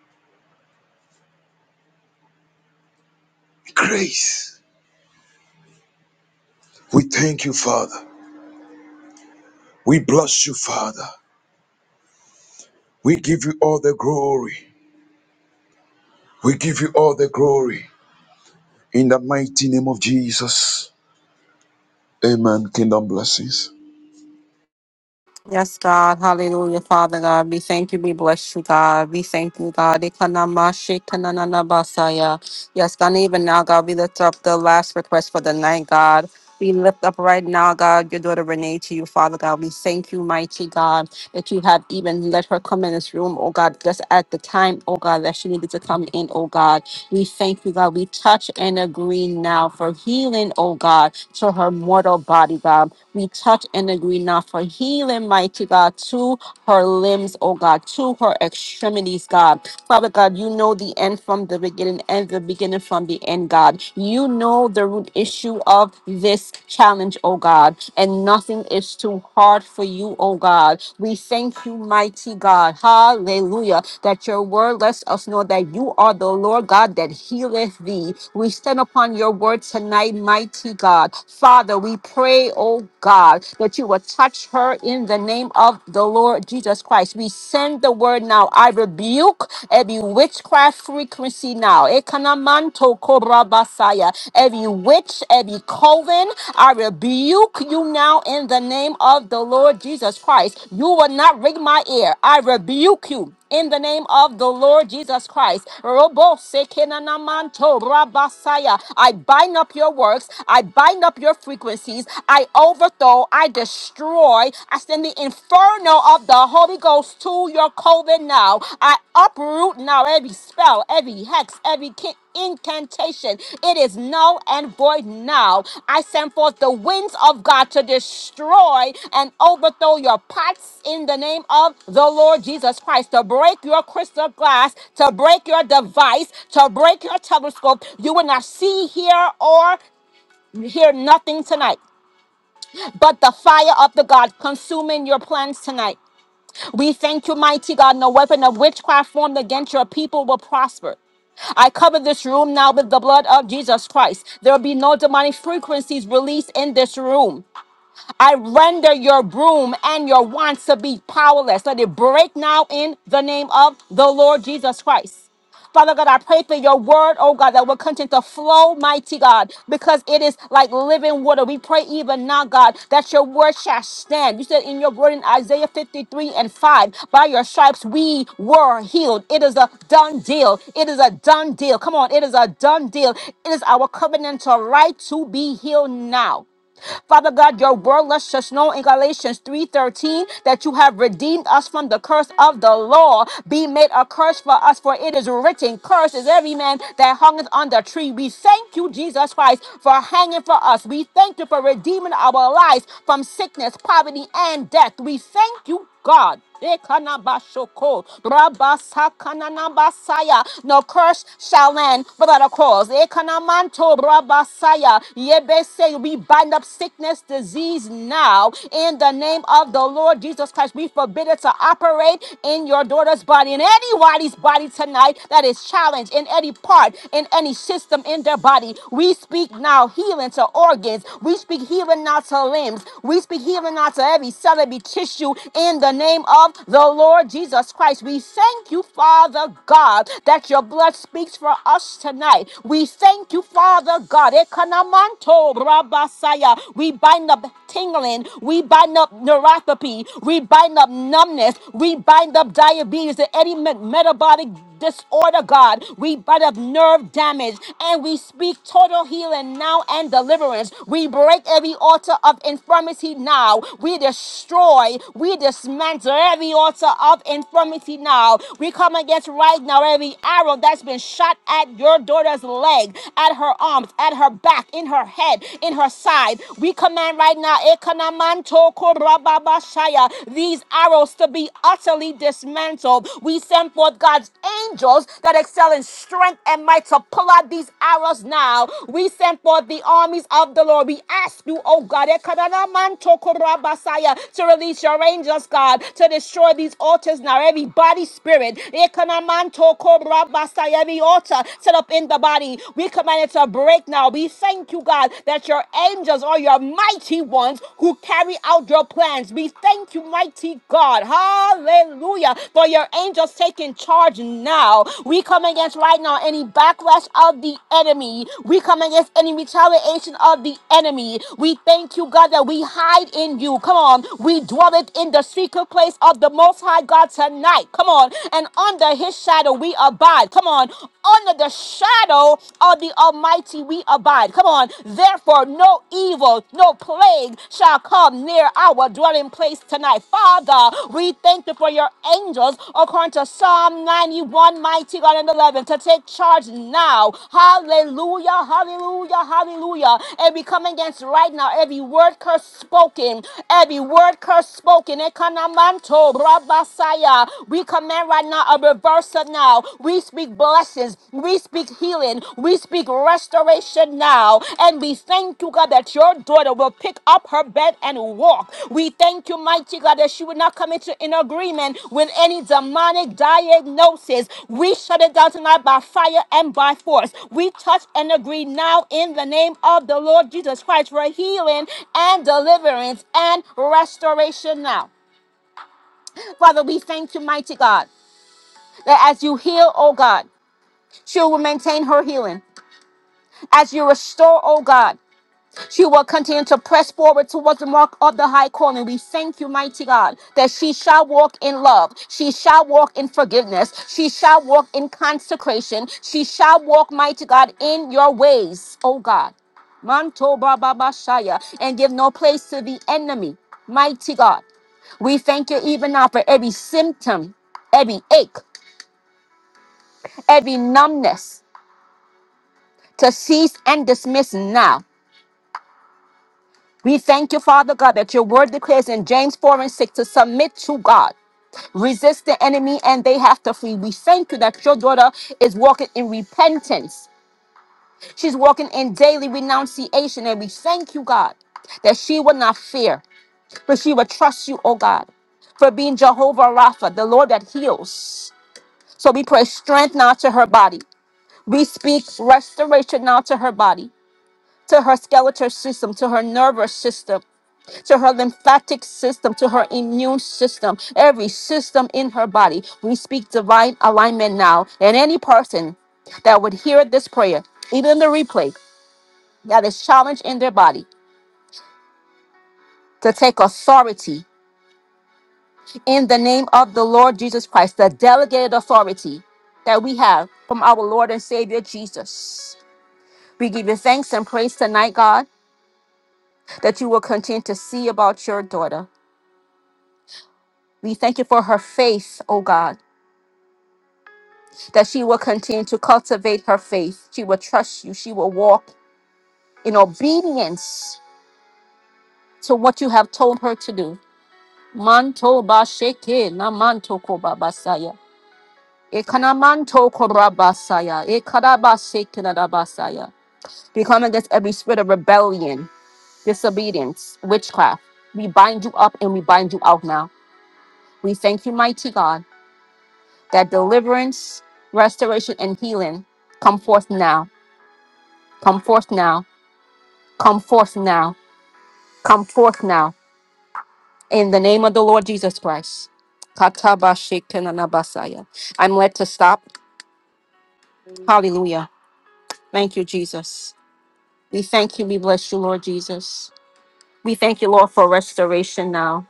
[SPEAKER 9] grace. We thank you, Father. We bless you, Father. We give you all the glory. We give you all the glory. In the mighty name of Jesus. Amen. Kingdom blessings.
[SPEAKER 2] Yes, God. Hallelujah, Father God. We thank you. We bless you, God. We thank you, God. Ikanamashi kanananabasaya. Yes, God. and Even now, God, we lift up the last request for the night, God. We lift up right now, God, your daughter Renee to you, Father God. We thank you, mighty God, that you have even let her come in this room, oh God, just at the time, oh God, that she needed to come in, oh God. We thank you, God. We touch and agree now for healing, oh God, to her mortal body, God. We touch and agree now for healing, mighty God, to her limbs, oh God, to her extremities, God. Father God, you know the end from the beginning and the beginning from the end, God. You know the root issue of this challenge, oh God, and nothing is too hard for you, oh God. We thank you, mighty God. Hallelujah. That your word lets us know that you are the Lord God that healeth thee thee. We stand upon your word tonight, mighty God. Father, we pray, oh God, that you will touch her in the name of the Lord Jesus Christ. We send the word now. I rebuke every witchcraft frequency now. Ekanamanto korabasaya. Every witch, every coven, I rebuke you now in the name of the Lord Jesus Christ. You will not ring my ear. I rebuke you in the name of the Lord Jesus Christ. Robo sekenanamanto rabasaya. I bind up your works. I bind up your frequencies. I overthrow. I destroy. I send the inferno of the Holy Ghost to your COVID now. I uproot now every spell, every hex, every ki- incantation. It is null and void now. I send forth the winds of God to destroy and overthrow your pots in the name of the Lord Jesus Christ, to break your crystal glass, to break your device, to break your telescope. You will not see, hear, or hear nothing tonight but the fire of the God consuming your plans tonight. We thank you, mighty God. No weapon of witchcraft formed against your people will prosper. I cover this room now with the blood of Jesus Christ. There will be no demonic frequencies released in this room. I render your broom and your wants to be powerless. Let it break now in the name of the Lord Jesus Christ. Father God, I pray for your word, oh God, that will continue to flow, mighty God, because it is like living water. We pray even now, God, that your word shall stand. You said in your word in Isaiah 53 and 5, by your stripes we were healed. It is a done deal. It is a done deal. Come on, it is a done deal. It is our covenantal right to be healed now. Father God, your word lets us know in Galatians 3:13 that you have redeemed us from the curse of the law. Be made a curse for us, for it is written, Cursed is every man that hungeth on the tree. We thank you, Jesus Christ, for hanging for us. We thank you for redeeming our lives from sickness, poverty, and death. We thank you, God. Ekanabashoko, rabasakananabasaya. No curse shall land without a cause. Ekanamanto, rabasaya. Yebese, We bind up sickness, disease now in the name of the Lord Jesus Christ. We forbid it to operate in your daughter's body, in anybody's body tonight that is challenged in any part, in any system in their body. We speak now healing to organs. We speak healing now to limbs. We speak healing now to every cell, every tissue in the name of the Lord Jesus Christ. We thank you, Father God, that your blood speaks for us tonight. We thank you, Father God. Ekanamanto Rabasaya. We bind up tingling. We bind up neuropathy. We bind up numbness. We bind up diabetes and any me- metabolic disorder, God. We bind up nerve damage and we speak total healing now and deliverance. We break every altar of infirmity now. We destroy, we dismantle every altar of infirmity now. We come against right now every arrow that's been shot at your your daughter's leg, at her arms, at her back, in her head, in her side. We command right now, Ekanamanto korababashaya, these arrows to be utterly dismantled. We send forth God's angels that excel in strength and might to pull out these arrows now. We send forth the armies of the Lord. We ask you, oh God, Ekanamanto korabasaya, to release your angels, God, to destroy these altars now. Every body spirit, Ekanamanto Rabasayemi altar set up in the body. We command it to break now. We thank you, God, that your angels are your mighty ones who carry out your plans. We thank you, mighty God. Hallelujah. For your angels taking charge now. We come against right now any backlash of the enemy. We come against any retaliation of the enemy. We thank you, God, that we hide in you. Come on. We dwell it in the secret place of the Most High God tonight. Come on and under his shadow we abide. Come on, under the shadow of the Almighty we abide. Come on, therefore, no evil, no plague shall come near our dwelling place tonight. Father, we thank you for your angels, according to Psalm 91, mighty God and 11, to take charge now. Hallelujah, hallelujah, hallelujah. And we come against right now every word curse spoken, every word curse spoken. Ekanamanto, Saya. We command right now a reversal now. We speak blessings. We speak healing. We speak restoration now. And we thank you, God, that your daughter will pick up her bed and walk. We thank you, mighty God, that she will not come into in agreement with any demonic diagnosis. We shut it down tonight by fire and by force. We touch and agree now in the name of the Lord Jesus Christ for healing and deliverance and restoration now. Father, we thank you, mighty God, that as you heal, oh God, she will maintain her healing. As you restore, oh God, she will continue to press forward towards the mark of the high calling. We thank you, mighty God, that she shall walk in love. She shall walk in forgiveness. She shall walk in consecration. She shall walk, mighty God, in your ways, oh God. Manto Baba Bashaya, and give no place to the enemy, mighty God. We thank you even now for every symptom, every ache. every numbness to cease and dismiss now. We thank you, Father God, that your word declares in James 4 and 6 to submit to God. Resist the enemy and they have to flee. We thank you that your daughter is walking in repentance. She's walking in daily renunciation. And we thank you, God, that she will not fear, but she will trust you, oh God, for being Jehovah Rapha, the Lord that heals. So we pray strength now to her body. We speak restoration now to her body. to her skeletal system, to her nervous system, to her lymphatic system, to her immune system, every system in her body. We speak divine alignment now. And any person that would hear this prayer, even the replay, that is challenged in their body to take authority in the name of the Lord Jesus Christ, the delegated authority that we have from our Lord and Savior Jesus. We give you thanks and praise tonight, God, that you will continue to see about your daughter. We thank you for her faith, oh God, that she will continue to cultivate her faith. She will trust you. She will walk in obedience to what you have told her to do. Manto ba sheke na manto ko ba basaya. Ekana manto ko ra basaya. Ekada ba sheke na da basaya. We come against every spirit of rebellion, disobedience, witchcraft. We bind you up and we bind you out now. We thank you, mighty God. that deliverance, restoration, and healing come forth now, come forth now, come forth now, come forth now, in the name of the Lord Jesus Christ. Katabashikinanabasaya. I'm led to stop. Hallelujah. Thank you, Jesus. We thank you. We bless you, Lord Jesus. We thank you, Lord, for restoration now.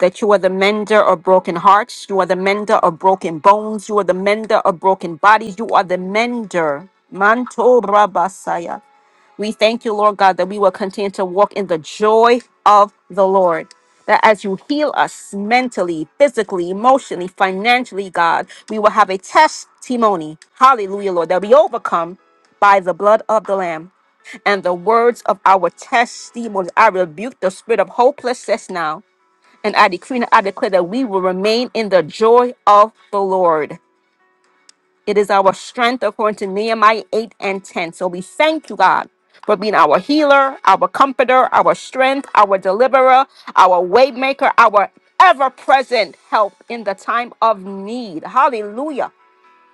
[SPEAKER 2] That you are the mender of broken hearts. You are the mender of broken bones. You are the mender of broken bodies. You are the mender. Manto Rabasaya. We thank you, Lord God, that we will continue to walk in the joy of the Lord. That as you heal us mentally, physically, emotionally, financially, God, we will have a testimony. Hallelujah, Lord, that we overcome by the blood of the Lamb and the words of our testimony. I rebuke the spirit of hopelessness now. And I decree and I declare that we will remain in the joy of the Lord. It is our strength according to Nehemiah 8 and 10. So we thank you, God, for being our healer, our comforter, our strength, our deliverer, our waymaker, our ever present help in the time of need. Hallelujah.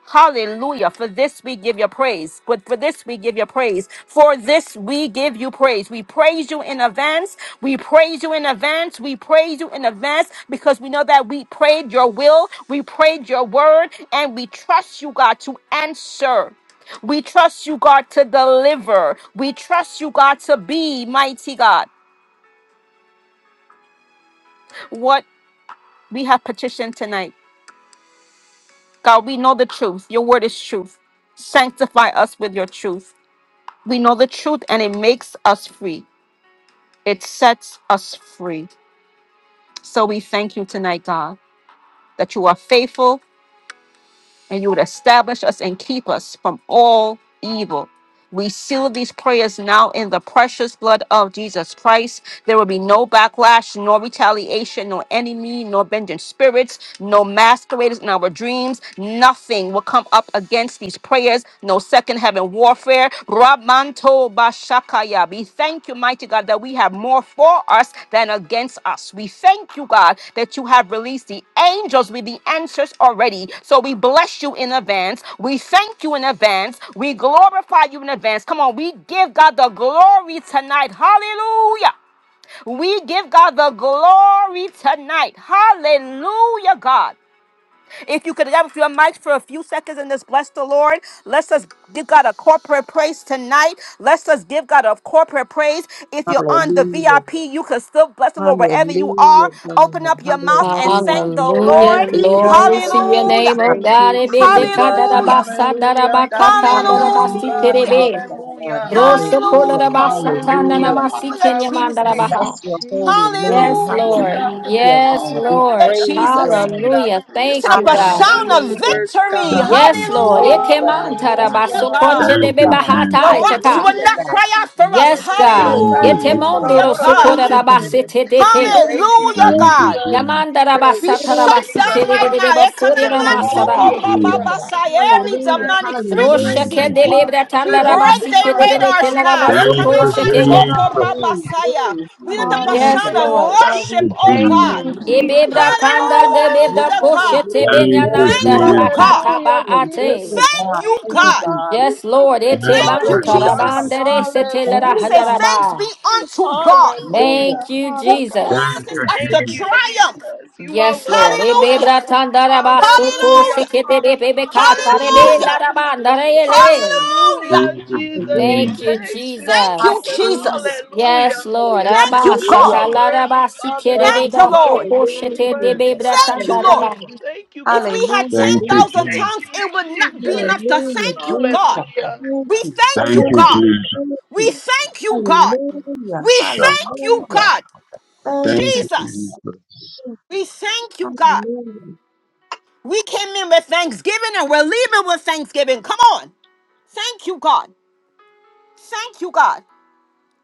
[SPEAKER 2] Hallelujah. For this we give you praise. But for this we give you praise. For this we give you praise. We praise you in advance. We praise you in advance. We praise you in advance because we know that we prayed your will. We prayed your word and we trust you, God, to answer. We trust you, God, to deliver. We trust you, God, to be mighty God. What we have petitioned tonight. God, we know the truth. Your word is truth. Sanctify us with your truth. we know the truth and it makes us free. It sets us free. So we thank you tonight, God, that you are faithful and you would establish us and keep us from all evil. We seal these prayers now in the precious blood of Jesus Christ. There will be no backlash, nor retaliation, nor enemy, nor vengeance spirits, no masqueraders in our dreams. Nothing will come up against these prayers. No second heaven warfare. Ramanto God. We thank you, mighty God, that we have more for us than against us. We thank you, God, that you have released the angels with the answers already. So we bless you in advance. We thank you in advance. We glorify you in advance. Come on, we give God the glory tonight. Hallelujah. We give God the glory tonight. Hallelujah, God. If you could get up your mics for a few seconds and just bless the Lord, let's just give God a corporate praise tonight. Let's just give God a corporate praise. If you're on the
[SPEAKER 7] Hallelujah,
[SPEAKER 2] VIP, you can still bless the Lord wherever you are.
[SPEAKER 7] hallelujah,
[SPEAKER 2] Open up your mouth and thank the
[SPEAKER 4] Hallelujah.
[SPEAKER 2] Lord.
[SPEAKER 6] Hallelujah,
[SPEAKER 4] Glory
[SPEAKER 6] Father
[SPEAKER 4] to your
[SPEAKER 6] God, we
[SPEAKER 2] Hallelujah.
[SPEAKER 4] name, oh
[SPEAKER 6] thank
[SPEAKER 4] God.
[SPEAKER 6] you, Jesus.
[SPEAKER 2] Hallelujah.
[SPEAKER 6] Hallelujah, God, we
[SPEAKER 7] God, hallelujah,
[SPEAKER 6] thank you,
[SPEAKER 7] hallelujah,
[SPEAKER 6] God.
[SPEAKER 2] Hallelujah.
[SPEAKER 7] hallelujah, God,
[SPEAKER 6] Hallelujah.
[SPEAKER 4] Brosho kola
[SPEAKER 7] hallelujah,
[SPEAKER 4] da basa tanda na
[SPEAKER 6] Hallelujah,
[SPEAKER 7] hallelujah.
[SPEAKER 4] masi
[SPEAKER 6] Father
[SPEAKER 2] Hallelujah,
[SPEAKER 6] God.
[SPEAKER 4] kenya
[SPEAKER 6] We
[SPEAKER 4] manda da
[SPEAKER 2] Jesus.
[SPEAKER 6] thank you,
[SPEAKER 4] baha.
[SPEAKER 7] Blessings.
[SPEAKER 6] Jesus. We
[SPEAKER 4] Yes,
[SPEAKER 6] thank you,
[SPEAKER 4] Lord.
[SPEAKER 6] God, for this
[SPEAKER 7] Hallelujah,
[SPEAKER 4] Yes,
[SPEAKER 7] God.
[SPEAKER 6] altar,
[SPEAKER 7] We
[SPEAKER 2] Hallelujah,
[SPEAKER 6] Father
[SPEAKER 4] Lord.
[SPEAKER 7] praise
[SPEAKER 6] God. We
[SPEAKER 2] Jesus.
[SPEAKER 6] thank you,
[SPEAKER 7] you.
[SPEAKER 6] God,
[SPEAKER 4] Hallelujah.
[SPEAKER 6] for
[SPEAKER 2] We
[SPEAKER 6] your
[SPEAKER 2] set
[SPEAKER 4] Thank
[SPEAKER 2] up
[SPEAKER 4] you,
[SPEAKER 2] a
[SPEAKER 6] work,
[SPEAKER 4] God.
[SPEAKER 7] Hallelujah.
[SPEAKER 2] sound of
[SPEAKER 6] wonderful work,
[SPEAKER 2] victory.
[SPEAKER 9] Thank
[SPEAKER 6] God.
[SPEAKER 4] Yes,
[SPEAKER 9] you,
[SPEAKER 2] Hallelujah,
[SPEAKER 4] Lord.
[SPEAKER 9] Jesus.
[SPEAKER 7] Praise the name, God.
[SPEAKER 6] Hallelujah.
[SPEAKER 2] God.
[SPEAKER 7] Thank
[SPEAKER 6] We
[SPEAKER 7] you,
[SPEAKER 9] Thank
[SPEAKER 6] thank
[SPEAKER 9] you,
[SPEAKER 7] God.
[SPEAKER 2] The
[SPEAKER 9] Jesus.
[SPEAKER 6] you,
[SPEAKER 2] rocks will
[SPEAKER 4] Ekemantarabasokotedebebahataitaka.
[SPEAKER 7] Hallelujah,
[SPEAKER 2] not
[SPEAKER 7] God.
[SPEAKER 6] Jesus.
[SPEAKER 2] cry out
[SPEAKER 6] We
[SPEAKER 2] for us.
[SPEAKER 4] Yes, God.
[SPEAKER 9] Thank you,
[SPEAKER 7] Hallelujah,
[SPEAKER 9] Jesus.
[SPEAKER 7] God.
[SPEAKER 2] Hallelujah, God.
[SPEAKER 7] Thank you, God.
[SPEAKER 4] Yetemondorosokorarabasitedeke.
[SPEAKER 7] Thank,
[SPEAKER 6] thank you,
[SPEAKER 2] Hallelujah,
[SPEAKER 9] Thank
[SPEAKER 7] thank,
[SPEAKER 9] you,
[SPEAKER 2] God.
[SPEAKER 6] Jesus.
[SPEAKER 9] Jesus.
[SPEAKER 2] We shut
[SPEAKER 7] hallelujah, God.
[SPEAKER 2] down right now.
[SPEAKER 6] Hallelujah.
[SPEAKER 9] Thank you,
[SPEAKER 7] Hallelujah,
[SPEAKER 4] Yamandarabasatarabasikererererebasorianamasara.
[SPEAKER 9] Jesus.
[SPEAKER 6] Hallelujah.
[SPEAKER 7] Jesus.
[SPEAKER 6] God, you
[SPEAKER 2] Ekanamantokorobabasai. Every
[SPEAKER 6] are
[SPEAKER 7] Hallelujah,
[SPEAKER 2] demonic
[SPEAKER 6] worthy.
[SPEAKER 9] Thank
[SPEAKER 7] hallelujah,
[SPEAKER 9] you,
[SPEAKER 2] frequency.
[SPEAKER 6] You are
[SPEAKER 9] Jesus.
[SPEAKER 2] We
[SPEAKER 6] worthy.
[SPEAKER 2] break their
[SPEAKER 6] God,
[SPEAKER 7] hallelujah.
[SPEAKER 2] radars now.
[SPEAKER 9] Thank you, Jesus. Thank you,
[SPEAKER 7] Glory,
[SPEAKER 6] you are worthy.
[SPEAKER 7] glory,
[SPEAKER 4] Droshakedelebratandarabasikerererekelarabasoposhakeya.
[SPEAKER 9] Jesus.
[SPEAKER 6] Hallelujah.
[SPEAKER 9] Thank
[SPEAKER 7] glory,
[SPEAKER 2] Ekanamantokorobasai.
[SPEAKER 7] glory.
[SPEAKER 2] We lift up a
[SPEAKER 6] Hallelujah,
[SPEAKER 4] Yes,
[SPEAKER 7] Hallelujah,
[SPEAKER 2] sound of
[SPEAKER 4] Lord.
[SPEAKER 6] God.
[SPEAKER 2] worship,
[SPEAKER 6] We
[SPEAKER 2] oh
[SPEAKER 6] thank you,
[SPEAKER 2] God.
[SPEAKER 6] Jesus.
[SPEAKER 7] hallelujah.
[SPEAKER 4] Ibebra kanda de bebra
[SPEAKER 6] Hallelujah.
[SPEAKER 2] Hallelujah,
[SPEAKER 7] Glory,
[SPEAKER 2] God.
[SPEAKER 4] koshete
[SPEAKER 7] glory, glory
[SPEAKER 9] you,
[SPEAKER 4] benyananda
[SPEAKER 7] to
[SPEAKER 2] Thank
[SPEAKER 7] the
[SPEAKER 2] you,
[SPEAKER 9] Jesus.
[SPEAKER 2] God.
[SPEAKER 4] rabakata
[SPEAKER 7] Lord.
[SPEAKER 6] Hallelujah, Jesus. We
[SPEAKER 4] baate.
[SPEAKER 7] Hallelujah,
[SPEAKER 2] Thank
[SPEAKER 7] God.
[SPEAKER 2] you,
[SPEAKER 6] thank
[SPEAKER 7] Thank you,
[SPEAKER 6] you,
[SPEAKER 2] God.
[SPEAKER 7] Jesus.
[SPEAKER 6] God. We
[SPEAKER 4] Yes,
[SPEAKER 6] thank you
[SPEAKER 4] Lord,
[SPEAKER 6] because it's
[SPEAKER 9] Thank
[SPEAKER 2] Thank
[SPEAKER 4] iteban
[SPEAKER 2] you,
[SPEAKER 9] you,
[SPEAKER 6] already
[SPEAKER 7] Hallelujah,
[SPEAKER 6] done.
[SPEAKER 9] Jesus.
[SPEAKER 2] Jesus.
[SPEAKER 4] karabanda
[SPEAKER 7] God.
[SPEAKER 4] de
[SPEAKER 7] Thank
[SPEAKER 4] setelera
[SPEAKER 2] We say,
[SPEAKER 6] Hallelujah.
[SPEAKER 2] Thanks be
[SPEAKER 4] handaraba.
[SPEAKER 7] you,
[SPEAKER 2] unto God
[SPEAKER 7] Hallelujah.
[SPEAKER 4] Thank
[SPEAKER 6] Hallelujah,
[SPEAKER 4] you,
[SPEAKER 2] who
[SPEAKER 6] Father God.
[SPEAKER 4] Jesus.
[SPEAKER 6] We
[SPEAKER 9] Thank
[SPEAKER 2] causes
[SPEAKER 9] you,
[SPEAKER 2] us
[SPEAKER 6] thank
[SPEAKER 2] to
[SPEAKER 9] Jesus.
[SPEAKER 6] you,
[SPEAKER 2] triumph.
[SPEAKER 6] Jesus. You are
[SPEAKER 4] Yes, Lord.
[SPEAKER 6] worthy,
[SPEAKER 2] Hallelujah.
[SPEAKER 6] God.
[SPEAKER 4] Ibebra tandaraba soto
[SPEAKER 6] Hallelujah,
[SPEAKER 2] Hallelujah.
[SPEAKER 4] sekete de
[SPEAKER 6] Father.
[SPEAKER 4] bebekata
[SPEAKER 6] God.
[SPEAKER 4] rebe
[SPEAKER 6] Hallelujah.
[SPEAKER 7] Hallelujah.
[SPEAKER 2] Hallelujah.
[SPEAKER 4] larabanda reyelele.
[SPEAKER 2] Hallelujah.
[SPEAKER 9] Thank
[SPEAKER 6] Hallelujah,
[SPEAKER 9] you,
[SPEAKER 6] Jesus. We
[SPEAKER 4] Thank
[SPEAKER 9] Jesus.
[SPEAKER 4] you,
[SPEAKER 6] thank you,
[SPEAKER 2] Thank you,
[SPEAKER 4] Jesus.
[SPEAKER 6] Jesus.
[SPEAKER 7] Hallelujah.
[SPEAKER 2] Jesus.
[SPEAKER 6] Hallelujah.
[SPEAKER 4] Yes, Lord.
[SPEAKER 7] Hallelujah.
[SPEAKER 2] Thank you,
[SPEAKER 4] Abba
[SPEAKER 6] You
[SPEAKER 2] God.
[SPEAKER 7] Hallelujah.
[SPEAKER 6] are
[SPEAKER 4] sakala
[SPEAKER 6] worthy, Father
[SPEAKER 4] sikere
[SPEAKER 6] God.
[SPEAKER 4] de
[SPEAKER 2] Thank
[SPEAKER 7] Thank
[SPEAKER 2] you,
[SPEAKER 7] you,
[SPEAKER 4] ba
[SPEAKER 6] You
[SPEAKER 7] Jesus.
[SPEAKER 2] Lord.
[SPEAKER 6] are truly
[SPEAKER 4] koshete de
[SPEAKER 6] worthy,
[SPEAKER 4] bebra
[SPEAKER 6] God.
[SPEAKER 2] Thank you, Lord.
[SPEAKER 4] tandaraba.
[SPEAKER 7] Hallelujah.
[SPEAKER 6] Thank you,
[SPEAKER 2] If
[SPEAKER 6] God.
[SPEAKER 2] we had
[SPEAKER 7] Hallelujah.
[SPEAKER 9] Thank you,
[SPEAKER 7] Jesus.
[SPEAKER 2] 10,000
[SPEAKER 6] Thank
[SPEAKER 9] Jesus.
[SPEAKER 2] tongues,
[SPEAKER 6] you,
[SPEAKER 2] it would not be
[SPEAKER 6] Jesus.
[SPEAKER 2] enough to
[SPEAKER 7] Hallelujah.
[SPEAKER 2] thank you, God.
[SPEAKER 7] Jesus.
[SPEAKER 6] Hallelujah.
[SPEAKER 7] Thank
[SPEAKER 2] We
[SPEAKER 7] you. Thank
[SPEAKER 2] thank
[SPEAKER 9] Thank
[SPEAKER 2] you,
[SPEAKER 9] you,
[SPEAKER 7] you.
[SPEAKER 2] God.
[SPEAKER 9] Jesus.
[SPEAKER 7] Thank you.
[SPEAKER 2] We thank you, God.
[SPEAKER 7] Hallelujah.
[SPEAKER 2] We
[SPEAKER 9] Shuck.
[SPEAKER 2] thank you,
[SPEAKER 7] Hallelujah.
[SPEAKER 2] God.
[SPEAKER 9] Thank
[SPEAKER 7] Thank you,
[SPEAKER 9] you,
[SPEAKER 7] Jesus.
[SPEAKER 2] Jesus.
[SPEAKER 9] Jesus.
[SPEAKER 2] We thank you, God.
[SPEAKER 7] Hallelujah.
[SPEAKER 2] We came in with thanksgiving and we're leaving with thanksgiving. Come on. Thank you, God. Thank you, God.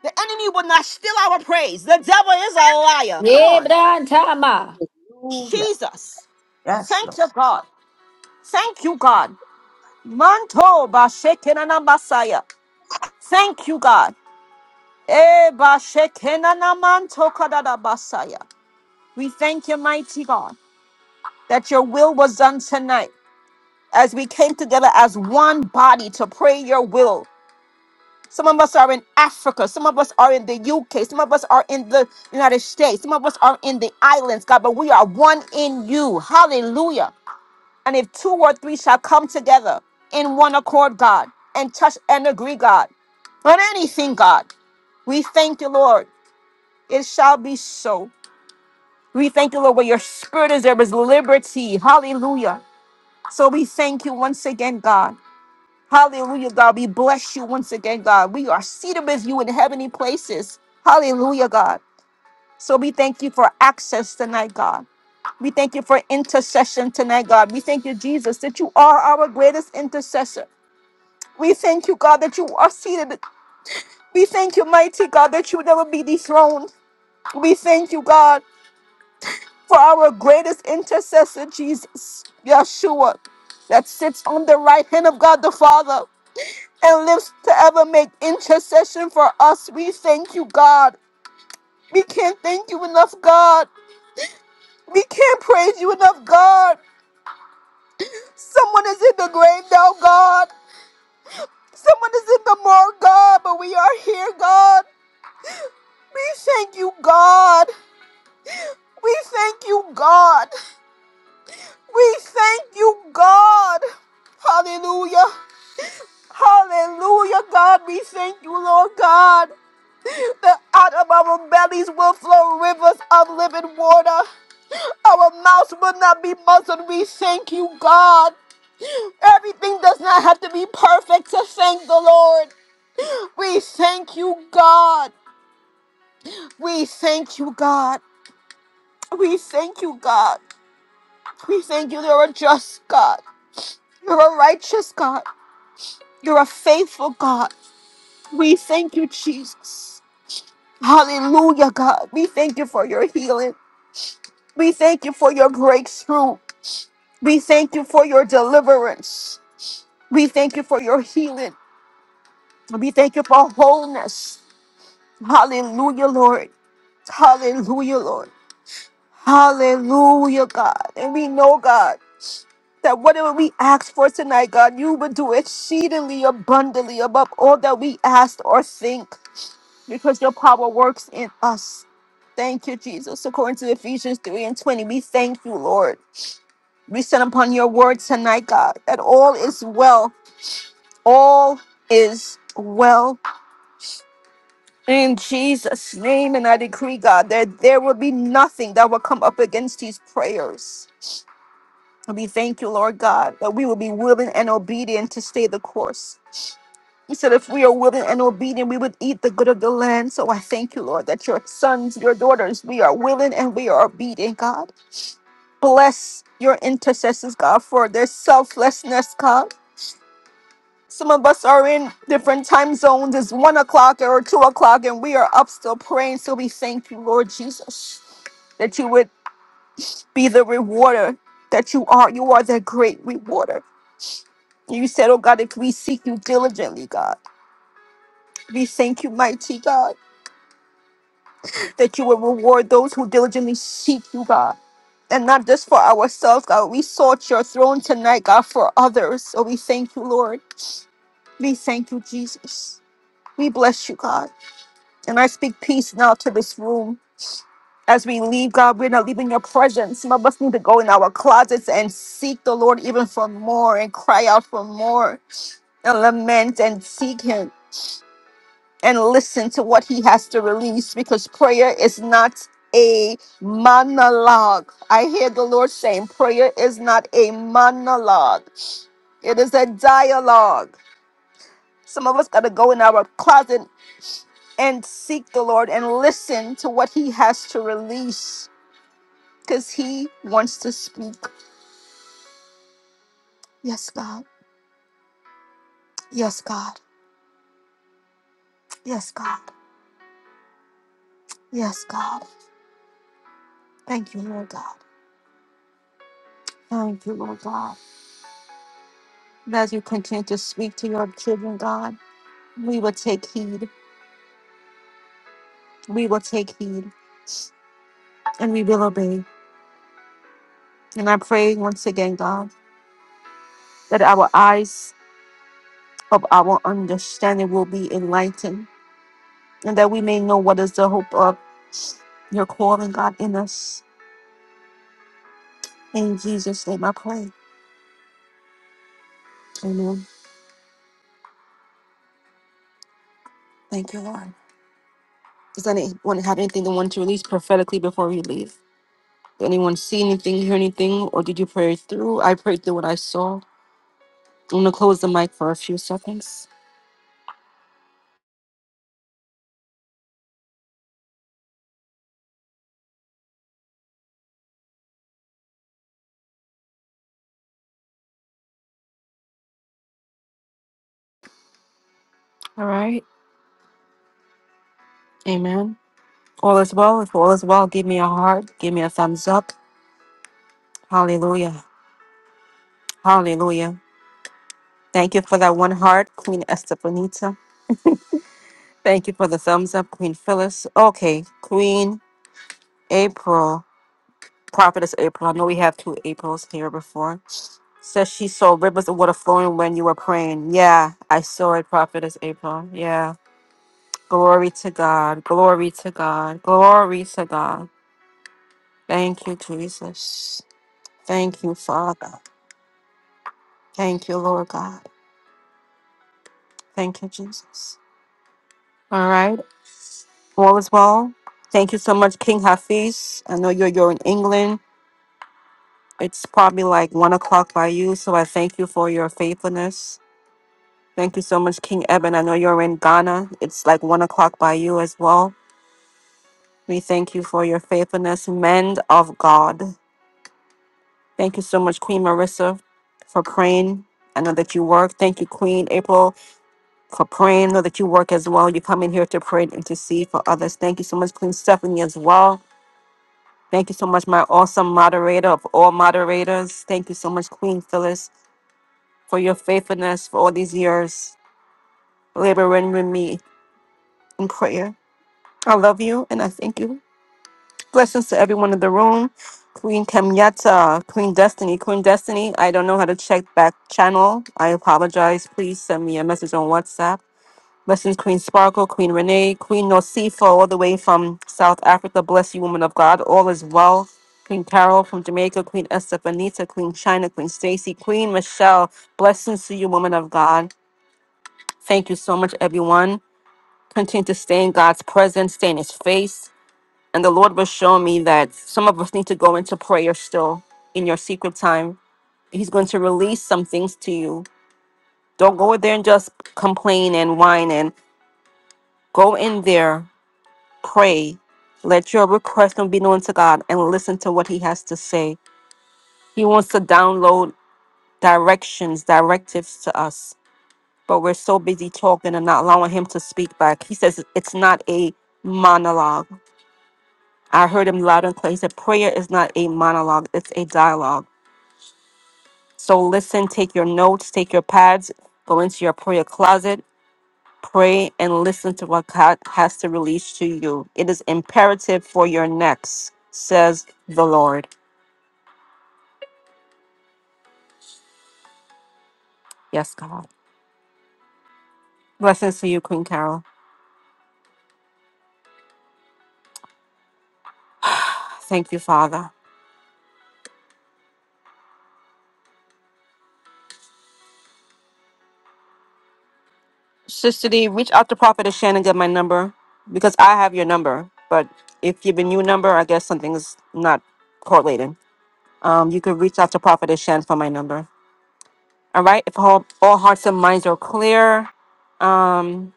[SPEAKER 2] The enemy will not steal our praise. The devil is a liar. Come on.
[SPEAKER 4] Yebrantama.
[SPEAKER 2] Jesus.
[SPEAKER 7] Yeah.
[SPEAKER 2] Thank you, God. Thank you, God. Manto bashekenana basaya. Thank you, God. Eh, bashekenana manto kadada basaya. We thank you, mighty God, that your will was done tonight as we came together as one body to pray your will Some of us are in Africa. Some of us are in the UK. Some of us are in the United States. Some of us are in the islands, God, but we are one in you. Hallelujah. And if two or three shall come together in one accord, God, and touch and agree, God, on anything, God, we thank you, Lord. It shall be so. We thank you, Lord, where your spirit is, there is liberty. Hallelujah. So we thank you once again, God. Hallelujah, God. We bless you once again, God. We are seated with you in heavenly places. Hallelujah, God. So we thank you for access tonight, God. We thank you for intercession tonight, God. We thank you, Jesus, that you are our greatest intercessor. We thank you, God, that you are seated. We thank you, mighty God, that you will never be dethroned. We thank you, God, for our greatest intercessor, Jesus, Yeshua, that sits on the right hand of God the Father. and lives to ever make intercession for us. We thank you, God. We can't thank you enough, God. We can't praise you enough, God. Someone is in the grave now, God. Someone is in the morgue, God, but we are here, God. We thank you, God. We thank you, God. We thank you, God. Hallelujah. Hallelujah, God. We thank you, Lord God. That out of our bellies will flow rivers of living water. Our mouths will not be muzzled. We thank you, God. Everything does not have to be perfect to thank the Lord. We thank you, God. We thank you, God. We thank you, God. We thank you. You're a just God. You're a righteous God. You're a faithful God. We thank you, Jesus. Hallelujah, God. We thank you for your healing. We thank you for your breakthrough. We thank you for your deliverance. We thank you for your healing. We thank you for wholeness. Hallelujah, Lord. Hallelujah, Lord. Hallelujah, God. And we know, God, that whatever we ask for tonight, God, you will do exceedingly abundantly above all that we ask or think because your power works in us. Thank you, Jesus. According to Ephesians 3 and 20, we thank you, Lord. We stand upon your word tonight, God, that all is well. All is well In Jesus' name, and I decree, God, that there will be nothing that will come up against these prayers. And We thank you, Lord God, that we will be willing and obedient to stay the course. You said if we are willing and obedient, we would eat the good of the land. So I thank you, Lord, that your sons, your daughters, we are willing and we are obedient, God. Bless your intercessors, God, for their selflessness, God. Some of us are in different time zones. It's one o'clock or two o'clock, and we are up still praying. So we thank you, Lord Jesus, that you would be the rewarder that you are. You are the great rewarder. You said, Oh God, if we seek you diligently, God, we thank you, mighty God, that you will reward those who diligently seek you, God. And not just for ourselves, God. We sought your throne tonight, God, for others. So we thank you, Lord. We thank you, Jesus. We bless you, God. And I speak peace now to this room. As we leave, God, we're not leaving your presence. Some of us need to go in our closets and seek the Lord even for more and cry out for more and lament and seek Him and listen to what He has to release because prayer is not a monologue. I hear the Lord saying, prayer is not a monologue, it is a dialogue. Some of us got to go in our closet and seek the Lord and listen to what He has to release because He wants to speak. Yes, God. Yes, God. Yes, God. Yes, God. Thank you, Lord God. Thank you, Lord God. And as you continue to speak to your children, God, we will take heed. We will take heed and we will obey. And I pray once again, God, that our eyes of our understanding will be enlightened and that we may know what is the hope of your calling, God, in us. In Jesus' name I pray. Amen. Thank you, Lord. Does anyone have anything they want to release prophetically before we leave? Did anyone see anything, hear anything, or did you pray through? I prayed through what I saw. I'm going to close the mic for a few seconds. All right. Amen. All is well. If all is well, give me a heart. Give me a thumbs up. Hallelujah. Hallelujah. Thank you for that one heart, Queen Esther Thank you for the thumbs up, Queen Phyllis. Okay, Queen April, Prophetess April. I know we have two Aprils here before. Says she saw rivers of water flowing when you were praying. Yeah, I saw it, Prophetess April. Yeah. Glory to God. Glory to God. Glory to God. Thank you, Jesus. Thank you, Father. Thank you, Lord God. Thank you, Jesus. All right. All is well. Thank you so much, King Hafiz. I know you're you're in England. It's probably like one o'clock by you, so I thank you for your faithfulness. Thank you so much, King Eben. I know you're in Ghana. It's like one o'clock by you as well. We thank you for your faithfulness, men of God. Thank you so much, Queen Marissa, for praying. I know that you work. Thank you, Queen April, for praying. I know that you work as well. You come in here to pray and intercede for others. Thank you so much, Queen Stephanie, as well. Thank you so much, my awesome moderator of all moderators. Thank you so much, Queen Phyllis. for your faithfulness for all these years, laboring with me in prayer. I love you and I thank you. Blessings to everyone in the room. Queen Kenyatta, Queen Destiny, Queen Destiny. I don't know how to check back channel. I apologize. Please send me a message on WhatsApp. Blessings, Queen Sparkle, Queen Renee, Queen Nocifo, all the way from South Africa. Bless you, woman of God. All is well. Queen Carol from Jamaica, Queen Estefanita, Queen China, Queen Stacy, Queen Michelle. Blessings to you, woman of God. Thank you so much, everyone. Continue to stay in God's presence, stay in His face. And the Lord was showing me that some of us need to go into prayer still in your secret time. He's going to release some things to you. Don't go there and just complain and whine and go in there, pray. Let your request be known to God and listen to what He has to say. He wants to download directions, directives to us. but we're so busy talking and not allowing him to speak back. He says it's not a monologue. I heard him loud and clear. He said prayer is not a monologue, it's a dialogue. So listen, take your notes, take your pads, go into your prayer closet, pray, and listen to what God has to release to you. It is imperative for your next, says the Lord. Yes, God. Blessings to you, Queen Carol. Thank you, Father. Sister D, reach out to Prophet Shannon get my number because I have your number. But if you've been your number, I guess something is not correlating. Um, you could reach out to Prophet Shannon for my number. All right. If all, all hearts and minds are clear, um,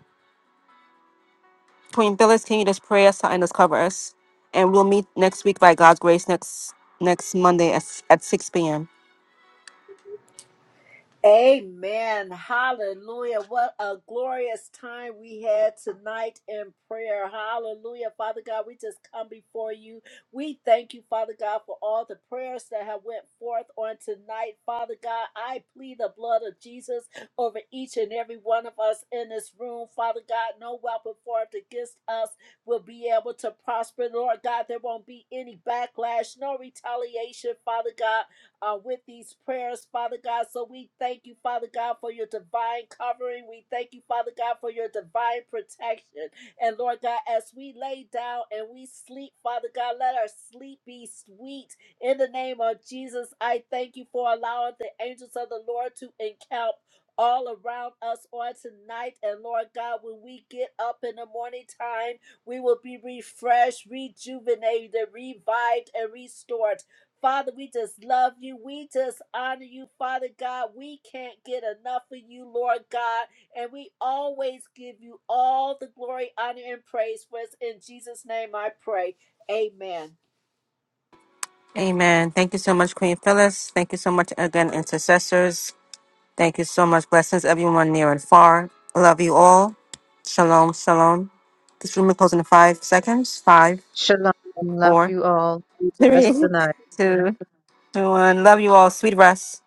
[SPEAKER 2] Queen Phyllis, can you just pray us out and just cover us? And we'll meet next week by God's grace next next Monday at, s- at 6 p.m.
[SPEAKER 1] Amen. Hallelujah. What a glorious time we had tonight in prayer. Hallelujah. Father God, we just come before you. We thank you, Father God, for all the prayers that have went forth on tonight. Father God, I plead the blood of Jesus over each and every one of us in this room. Father God, no weapon formed against us will be able to prosper. Lord God, there won't be any backlash, no retaliation, Father God uh, with these prayers, Father God. So we thank you, Father God, for your divine covering. We thank you, Father God, for your divine protection. And Lord God, as we lay down and we sleep, Father God, let our sleep be sweet. In the name of Jesus, I thank you for allowing the angels of the Lord to encamp. All around us on tonight, and Lord God, when we get up in the morning time, we will be refreshed, rejuvenated, revived, and restored. Father, we just love you. We just honor you, Father God. We can't get enough of you, Lord God. And we always give you all the glory, honor, and praise for us. In Jesus' name I pray. Amen.
[SPEAKER 2] Amen. Thank you so much, Queen Phyllis. Thank you so much again, intercessors. Thank you so much. Blessings, everyone near and far. Love you all. Shalom, shalom. This room will close in five seconds. Five,
[SPEAKER 7] Shalom. Love
[SPEAKER 2] four,
[SPEAKER 7] you all. Bless
[SPEAKER 2] three,
[SPEAKER 7] the night.
[SPEAKER 2] two, one. Love you all. Sweet rest.